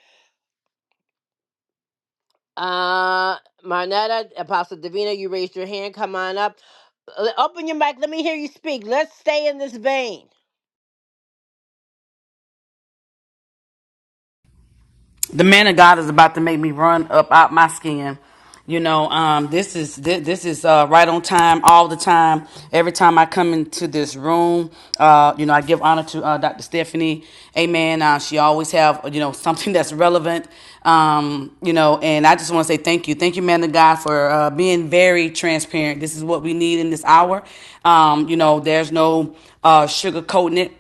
[SPEAKER 1] Uh, Marnetta, Apostle Davina, you raised your hand. Come on up. L- open your mic. Let me hear you speak. Let's stay in this vein.
[SPEAKER 13] the man of God is about to make me run up out my skin. You know, um, this is this, this is uh, right on time all the time. Every time I come into this room, uh, you know, I give honor to uh, Dr. Stephanie. Amen. Uh, she always have you know something that's relevant. Um, you know, and I just want to say thank you, thank you, man of God, for uh, being very transparent. This is what we need in this hour. Um, you know, there's no uh, sugarcoating it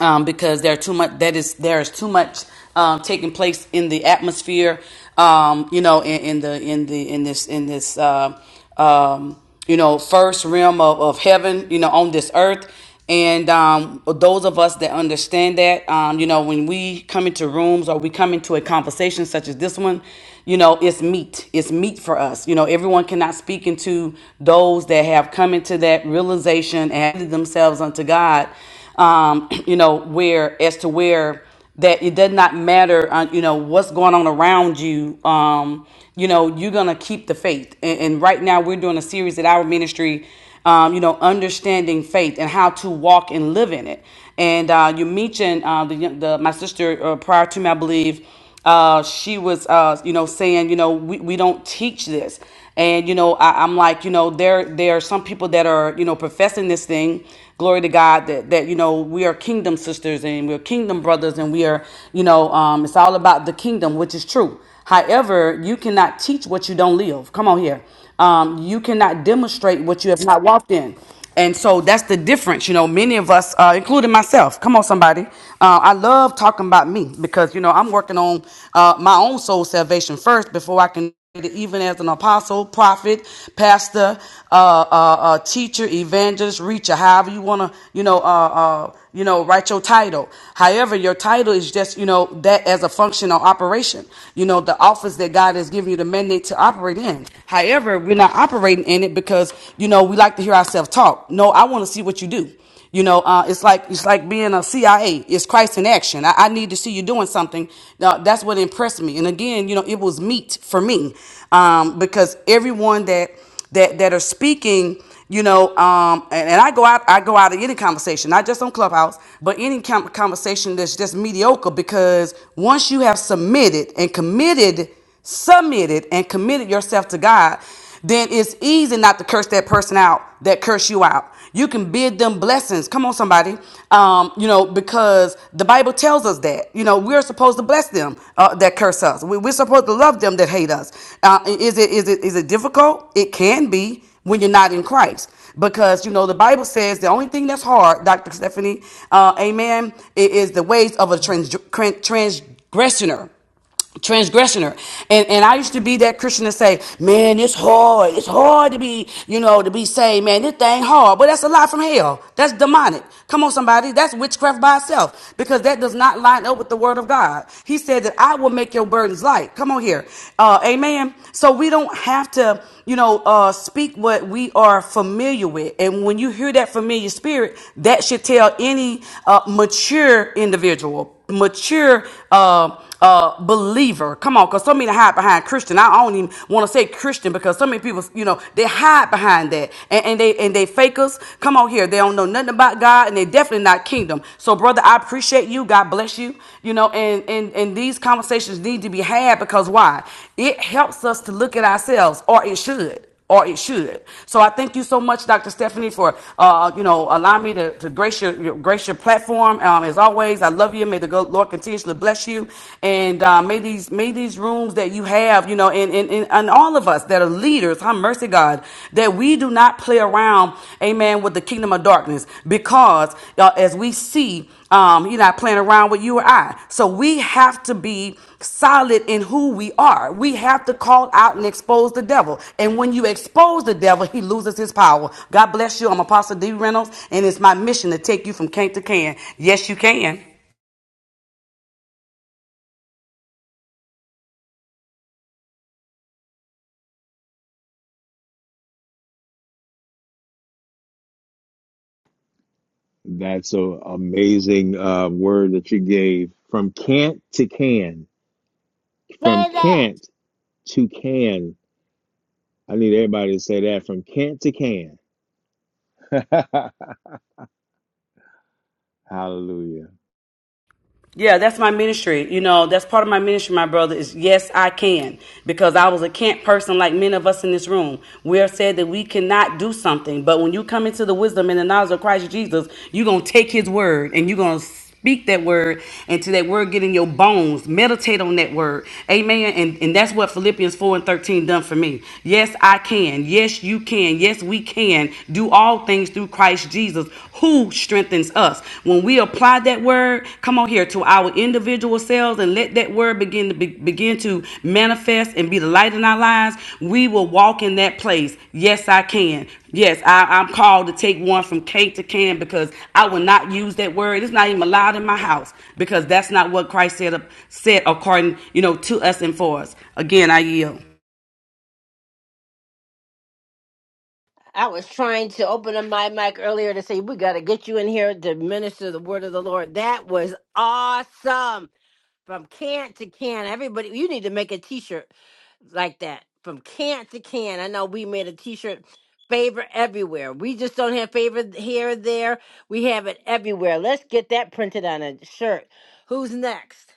[SPEAKER 13] um, because there are too much that is there is too much um, taking place in the atmosphere um, you know in, in the in the in this in this uh, um, you know first realm of, of heaven you know on this earth and um, those of us that understand that um, you know when we come into rooms or we come into a conversation such as this one you know it's meat it's meat for us you know everyone cannot speak into those that have come into that realization and added themselves unto god um, you know, where as to where that it does not matter, uh, you know, what's going on around you. Um, you know, you're gonna keep the faith. And, and right now, we're doing a series at our ministry. Um, you know, understanding faith and how to walk and live in it. And uh, you mentioned uh, the, the my sister uh, prior to me, I believe, uh, she was, uh, you know, saying, you know, we, we don't teach this. And, you know, I, I'm like, you know, there, there are some people that are, you know, professing this thing, glory to God that that you know we are kingdom sisters and we're kingdom brothers and we are you know um, it's all about the kingdom, which is true. However, you cannot teach what you don't live. Come on here, um, you cannot demonstrate what you have not walked in. And so that's the difference, you know. Many of us, uh, including myself, come on, somebody. Uh, I love talking about me because you know I'm working on uh, my own soul salvation first before I can even as an apostle, prophet, pastor, uh, uh, uh, teacher, evangelist, reacher, however you want to, you know, uh, uh, you know, write your title. However, your title is just, you know, that as a function or operation, you know, the office that God has given you the mandate to operate in. However, we're not operating in it because, you know, we like to hear ourselves talk. No, I want to see what you do. You know, uh, it's like it's like being a CIA. It's Christ in action. I, I need to see you doing something. Now, that's what impressed me. And again, you know, it was meat for me um, because everyone that that that are speaking, you know, um, and, and I go out, I go out of any conversation, not just on Clubhouse, but any com- conversation that's just mediocre. Because once you have submitted and committed, submitted and committed yourself to God, then it's easy not to curse that person out that curse you out out. You can bid them blessings. Come on, somebody. Um, you know, because the Bible tells us that. You know, we're supposed to bless them uh, that curse us. We, we're supposed to love them that hate us. Uh, is it is it is it difficult? It can be when you're not in Christ. Because you know the Bible says the only thing that's hard, Doctor Stephanie, uh, Amen, i- is the ways of a trans- tran- transgressioner transgressioner. And and I used to be that Christian to say, man, it's hard. It's hard to be, you know, to be saved, man. This thing hard. But that's a lie from hell. That's demonic. Come on, somebody. That's witchcraft by itself. Because that does not line up with the word of God. He said that I will make your burdens light. Come on here. Uh, amen. So we don't have to, you know, uh, speak what we are familiar with. And when you hear that familiar spirit, that should tell any uh, mature individual, mature uh, uh believer come on because so many hide behind christian i don't even want to say christian because so many people you know they hide behind that and, and they and they fakers come on here they don't know nothing about god and they definitely not kingdom so brother i appreciate you god bless you you know and and and these conversations need to be had because why it helps us to look at ourselves or it should or it should. So I thank you so much, Dr. Stephanie, for uh, you know allowing me to, to grace your, your grace your platform. Um, as always, I love you. May the go- Lord continuously bless you, and uh, may these may these rooms that you have, you know, and and, and and all of us that are leaders, have mercy, God, that we do not play around, Amen, with the kingdom of darkness, because uh, as we see. Um, you're not playing around with you or I. So we have to be solid in who we are. We have to call out and expose the devil. And when you expose the devil, he loses his power. God bless you. I'm Apostle D. Reynolds, and it's my mission to take you from can to can. Yes, you can.
[SPEAKER 2] That's an amazing uh, word that you gave. From can't to can. From
[SPEAKER 1] Say that.
[SPEAKER 2] can't to can. I need everybody to say that. From can't to can. Hallelujah.
[SPEAKER 13] Yeah, that's my ministry. You know, that's part of my ministry, my brother, is yes, I can. Because I was a can't person like many of us in this room. We are said that we cannot do something. But when you come into the wisdom and the knowledge of Christ Jesus, you're going to take his word and you're going to speak that word until that word get in your bones. Meditate on that word. Amen. And, and that's what Philippians 4 and 13 done for me. Yes, I can. Yes, you can. Yes, we can do all things things through Christ Jesus who strengthens us. When we apply that word, come on here to our individual selves and let that word begin to be, begin to manifest and be the light in our lives, we will walk in that place. Yes, I can. Yes, I, I'm called to take one from Kate to Can because I will not use that word. It's not even allowed in my house because that's not what Christ said, said according, you know, to us and for us. Again, I yield.
[SPEAKER 1] I was trying to open up my mic earlier to say, we got to get you in here to minister the word of the Lord. That was awesome. From can to can. Everybody, you need to make a t shirt. like that from can to can. I know we made a T-shirt favor everywhere. We just don't have favor here or there. We have it everywhere. Let's get that printed on a shirt. Who's next?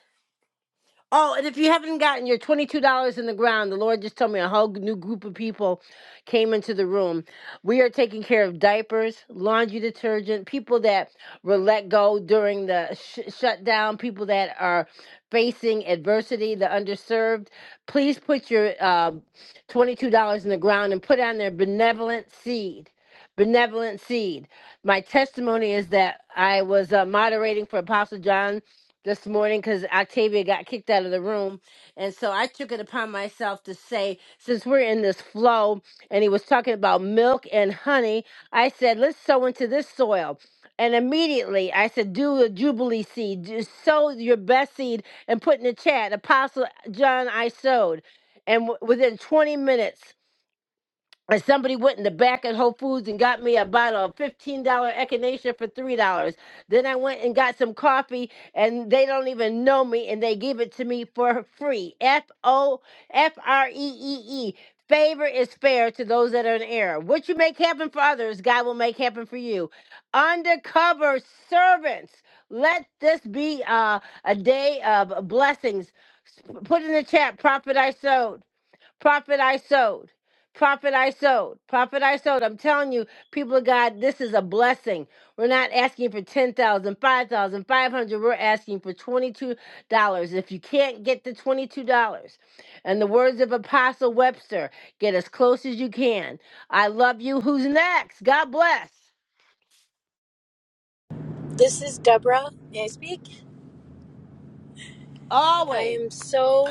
[SPEAKER 1] Oh, and if you haven't gotten your $22 in the ground, the Lord just told me a whole new group of people came into the room. We are taking care of diapers, laundry detergent, people that were let go during the sh- shutdown, people that are facing adversity, the underserved. Please put your uh, $22 in the ground and put on their benevolent seed. Benevolent seed. My testimony is that I was uh, moderating for Apostle John this morning because Octavia got kicked out of the room. And so I took it upon myself to say, since we're in this flow and he was talking about milk and honey, I said, let's sow into this soil. And immediately I said, do a Jubilee seed, Just sow your best seed and put in the chat, Apostle John, I sowed. And w- within 20 minutes, or somebody went in the back at Whole Foods and got me a bottle of fifteen dollar echinacea for three dollars. Then I went and got some coffee, and they don't even know me, and they give it to me for free. F O F R E E E. Favor is fair to those that are in error. What you make happen for others, God will make happen for you. Undercover servants. Let this be uh, a day of blessings. S- Put in the chat, prophet I sowed. Prophet I sowed. Prophet I sowed. Prophet I sowed. I'm telling you, people of God, this is a blessing. We're not asking for ten thousand, five thousand, five hundred. We're asking for $22. If you can't get the $22, and the words of Apostle Webster, get as close as you can. I love you. Who's next? God bless.
[SPEAKER 14] This is Deborah. May I speak? I
[SPEAKER 1] Always.
[SPEAKER 14] am so.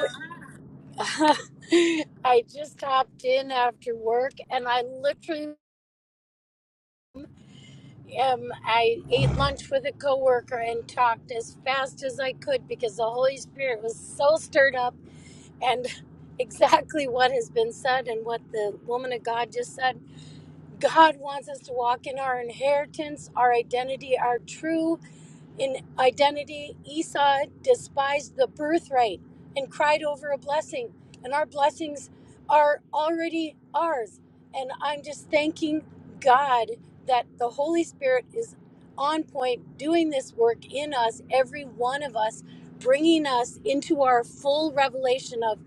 [SPEAKER 14] I just hopped in after work and I literally um, I ate lunch with a coworker and talked as fast as I could because the Holy Spirit was so stirred up and exactly what has been said and what the woman of God just said. God wants us to walk in our inheritance, our identity, our true In identity, Esau despised the birthright and cried over a blessing. And our blessings are already ours. And I'm just thanking God that the Holy Spirit is on point, doing this work in us, every one of us, bringing us into our full revelation of,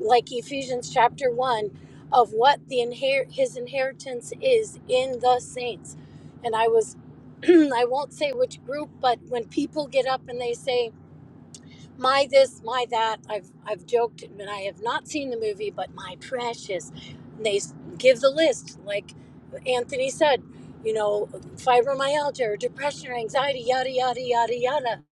[SPEAKER 14] like Ephesians chapter 1, of what the inher- his inheritance is in the saints. And I was I won't say which group, but when people get up and they say my this, my that, I've I've joked and I have not seen the movie, but my precious, and they s- give the list like Anthony said, you know, fibromyalgia or depression or anxiety, yada yada yada yada.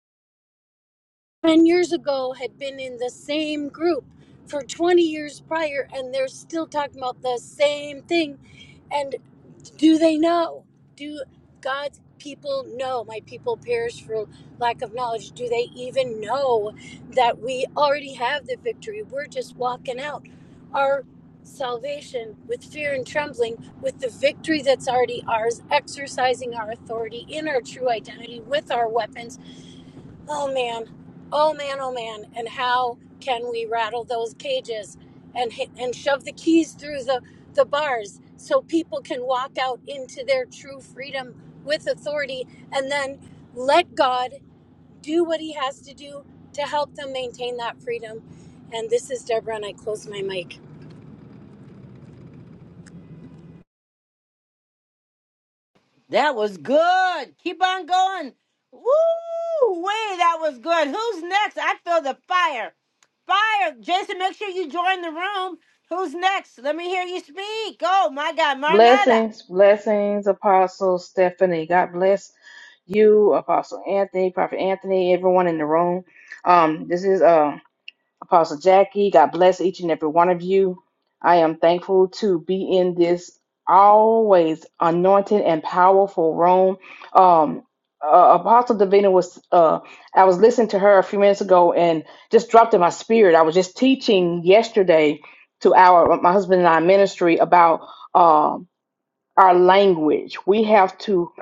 [SPEAKER 14] Ten years ago, had been in the same group for 20 years prior, and they're still talking about the same thing. and do they know? Do God's people know? My people perish for lack of knowledge. Do they even know that we already have the victory? We're just walking out our salvation with fear and trembling, with the victory that's already ours, exercising our authority in our true identity with our weapons Oh man, oh man, oh man, and how can we rattle those cages and hit, and shove the keys through the the bars so people can walk out into their true freedom with authority and then let God do what he has to do to help them maintain that freedom. And this is Deborah and I close my mic.
[SPEAKER 1] That was good. Keep on going. Woo! Way that was good. Who's next? I feel the fire. Fire. Jason, make sure you join the room. Who's next? Let me hear you speak. Oh my God, Marnetta.
[SPEAKER 15] Blessings, blessings, Apostle Stephanie. God bless you, Apostle Anthony, Prophet Anthony, everyone in the room. Um, this is uh, Apostle Jackie. God bless each and every one of you. I am thankful to be in this always anointed and powerful room. Um, uh, Apostle Davina was, uh, I was listening to her a few minutes ago and just dropped in my spirit. I was just teaching yesterday to our, my husband and I ministry about. um, our language. We have to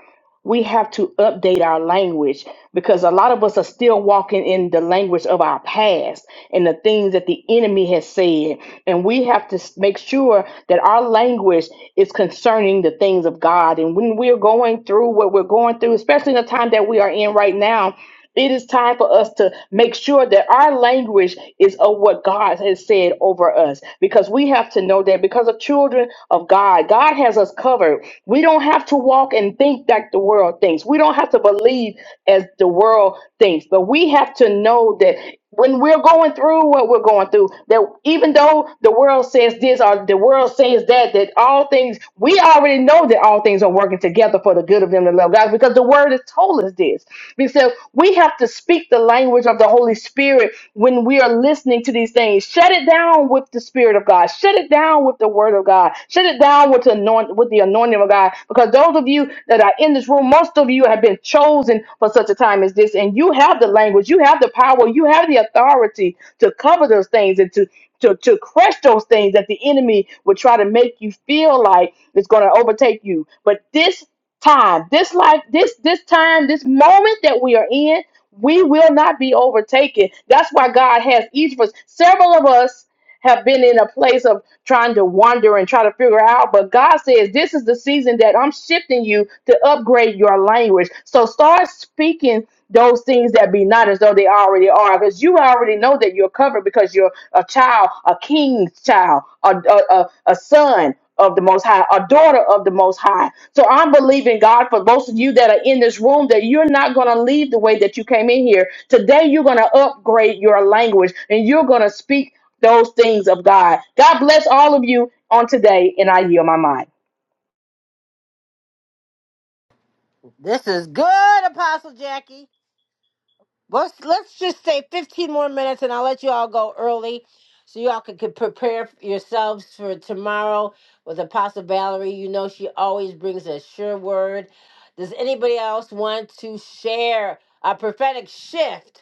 [SPEAKER 15] we have to update our language because a lot of us are still walking in the language of our past and the things that the enemy has said. And we have to s- make sure that our language is concerning the things of God. And when we're going through what we're going through, especially in the time that we are in right now, it is time for us to make sure that our language is of what God has said over us because we have to know that because of children of God, God has us covered. We don't have to walk and think like the world thinks. We don't have to believe as the world thinks, but we have to know that when we're going through what we're going through that even though the world says this or the world says that that all things we already know that all things are working together for the good of them that love god because the word has told us this We said we have to speak the language of the holy spirit when we are listening to these things. Shut it down with the Spirit of God. Shut it down with the Word of God. Shut it down with the, anoint- with the anointing of God. Because those of you that are in this room, most of you have been chosen for such a time as this. And you have the language, you have the power, you have the authority to cover those things and to to, to crush those things that the enemy would try to make you feel like it's going to overtake you. But this time, this life, this this time, this moment that we are in we will not be overtaken. That's why God has each of us. Several of us have been in a place of trying to wander and try to figure out, but God says this is the season that I'm shifting you to upgrade your language. So start speaking those things that be not as though they already are, because you already know that you're covered because you're a child, a king's child, a, a, a, a son of the Most High, a daughter of the Most High. So I'm believing God for most of you that are in this room that you're not going to leave the way that you came in here. Today, you're going to upgrade your language and you're going to speak those things of God. God bless all of you on today, and I yield my mind.
[SPEAKER 1] This is good, Apostle Jackie. Let's let's just say 15 more minutes and I'll let you all go early so y'all can, can prepare yourselves for tomorrow with Apostle Valerie. You know she always brings a sure word. Does anybody else want to share a prophetic shift?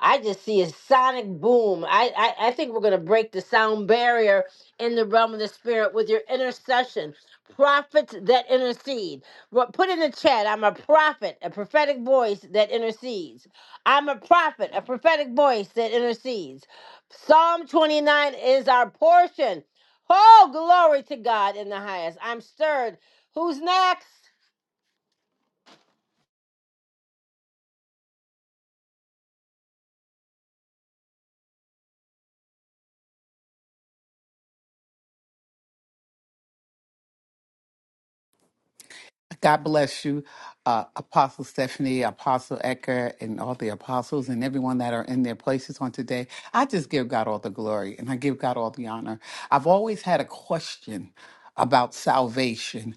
[SPEAKER 1] I just see a sonic boom. I, I, I think we're gonna break the sound barrier in the realm of the spirit with your intercession. Prophets that intercede. Well, Put in the chat, I'm a prophet, a prophetic voice that intercedes. I'm a prophet, a prophetic voice that intercedes. Psalm 29 is our portion. Oh, glory to God in the highest. I'm stirred. Who's next?
[SPEAKER 16] God bless you, uh, Apostle Stephanie, Apostle Ecker, and all the apostles and everyone that are in their places on today. I just give God all the glory and I give God all the honor. I've always had a question about salvation.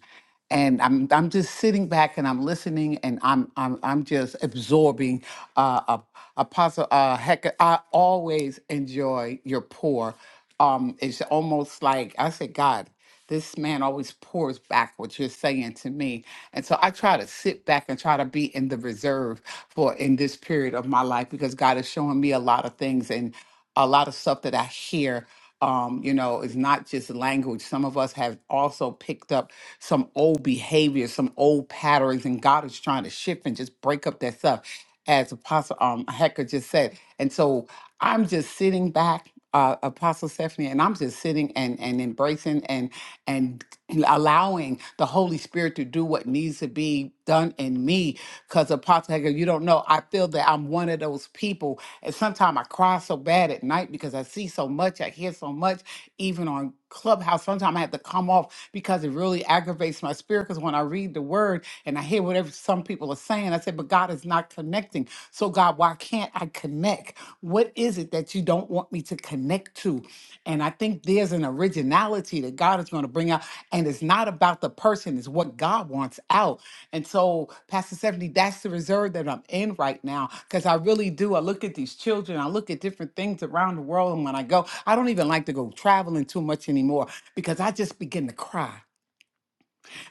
[SPEAKER 16] And I'm I'm just sitting back and I'm listening and I'm I'm I'm just absorbing. Uh, uh, Apostle uh, Hecker, I always enjoy your pour. Um, it's almost like I said, God. This man always pours back what you're saying to me. And so I try to sit back and try to be in the reserve for in this period of my life because God is showing me a lot of things and a lot of stuff that I hear. Um, you know, it's not just language. Some of us have also picked up some old behaviors, some old patterns, and God is trying to shift and just break up that stuff, as Apostle um, Hecker just said. And so I'm just sitting back, uh, Apostle Stephanie, and I'm just sitting and, and embracing. and and allowing the Holy Spirit to do what needs to be done in me. Because Apostle Hager, you don't know, I feel that I'm one of those people. And sometimes I cry so bad at night because I see so much, I hear so much, even on Clubhouse. Sometimes I have to come off because it really aggravates my spirit. Because when I read the word and I hear whatever some people are saying, I say, but God is not connecting. So, God, why can't I connect? What is it that you don't want me to connect to? And I think there's an originality that God is going to bring out. And it's not about the person, it's what God wants out. And so, Pastor Stephanie, that's the reserve that I'm in right now because I really do. I look at these children, I look at different things around the world. And when I go, I don't even like to go traveling too much anymore because I just begin to cry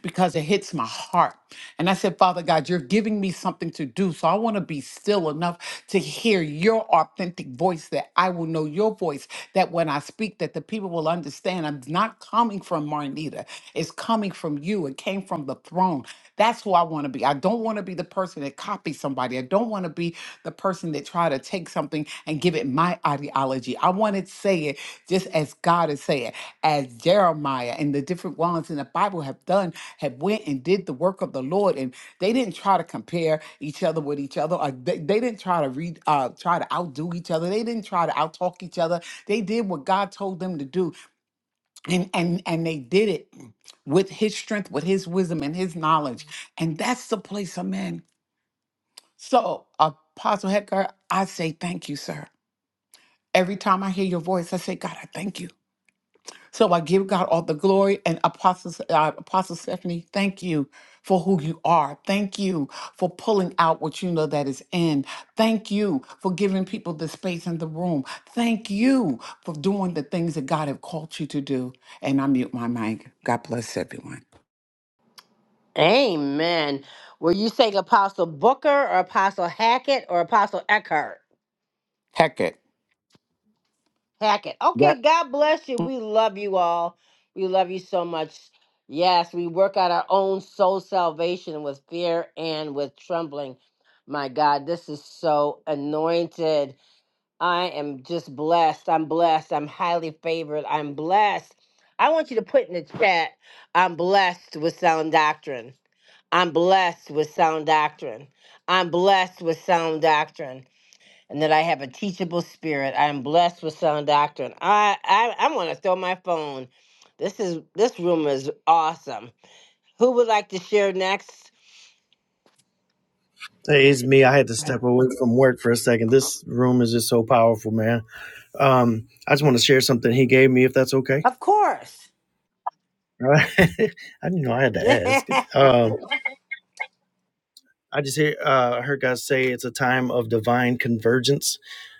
[SPEAKER 16] because it hits my heart. And I said, Father God, you're giving me something to do. So I want to be still enough to hear your authentic voice that I will know your voice, that when I speak, that the people will understand I'm not coming from Marnita. It's coming from you. It came from the throne. That's who I want to be. I don't want to be the person that copies somebody. I don't want to be the person that try to take something and give it my ideology. I want to say it just as God is saying, as Jeremiah and the different ones in the Bible have done had went and did the work of the Lord, and they didn't try to compare each other with each other. Or they, they didn't try to read, uh, try to outdo each other. They didn't try to outtalk each other. They did what God told them to do, and and and they did it with His strength, with His wisdom, and His knowledge. And that's the place I'm in. So, Apostle Hector, I say thank you, sir. Every time I hear your voice, I say, God, I thank you. So I give God all the glory and Apostle, uh, Apostle Stephanie, thank you for who you are. Thank you for pulling out what you know that is in. Thank you for giving people the space in the room. Thank you for doing the things that God have called you to do. And I mute my mic. God bless everyone.
[SPEAKER 1] Amen. Were you saying Apostle Booker or Apostle Hackett or Apostle Eckhart?
[SPEAKER 16] Heck it.
[SPEAKER 1] Hackett. Okay, God bless you. We love you all. We love you so much. Yes, we work out our own soul salvation with fear and with trembling. My God, this is so anointed. I am just blessed. I'm blessed. I'm highly favored. I'm blessed. I want you to put in the chat I'm blessed with sound doctrine. I'm blessed with sound doctrine. I'm blessed with sound doctrine. And that I have a teachable spirit. I am blessed with sound doctrine. I I I want to throw my phone. This is this room is awesome. Who would like to share next?
[SPEAKER 9] Hey, it's me. I had to step away from work for a second. This room is just so powerful, man. Um, I just want to share something he gave me, if that's okay.
[SPEAKER 1] Of course.
[SPEAKER 9] All right. I didn't know I had to ask. Um, I just hear, uh, heard God say it's a time of divine convergence.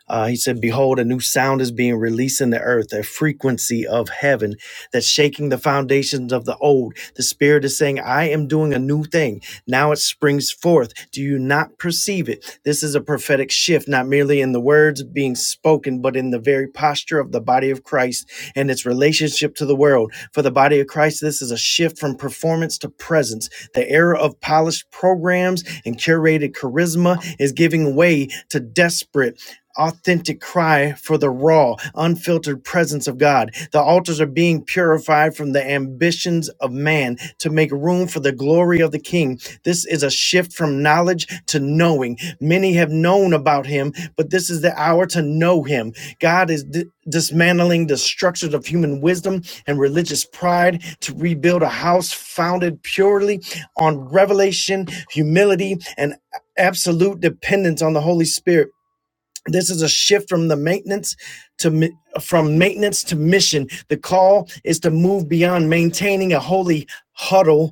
[SPEAKER 9] Uh, he said, Behold, a new sound is being released in the earth, a frequency of heaven that's shaking the foundations of the old. The Spirit is saying, I am doing a new thing. Now it springs forth. Do you not perceive it? This is a prophetic shift, not merely in the words being spoken, but in the very posture of the body of Christ and its relationship to the world. For the body of Christ, this is a shift from performance to presence the era of polished programs and curated charisma is giving way to desperate authentic cry for the raw, unfiltered presence of God. The altars are being purified from the ambitions of man to make room for the glory of the King. This is a shift from knowledge to knowing. Many have known about him, but this is the hour to know him. God is di- dismantling the structures of human wisdom and religious pride to rebuild a house founded purely on revelation, humility, and absolute dependence on the Holy Spirit. This is a shift from the maintenance to mi- from maintenance to mission. The call is to move beyond maintaining a holy huddle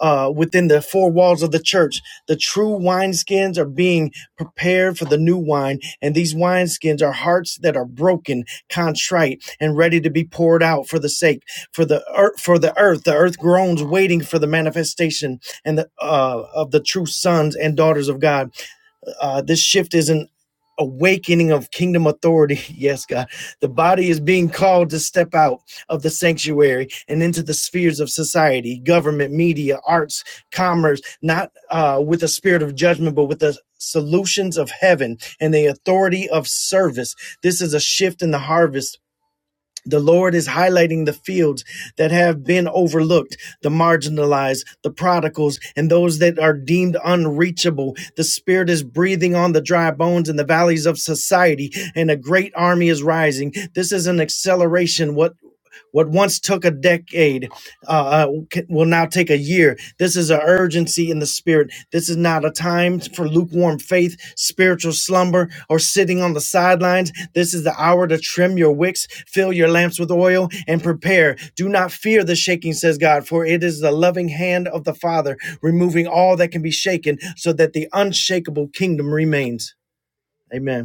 [SPEAKER 9] uh, within the four walls of the church. The true wineskins are being prepared for the new wine, and these wineskins are hearts that are broken, contrite, and ready to be poured out for the sake for the earth. For the earth, the earth groans, waiting for the manifestation and the, uh, of the true sons and daughters of God. Uh, this shift is an awakening of kingdom authority. Yes, God. The body is being called to step out of the sanctuary and into the spheres of society, government, media, arts, commerce, not uh, with a spirit of judgment, but with the solutions of heaven and the authority of service. This is a shift in the harvest the Lord is highlighting the fields that have been overlooked, the marginalized, the prodigals, and those that are deemed unreachable. The Spirit is breathing on the dry bones in the valleys of society, and a great army is rising. This is an acceleration What? What once took a decade uh, uh, will now take a year. This is an urgency in the spirit. This is not a time for lukewarm faith, spiritual slumber, or sitting on the sidelines. This is the hour to trim your wicks, fill your lamps with oil, and prepare. Do not fear the shaking, says God, for it is the loving hand of the Father removing all that can be shaken so that the unshakable kingdom remains. Amen.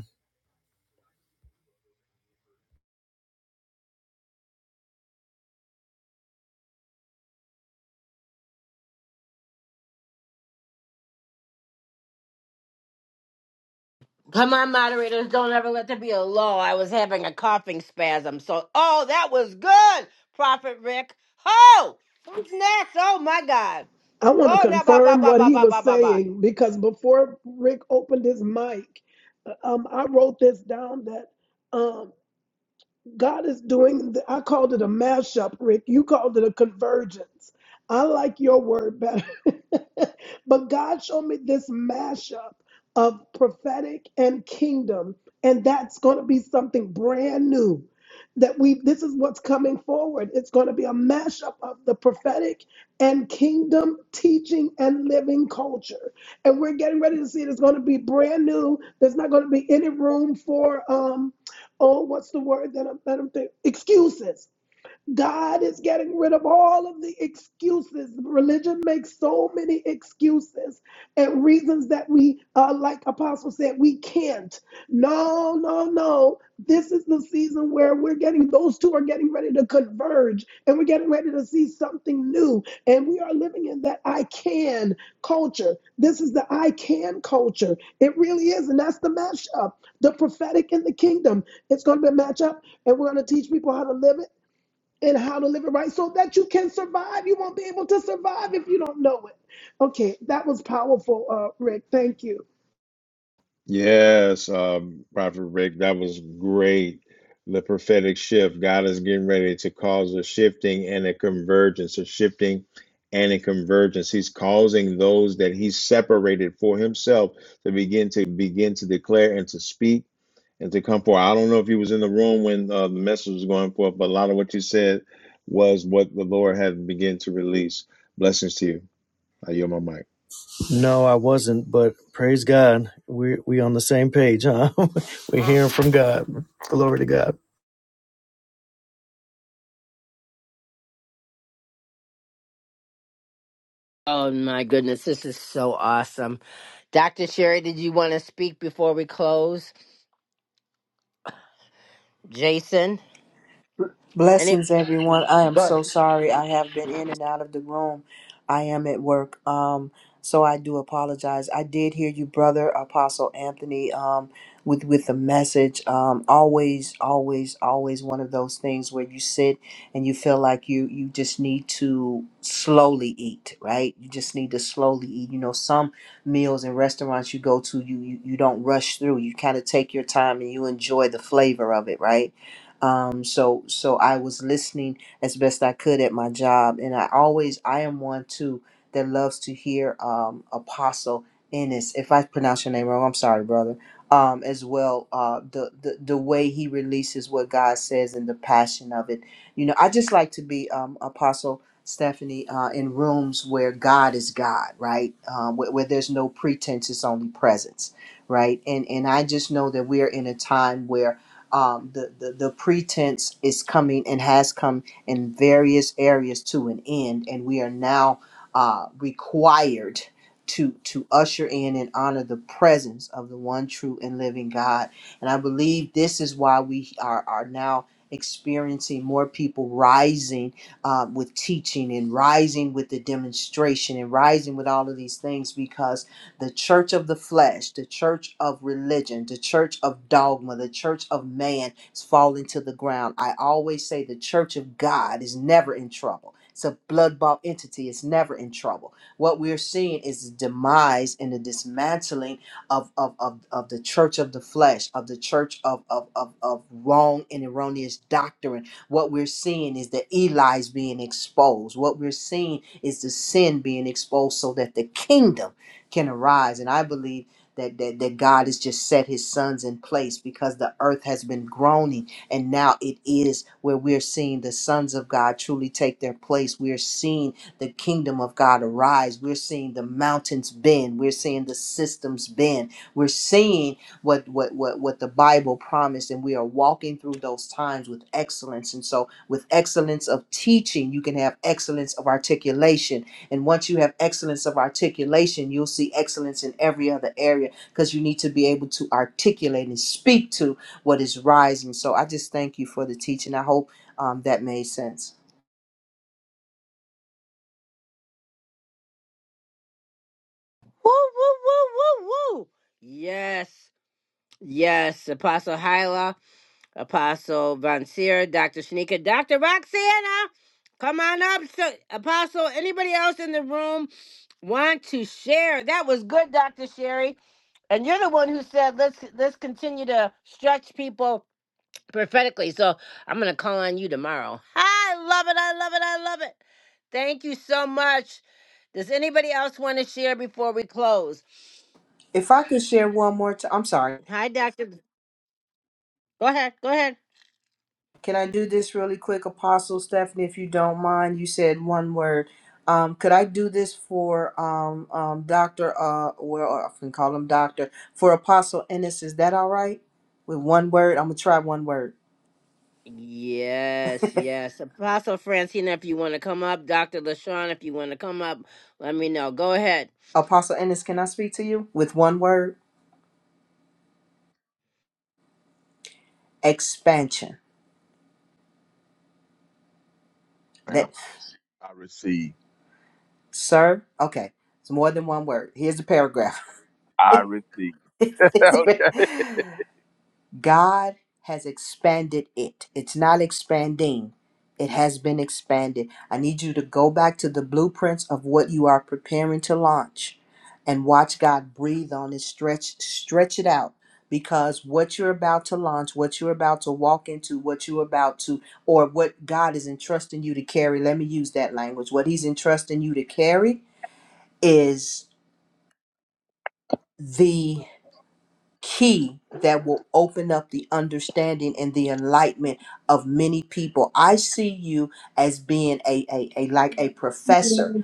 [SPEAKER 1] Come on, moderators, don't ever let there be a lull. I was having a coughing spasm. So, oh, that was good, Prophet Rick. Oh, who's next? Oh, my God.
[SPEAKER 4] I want to
[SPEAKER 1] Whoa, da, ba, ba,
[SPEAKER 4] confirm
[SPEAKER 1] ba,
[SPEAKER 4] what
[SPEAKER 1] ba,
[SPEAKER 4] he
[SPEAKER 1] ba,
[SPEAKER 4] was
[SPEAKER 1] ba, ba, ba.
[SPEAKER 4] saying because before Rick opened his mic, uh, um, I wrote this down that um, God is doing, the, I called it a mashup, Rick. You called it a convergence. I like your word better. but God showed me this mashup of prophetic and kingdom. And that's going to be something brand new that we, this is what's coming forward. It's going to be a mashup of the prophetic and kingdom teaching and living culture. And we're getting ready to see it. It's going to be brand new. There's not going to be any room for, um, oh, what's the word that I'm, that I'm thinking? Excuses. God is getting rid of all of the excuses. Religion makes so many excuses and reasons that we, uh, like Apostle said, we can't. No, no, no. This is the season where we're getting, those two are getting ready to converge and we're getting ready to see something new. And we are living in that I can culture. This is the I can culture. It really is. And that's the mashup, the prophetic in the kingdom. It's going to be a matchup and we're going to teach people how to live it and how to live it right so that you can survive. You won't be able to survive if you don't know it. Okay, that was powerful, uh, Rick. Thank you.
[SPEAKER 2] Yes, um, Prophet Rick, that was great. The prophetic shift. God is getting ready to cause a shifting and a convergence, a shifting and a convergence. He's causing those that He's separated for Himself to begin to begin to declare and to speak and to come forth. I don't know if you was in the room when uh, the message was going forth, but a lot of what you said was what the Lord had begun to release. Blessings to you. I yield my mic.
[SPEAKER 9] No, I wasn't, but praise God. We we on the same page, huh? We're hearing from God. Glory to God.
[SPEAKER 1] Oh, my goodness. This is so awesome. Dr. Sherry, did you want to speak before we close? Jason? Any?
[SPEAKER 17] Blessings, everyone. I am
[SPEAKER 1] Go ahead.
[SPEAKER 17] so sorry. I have been in and out of the room. I am at work. Um, so I do apologize. I did hear you, brother Apostle Anthony, um, with with the message. Um, always, always, always one of those things where you sit and you feel like you you just need to slowly eat, right? You just need to slowly eat. You know, some meals and restaurants you go to, you you, you don't rush through. You kind of take your time and you enjoy the flavor of it, right? Um, so so I was listening as best I could at my job, and I always I am one too that loves to hear um, Apostle Ennis. If I pronounce your name wrong, I'm sorry, brother. Um, as well, uh, the, the the way he releases what God says and the passion of it. You know, I just like to be um, Apostle Stephanie, uh, in rooms where God is God, right? Um, where, where there's no pretense, it's only presence, right? And and I just know that we are in a time where um, the, the, the pretense is coming and has come in various areas to an end, and we are now uh, required to to usher in and honor the presence of the one true and living God. And I believe this is why we are are now experiencing more people rising um, with teaching and rising with the demonstration and rising with all of these things because the church of the flesh, the church of religion, the church of dogma, the church of man is falling to the ground. I always say the church of God is never in trouble. It's a blood bought entity, it's never in trouble. What we're seeing is the demise and the dismantling of, of, of, of the church of the flesh, of the church of, of, of, of wrong and erroneous doctrine. What we're seeing is the Eli's being exposed. What we're seeing is the sin being exposed so that the kingdom can arise. And I believe that, that, that God has just set his sons in place because the earth has been groaning. And now it is where we're seeing the sons of God truly take their place. We're seeing the kingdom of God arise. We're seeing the mountains bend. We're seeing the systems bend. We're seeing what, what, what, what the Bible promised. And we are walking through those times with excellence. And so, with excellence of teaching, you can have excellence of articulation and once you have excellence of articulation, you'll see excellence in every other area because you need to be able to articulate and speak to what is rising. So I just thank you for the teaching. I hope um, that made sense.
[SPEAKER 1] Woo, woo, woo, woo, woo. Yes. Yes, Apostle Hyla. Apostle Von Seer, Dr. Shanika, Dr. Roxana. Come on up. So, Apostle, anybody else in the room want to share? That was good, Dr. Sherry. And you're the one who said let's let's continue to stretch people prophetically. So I'm gonna call on you tomorrow. I love it, I love it, I love it. Thank you so much. Does anybody else want to share before we close?
[SPEAKER 17] If I could share one more time, I'm sorry.
[SPEAKER 1] Hi, Dr. Go ahead, go ahead.
[SPEAKER 17] Can I do this really quick, Apostle Stephanie, if you don't mind? You said one word. Um, could I do this for um, um, Dr. Uh, well, I can call him Doctor, for Apostle Ennis? Is that all right? With one word, I'm going to try one word.
[SPEAKER 1] Yes, yes. Apostle Francina, if you want to come up, Dr. LaShawn, if you want to come up, let me know. Go ahead.
[SPEAKER 17] Apostle Ennis, can I speak to you with one word? Expansion.
[SPEAKER 12] Ma'am,
[SPEAKER 17] That,
[SPEAKER 12] I receive.
[SPEAKER 17] sir, okay, it's more than one word. Here's a paragraph.
[SPEAKER 12] I receive.
[SPEAKER 17] It's a
[SPEAKER 12] Okay.
[SPEAKER 17] par- God has expanded it. It's not expanding, it has been expanded. I need you to go back to the blueprints of what you are preparing to launch and watch God breathe on it, stretch, stretch it out. Because what you're about to launch, what you're about to walk into, what you're about to, or what God is entrusting you to carry, let me use that language. What He's entrusting you to carry is the key that will open up the understanding and the enlightenment of many people. I see you as being a, a, a like a professor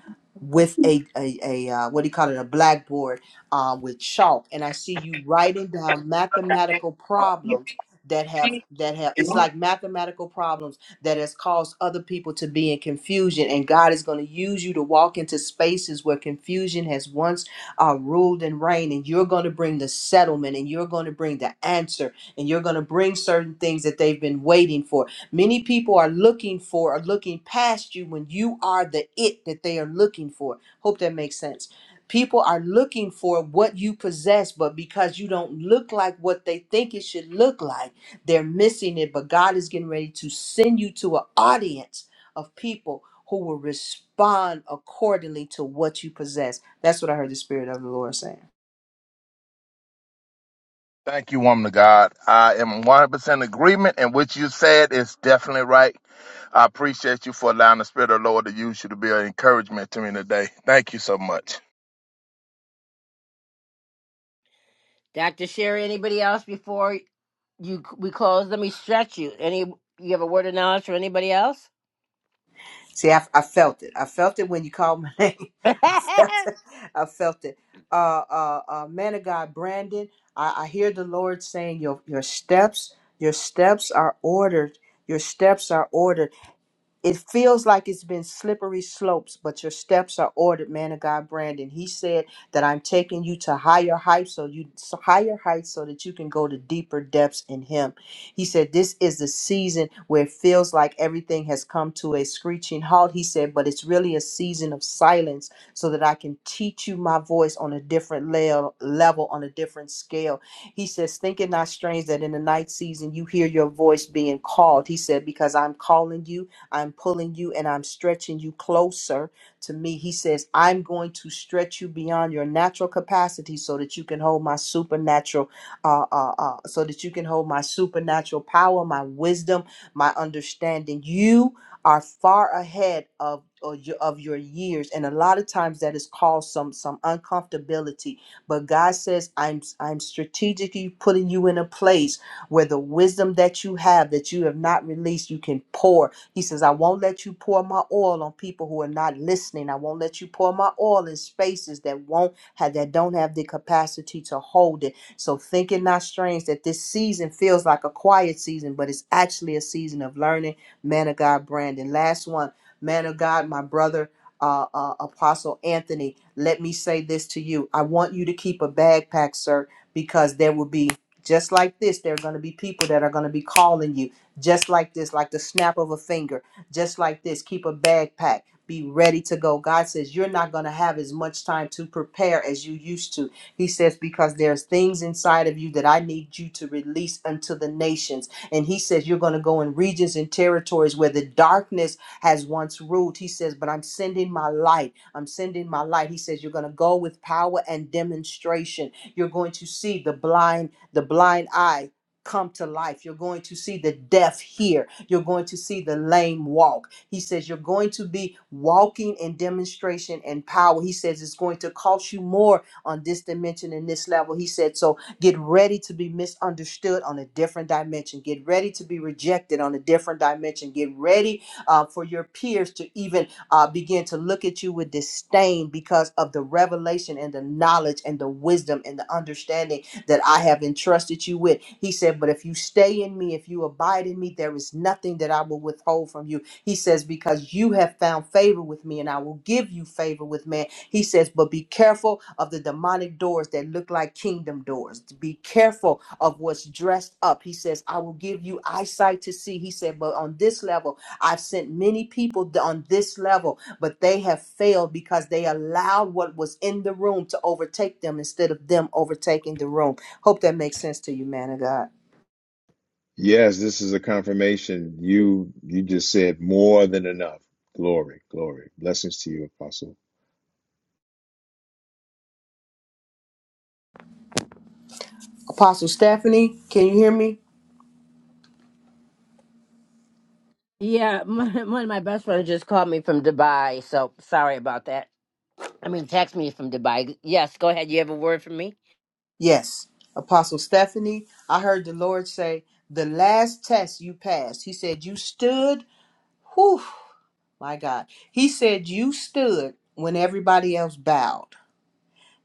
[SPEAKER 17] with a, a, a uh, what do you call it a blackboard uh, with chalk and i see you writing down mathematical problems that have that have it's like mathematical problems that has caused other people to be in confusion and god is going to use you to walk into spaces where confusion has once uh, ruled and reigned, and you're going to bring the settlement, and you're going to bring the answer, and you're going to bring certain things that they've been waiting for. Many people are looking for, are looking past you when you are the it that they are looking for. Hope that makes sense. People are looking for what you possess, but because you don't look like what they think it should look like, they're missing it. But God is getting ready to send you to an audience of people who will respond accordingly to what you possess. That's what I heard the Spirit of the Lord saying.
[SPEAKER 12] Thank you, woman of God. I am 100% agreement, and what you said is definitely right. I appreciate you for allowing the Spirit of the Lord to use you to be an encouragement to me today. Thank you so much.
[SPEAKER 1] Dr. Sherry, anybody else before you we close? Let me stretch you. Any you have a word of knowledge for anybody else?
[SPEAKER 17] See, I, I felt it. I felt it when you called my name. I felt it. I felt it. Uh, uh, uh, man of God, Brandon, I, I hear the Lord saying, your, your steps, your steps are ordered. Your steps are ordered. It feels like it's been slippery slopes, but your steps are ordered, man of God, Brandon. He said that I'm taking you to higher heights, so you so higher heights, so that you can go to deeper depths in Him. He said this is the season where it feels like everything has come to a screeching halt. He said, but it's really a season of silence, so that I can teach you my voice on a different le- level, on a different scale. He says, Think it not strange that in the night season you hear your voice being called. He said, Because I'm calling you I'm pulling you and I'm stretching you closer to me. He says, I'm going to stretch you beyond your natural capacity so that you can hold my supernatural, uh, uh, uh, so that you can hold my supernatural power, my wisdom, my understanding. You are far ahead of or your, of your years and a lot of times that has caused some some uncomfortability but god says i'm i'm strategically putting you in a place where the wisdom that you have that you have not released you can pour he says, I won't let you pour my oil on people who are not listening. I won't let you pour my oil in spaces that won't have that don't have the capacity to hold it. So think it not strange that this season feels like a quiet season, but it's actually a season of learning. Man of God, Brandon. Last one, man of God, my brother. Uh, uh, Apostle Anthony, let me say this to you. I want you to keep a backpack, sir, because there will be just like this. There are going to be people that are going to be calling you just like this, like the snap of a finger, just like this. Keep a bag packed. Be ready to go. God says you're not going to have as much time to prepare as you used to. He says, because there's things inside of you that I need you to release unto the nations. And He says, you're going to go in regions and territories where the darkness has once ruled. He says, but I'm sending my light. I'm sending my light. He says, you're going to go with power and demonstration. You're going to see the blind, the blind eye come to life. You're going to see the deaf hear. You're going to see the lame walk. He says you're going to be walking in demonstration and power. He says it's going to cost you more on this dimension and this level. He said, so get ready to be misunderstood on a different dimension. Get ready to be rejected on a different dimension. Get ready uh, for your peers to even uh, begin to look at you with disdain because of the revelation and the knowledge and the wisdom and the understanding that I have entrusted you with. He said, But if you stay in me, if you abide in me, there is nothing that I will withhold from you. He says, Because you have found favor with me, and I will give you favor with man. He says, But be careful of the demonic doors that look like kingdom doors. Be careful of what's dressed up. He says, I will give you eyesight to see. He said, But on this level, I've sent many people on this level, but they have failed because they allowed what was in the room to overtake them instead of them overtaking the room. Hope that makes sense to you, man of God.
[SPEAKER 2] Yes, this is a confirmation. You you just said more than enough. Glory, glory. Blessings to you, Apostle.
[SPEAKER 17] Apostle Stephanie, can you hear me?
[SPEAKER 1] yeah, my, one of my best friends just called me from Dubai, so sorry about that. I mean, text me from Dubai. Yes, go ahead. You have a word for me?
[SPEAKER 17] Yes. Apostle Stephanie, I heard the Lord say, the last test you passed, he said, you stood, whew, my God. He said, you stood when everybody else bowed.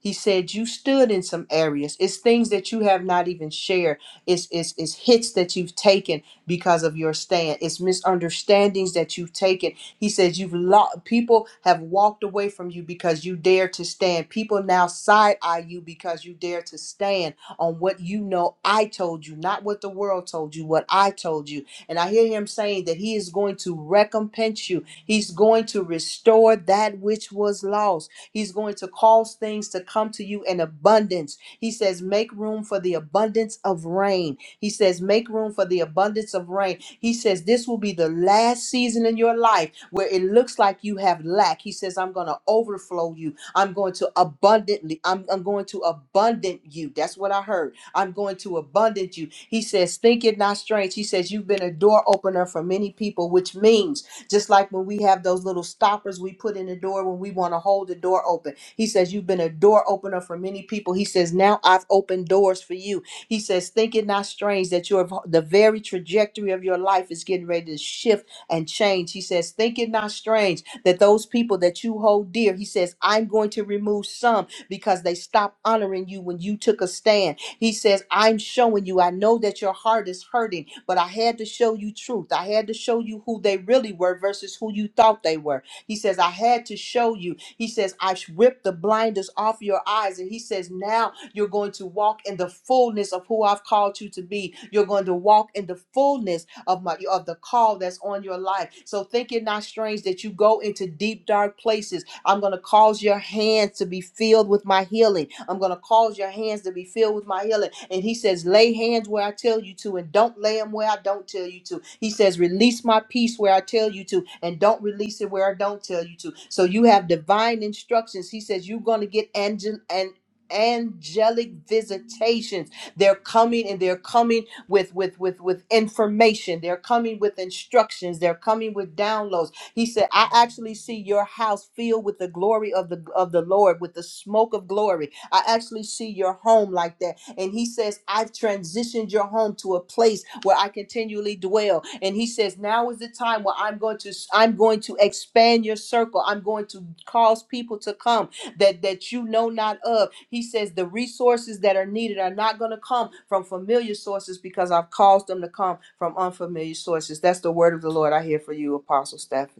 [SPEAKER 17] He said you stood in some areas. It's things that you have not even shared. It's, it's, it's hits that you've taken because of your stand. It's misunderstandings that you've taken. He says you've lost. People have walked away from you because you dare to stand. People now side eye you because you dare to stand on what you know. I told you, not what the world told you, what I told you. And I hear him saying that he is going to recompense you. He's going to restore that which was lost. He's going to cause things to come to you in abundance. He says, Make room for the abundance of rain. He says, Make room for the abundance of rain. He says, This will be the last season in your life where it looks like you have lack. He says, I'm going to overflow you. I'm going to abundantly, I'm, I'm going to abundant you. That's what I heard. I'm going to abundant you. He says, Think it not strange. He says, You've been a door opener for many people, which means just like when we have those little stoppers we put in the door when we want to hold the door open. He says, You've been a door opener for many people. He says, Now I've opened doors for you. He says, Think it not strange that your the very trajectory of your life is getting ready to shift and change. He says, Think it not strange that those people that you hold dear, he says, I'm going to remove some because they stopped honoring you when you took a stand he says, I'm showing you. I know that your heart is hurting, but I had to show you truth. I had to show you who they really were versus who you thought they were. He says, I had to show you. He says, I sh- ripped the blinders off your eyes. And he says, now you're going to walk in the fullness of who I've called you to be. You're going to walk in the fullness of my of the call that's on your life. So think it not strange that you go into deep dark places I'm going to cause your hands to be filled with my healing. I'm going to cause your hands to be filled with my healing. And he says, lay hands where I tell you to, and don't lay them where I don't tell you to. He says, release my peace where I tell you to, and don't release it where I don't tell you to. So you have divine instructions. He says, you're going to get angel and angelic visitations they're coming and they're coming with with with with information they're coming with instructions they're coming with downloads he said, I actually see your house filled with the glory of the of the Lord, with the smoke of glory. I actually see your home like that. And he says, I've transitioned your home to a place where I continually dwell. And he says, now is the time where I'm going to I'm going to expand your circle. I'm going to cause people to come that that you know not of. He says the resources that are needed are not going to come from familiar sources because I've caused them to come from unfamiliar sources. That's the word of the Lord I hear for you, Apostle Stephanie.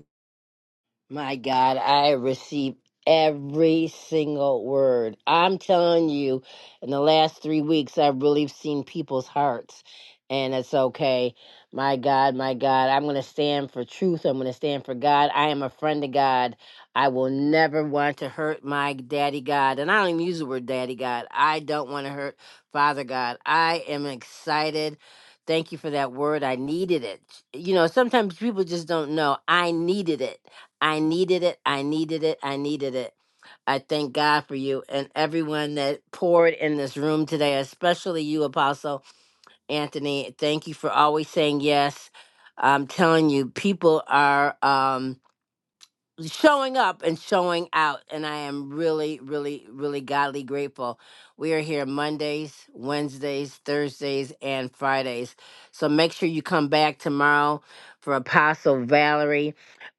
[SPEAKER 1] My God, I receive every single word. I'm telling you, in the last three weeks, I've really seen people's hearts, and it's okay. My God, my God, I'm going to stand for truth. I'm going to stand for God. I am a friend of God. I will never want to hurt my daddy God. And I don't even use the word daddy God. I don't want to hurt Father God. I am excited. Thank you for that word. I needed it. You know, sometimes people just don't know. I needed it I needed it. I needed it. I needed it. I thank God for you and everyone that poured in this room today, especially you, Apostle Anthony. Thank you for always saying yes. I'm telling you, people are. Um, showing up and showing out. And I am really, really, really godly grateful. We are here Mondays, Wednesdays, Thursdays, and Fridays. So make sure you come back tomorrow for Apostle Valerie.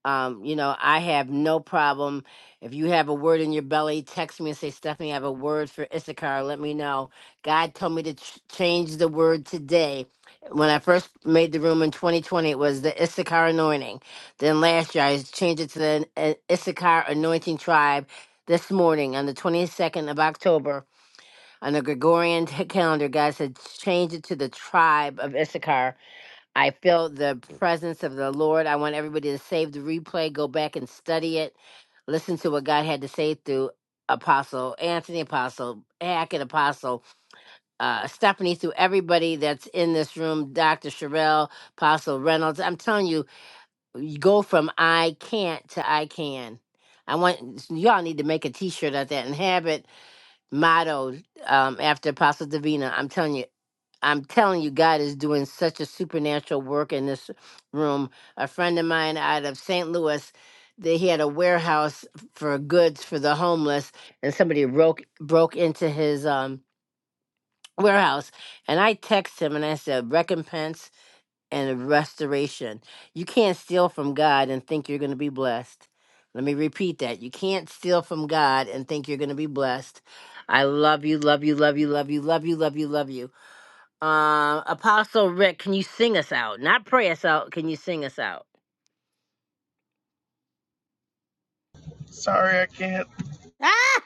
[SPEAKER 1] Um, you know, I have no problem. If you have a word in your belly, text me and say, Stephanie, I have a word for Issachar. Let me know. God told me to ch- change the word today. When I first made the room in 2020, it was the Issachar anointing then last year I changed it to the uh, Issachar Anointing Tribe. This morning on the 22nd of October on the Gregorian t- calendar, God said, change it to the tribe of Issachar. I felt the presence of the Lord. I want everybody to save the replay, go back and study it, listen to what God had to say through Apostle Anthony, Apostle Hackett, Apostle uh, Stephanie, through everybody that's in this room, Dr. Sherelle, Apostle Reynolds. I'm telling you, you go from I can't to I can. I want y'all need to make a T-shirt of that and have it mottoed um, after Apostle Davina. I'm telling you, I'm telling you, God is doing such a supernatural work in this room. A friend of mine out of St. Louis, they he had a warehouse for goods for the homeless, and somebody broke broke into his um, warehouse. And I text him and I said, "Recompense." and a restoration. You can't steal from God and think you're going to be blessed. Let me repeat that. You can't steal from God and think you're going to be blessed. I love you, love you, love you, love you, love you, love you, love you. Um, Apostle Rick, can you sing us out? Not pray us out. Can you sing us out?
[SPEAKER 9] Sorry, I can't.
[SPEAKER 1] Ah,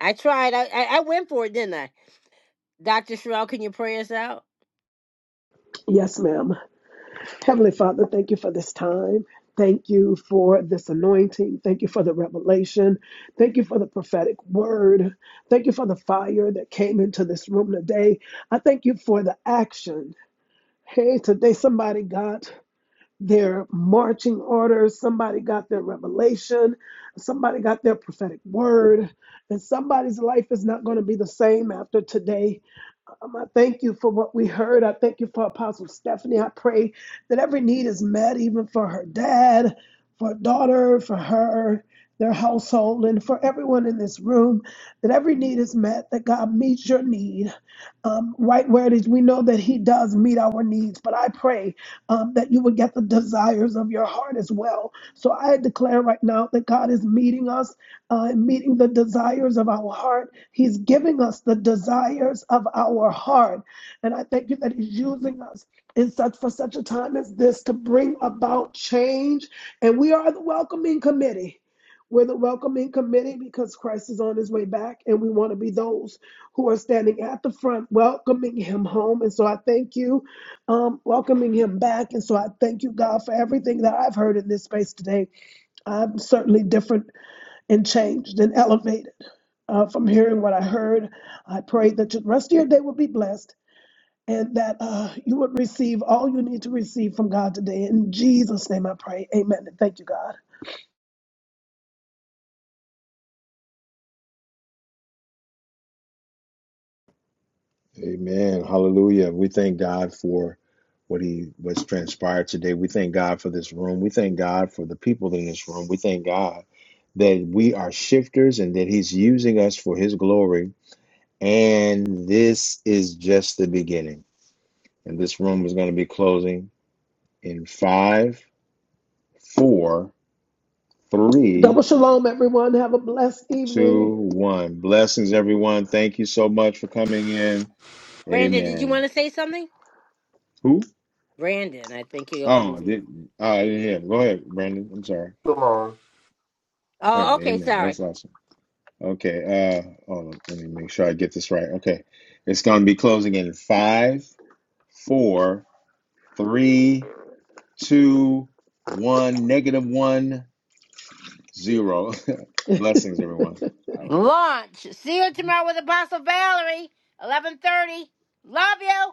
[SPEAKER 1] I tried. I I, I went for it, didn't I? Doctor Sherelle, can you pray us out?
[SPEAKER 4] Yes, ma'am. Heavenly Father, thank you for this time. Thank you for this anointing. Thank you for the revelation. Thank you for the prophetic word. Thank you for the fire that came into this room today. I thank you for the action. Hey, today somebody got their marching orders, somebody got their revelation, somebody got their prophetic word, and somebody's life is not going to be the same after today. Um, I thank you for what we heard. I thank you for Apostle Stephanie. I pray that every need is met, even for her dad, for her daughter, for her. Their household and for everyone in this room, that every need is met, that God meets your need um, right where it is. We know that He does meet our needs, but I pray um, that you would get the desires of your heart as well. So I declare right now that God is meeting us, uh, and meeting the desires of our heart. He's giving us the desires of our heart, and I thank you that He's using us in such for such a time as this to bring about change. And we are the welcoming committee. We're the welcoming committee because Christ is on his way back, and we want to be those who are standing at the front welcoming him home. And so I thank you, um, welcoming him back. And so I thank you, God, for everything that I've heard in this space today. I'm certainly different and changed and elevated uh, from hearing what I heard. I pray that the rest of your day will be blessed and that uh, you would receive all you need to receive from God today. In Jesus' name I pray. Amen. And thank you, God.
[SPEAKER 2] Amen. Hallelujah. We thank God for what he what's transpired today. We thank God for this room. We thank God for the people in this room. We thank God that we are shifters and that he's using us for his glory. And this is just the beginning. And this room is going to be closing in five, four, three
[SPEAKER 4] Double shalom, everyone. Have a blessed evening.
[SPEAKER 2] two, one. Blessings, everyone. Thank you so much for coming in.
[SPEAKER 1] Brandon, did you want
[SPEAKER 2] Amen.
[SPEAKER 1] to say something?
[SPEAKER 2] Who?
[SPEAKER 1] Brandon, I think he opened
[SPEAKER 2] Oh, I
[SPEAKER 1] his.
[SPEAKER 2] did oh, I didn't hear. Go ahead, Brandon. I'm sorry.
[SPEAKER 18] Come on.
[SPEAKER 2] All
[SPEAKER 1] Oh,
[SPEAKER 2] right,
[SPEAKER 1] okay.
[SPEAKER 2] amen.
[SPEAKER 1] Sorry.
[SPEAKER 2] That's awesome. Okay. Uh, hold on. Let me make sure I get this right. Okay, it's going to be closing in five, four, three, two, one. Negative one, zero. Blessings, everyone. All right.
[SPEAKER 1] Launch. See you tomorrow with Apostle Valerie, 11:30. Love you.